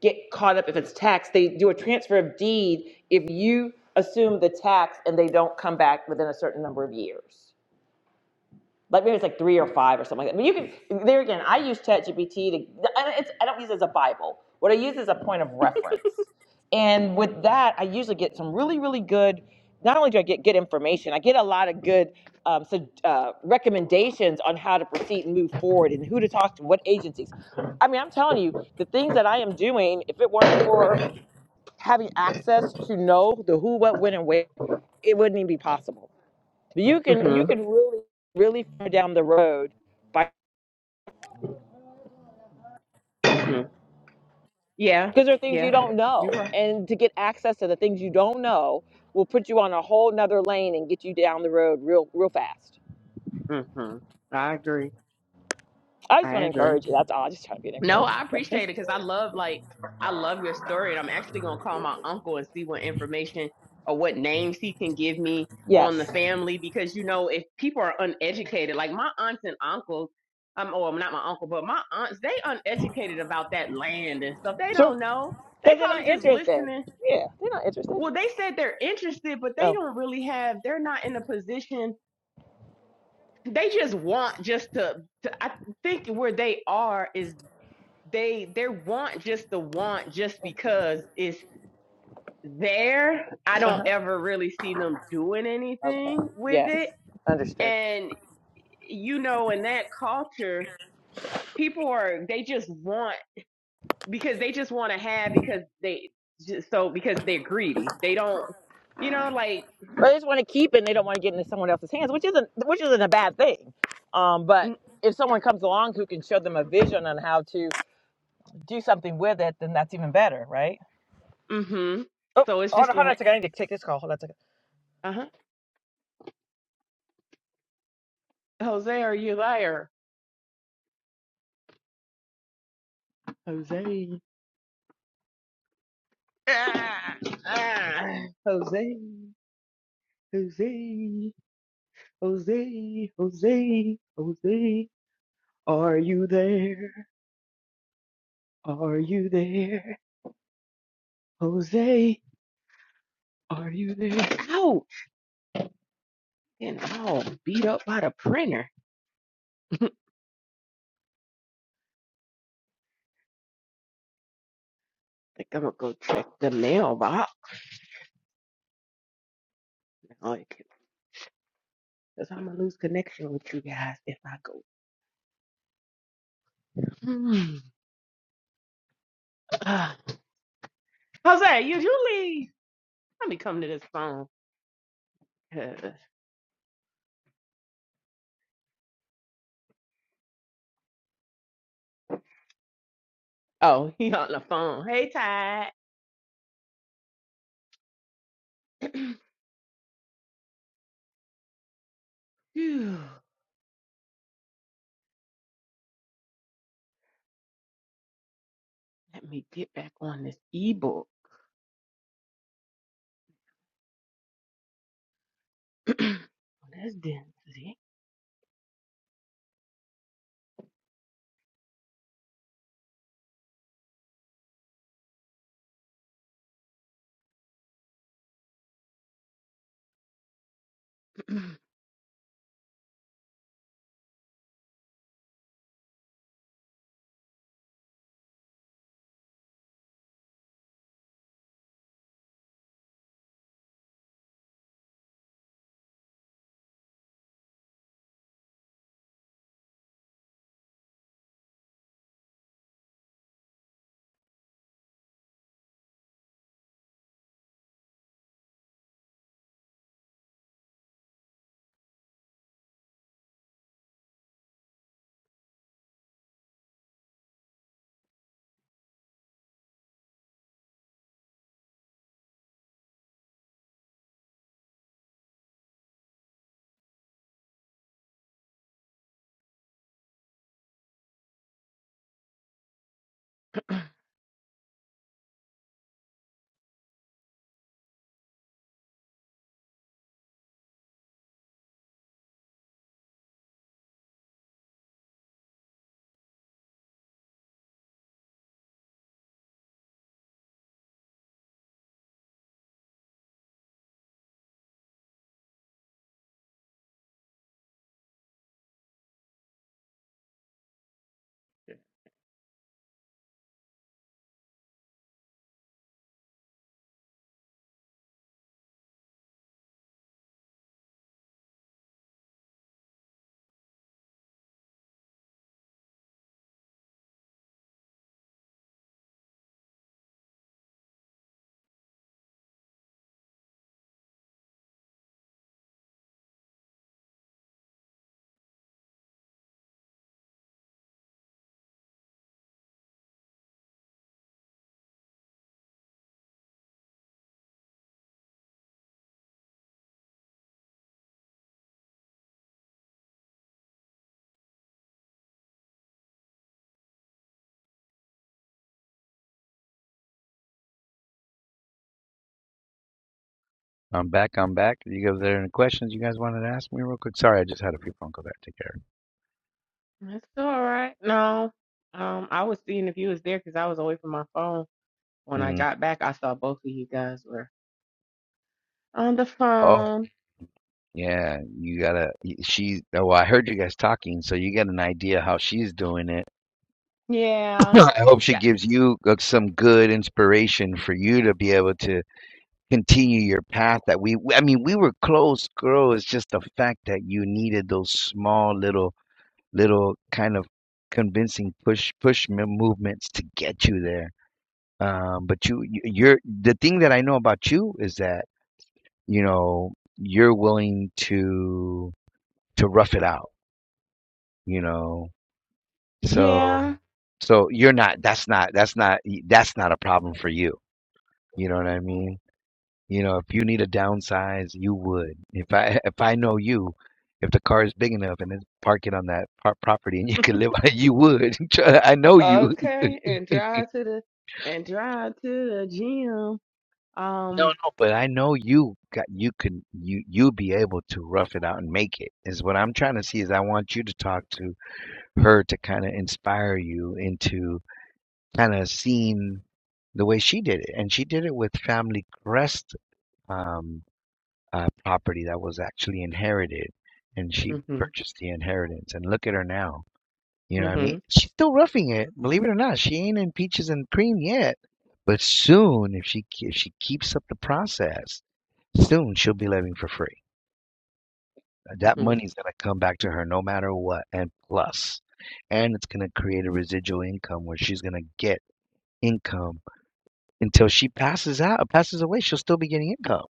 Speaker 7: get caught up if it's tax. They do a transfer of deed if you assume the tax and they don't come back within a certain number of years. like maybe it's like three or five or something like that. But you can there again. I use ChatGPT to. I, it's, I don't use it as a bible. What I use is a point of reference. And with that, I usually get some really really good. Not only do I get good information, I get a lot of good um, so, uh, recommendations on how to proceed and move forward, and who to talk to, what agencies. I mean, I'm telling you, the things that I am doing, if it weren't for having access to know the who, what, when, and where, it wouldn't even be possible. But you can
Speaker 4: hmm
Speaker 7: you can really really far down the road by
Speaker 4: yeah
Speaker 7: because there are things you
Speaker 4: yeah
Speaker 7: don't
Speaker 4: you're
Speaker 7: know
Speaker 4: right
Speaker 7: and to get access to the things you don't know will put you on a whole nother lane and get you down the road real real fast
Speaker 4: hmm i agree
Speaker 7: i just
Speaker 4: I
Speaker 7: want to
Speaker 4: agree.
Speaker 7: encourage you that's all i just try to be an
Speaker 4: No,
Speaker 7: encouragement
Speaker 4: I
Speaker 7: So,
Speaker 4: appreciate it because I love like I love your story, and I'm actually gonna call my uncle and see what information or what names he can give me on
Speaker 7: yes
Speaker 4: the family because you know if people are uneducated, like my aunts and uncles, um, or not my uncle, but my aunts, they uneducated about that land and stuff. They
Speaker 7: sure
Speaker 4: don't know. They
Speaker 7: because they're
Speaker 4: probably
Speaker 7: not
Speaker 4: just
Speaker 7: interested
Speaker 4: listening.
Speaker 7: yeah they're not interested
Speaker 4: Well, they said they're interested, but they
Speaker 7: oh
Speaker 4: don't really have. They're not in a position. They just want just to. to I think where they are is they they want just the want just because it's there. I don't
Speaker 7: uh-huh
Speaker 4: ever really see them doing
Speaker 7: okay
Speaker 4: anything with
Speaker 7: yes
Speaker 4: it.
Speaker 7: understood
Speaker 4: And you know, in that culture, people are they just want because they just want to have because they just so because they're greedy. They don't, you know, like
Speaker 7: but they just want to keep it and they don't want to get into someone else's hands which isn't which isn't a bad thing um but
Speaker 4: mm,
Speaker 7: if someone comes along who can show them a vision on how to do something with it, then that's even better, right?
Speaker 4: mm-hmm.
Speaker 7: Oh,
Speaker 4: So it's
Speaker 7: hold
Speaker 4: just
Speaker 7: on, hold on a
Speaker 4: like,
Speaker 7: second. I need to take this call. Hold on a second.
Speaker 4: uh-huh. Jose, are you a liar? Jose. Ah, ah, Jose. Jose. Jose, Jose, Jose, are you there? Are you there? Jose, are you there? Ouch! And all beat up by the printer. I think I'm gonna go check the mailbox. Like, Cause I'm gonna lose connection with you guys if I go. Hmm. Ah. Jose, you, you leave. Let me come to this phone. 'cause- Oh, he on the phone. Hey, Ty. Phew. Let me get back on this ebook. That's density.
Speaker 1: I'm back. I'm back. You go there. Any questions you guys wanted to ask me real quick? Sorry, I just had a few phone calls. back. to take care.
Speaker 4: That's all right. No, um, I was seeing if you was there because I was away from my phone. When I
Speaker 1: Mm.
Speaker 4: got back, I saw both of you guys were on the
Speaker 1: Oh,
Speaker 4: phone.
Speaker 1: yeah. You gotta. She. Oh, well, I heard you guys talking, so you get an idea how she's doing it.
Speaker 4: Yeah,
Speaker 1: I hope she
Speaker 4: yeah,
Speaker 1: gives you uh, some good inspiration for you to be able to. continue your path that we i mean we were close girl it's just the fact that you needed those small little little kind of convincing push push mo- movements to get you there um but you you- you're the thing that i know about you is that you know you're willing to to rough it out you know so
Speaker 4: yeah.
Speaker 1: so you're not that's not that's not that's not a problem for you you know what i mean You know, if you need a downsize, you would. If I if I know you, if the car is big enough and it's parking on that par property and you could live on it, you would. Tr- I know you.
Speaker 4: Okay, and drive to the and drive to the gym.
Speaker 1: No,
Speaker 4: Um,
Speaker 1: no, but I know you got you can you you be able to rough it out and make it. Is what I'm trying to see is I want you to talk to her to kind of inspire you into kind of seeing the way she did it, and she did it with Family Crest. Um, uh, property that was actually inherited, and she
Speaker 4: mhm,
Speaker 1: purchased the inheritance. And look at her now. You know what I mean?
Speaker 4: mhm,
Speaker 1: She's still roughing it, believe it or not. She ain't in peaches and cream yet, but soon, if she if she keeps up the process, soon she'll be living for free. That
Speaker 4: mhm,
Speaker 1: money's gonna come back to her no matter what, and plus, and it's gonna create a residual income where she's gonna get income until she passes out, passes away, she'll still be getting income.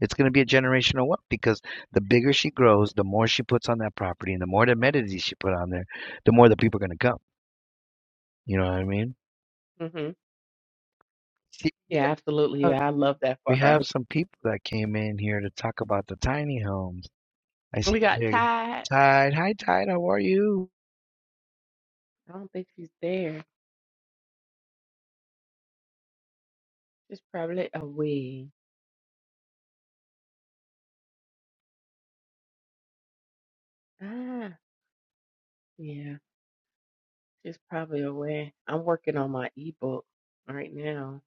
Speaker 1: It's going to be a generational wealth because the bigger she grows, the more she puts on that property, and the more the amenities she put on there, the more the people are going to come. You know what I mean?
Speaker 4: mhm.
Speaker 1: See, we
Speaker 4: Yeah, absolutely.
Speaker 1: have
Speaker 4: Yeah, I love that for
Speaker 1: we
Speaker 4: her.
Speaker 1: have some people that came in here to talk about the tiny homes. I
Speaker 4: We
Speaker 1: see
Speaker 4: got
Speaker 1: here,
Speaker 4: Ty.
Speaker 1: Tide. Hi, Tide. How are you?
Speaker 4: I don't think she's there. She's probably away. Ah, yeah. She's probably away. I'm working on my ebook right now.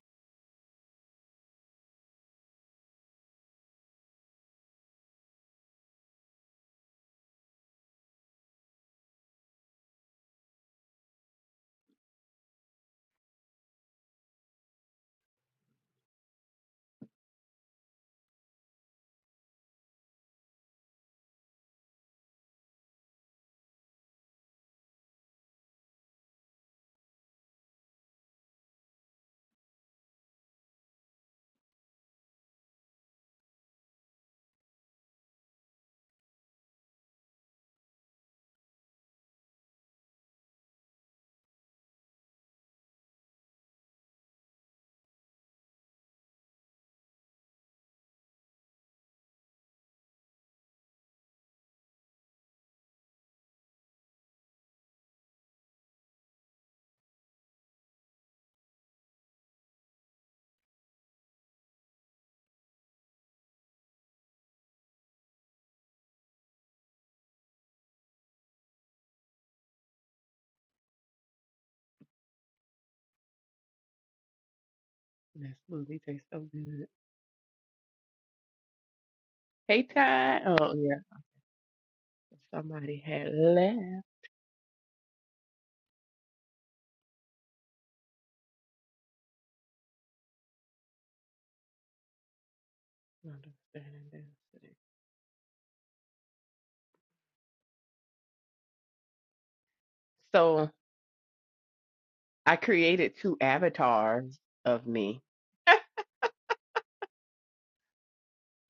Speaker 4: That smoothie tastes so good. Hey, Ty. Oh, yeah. Somebody had left. Understanding density. So I created two avatars of me.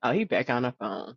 Speaker 4: Oh, he back on the phone.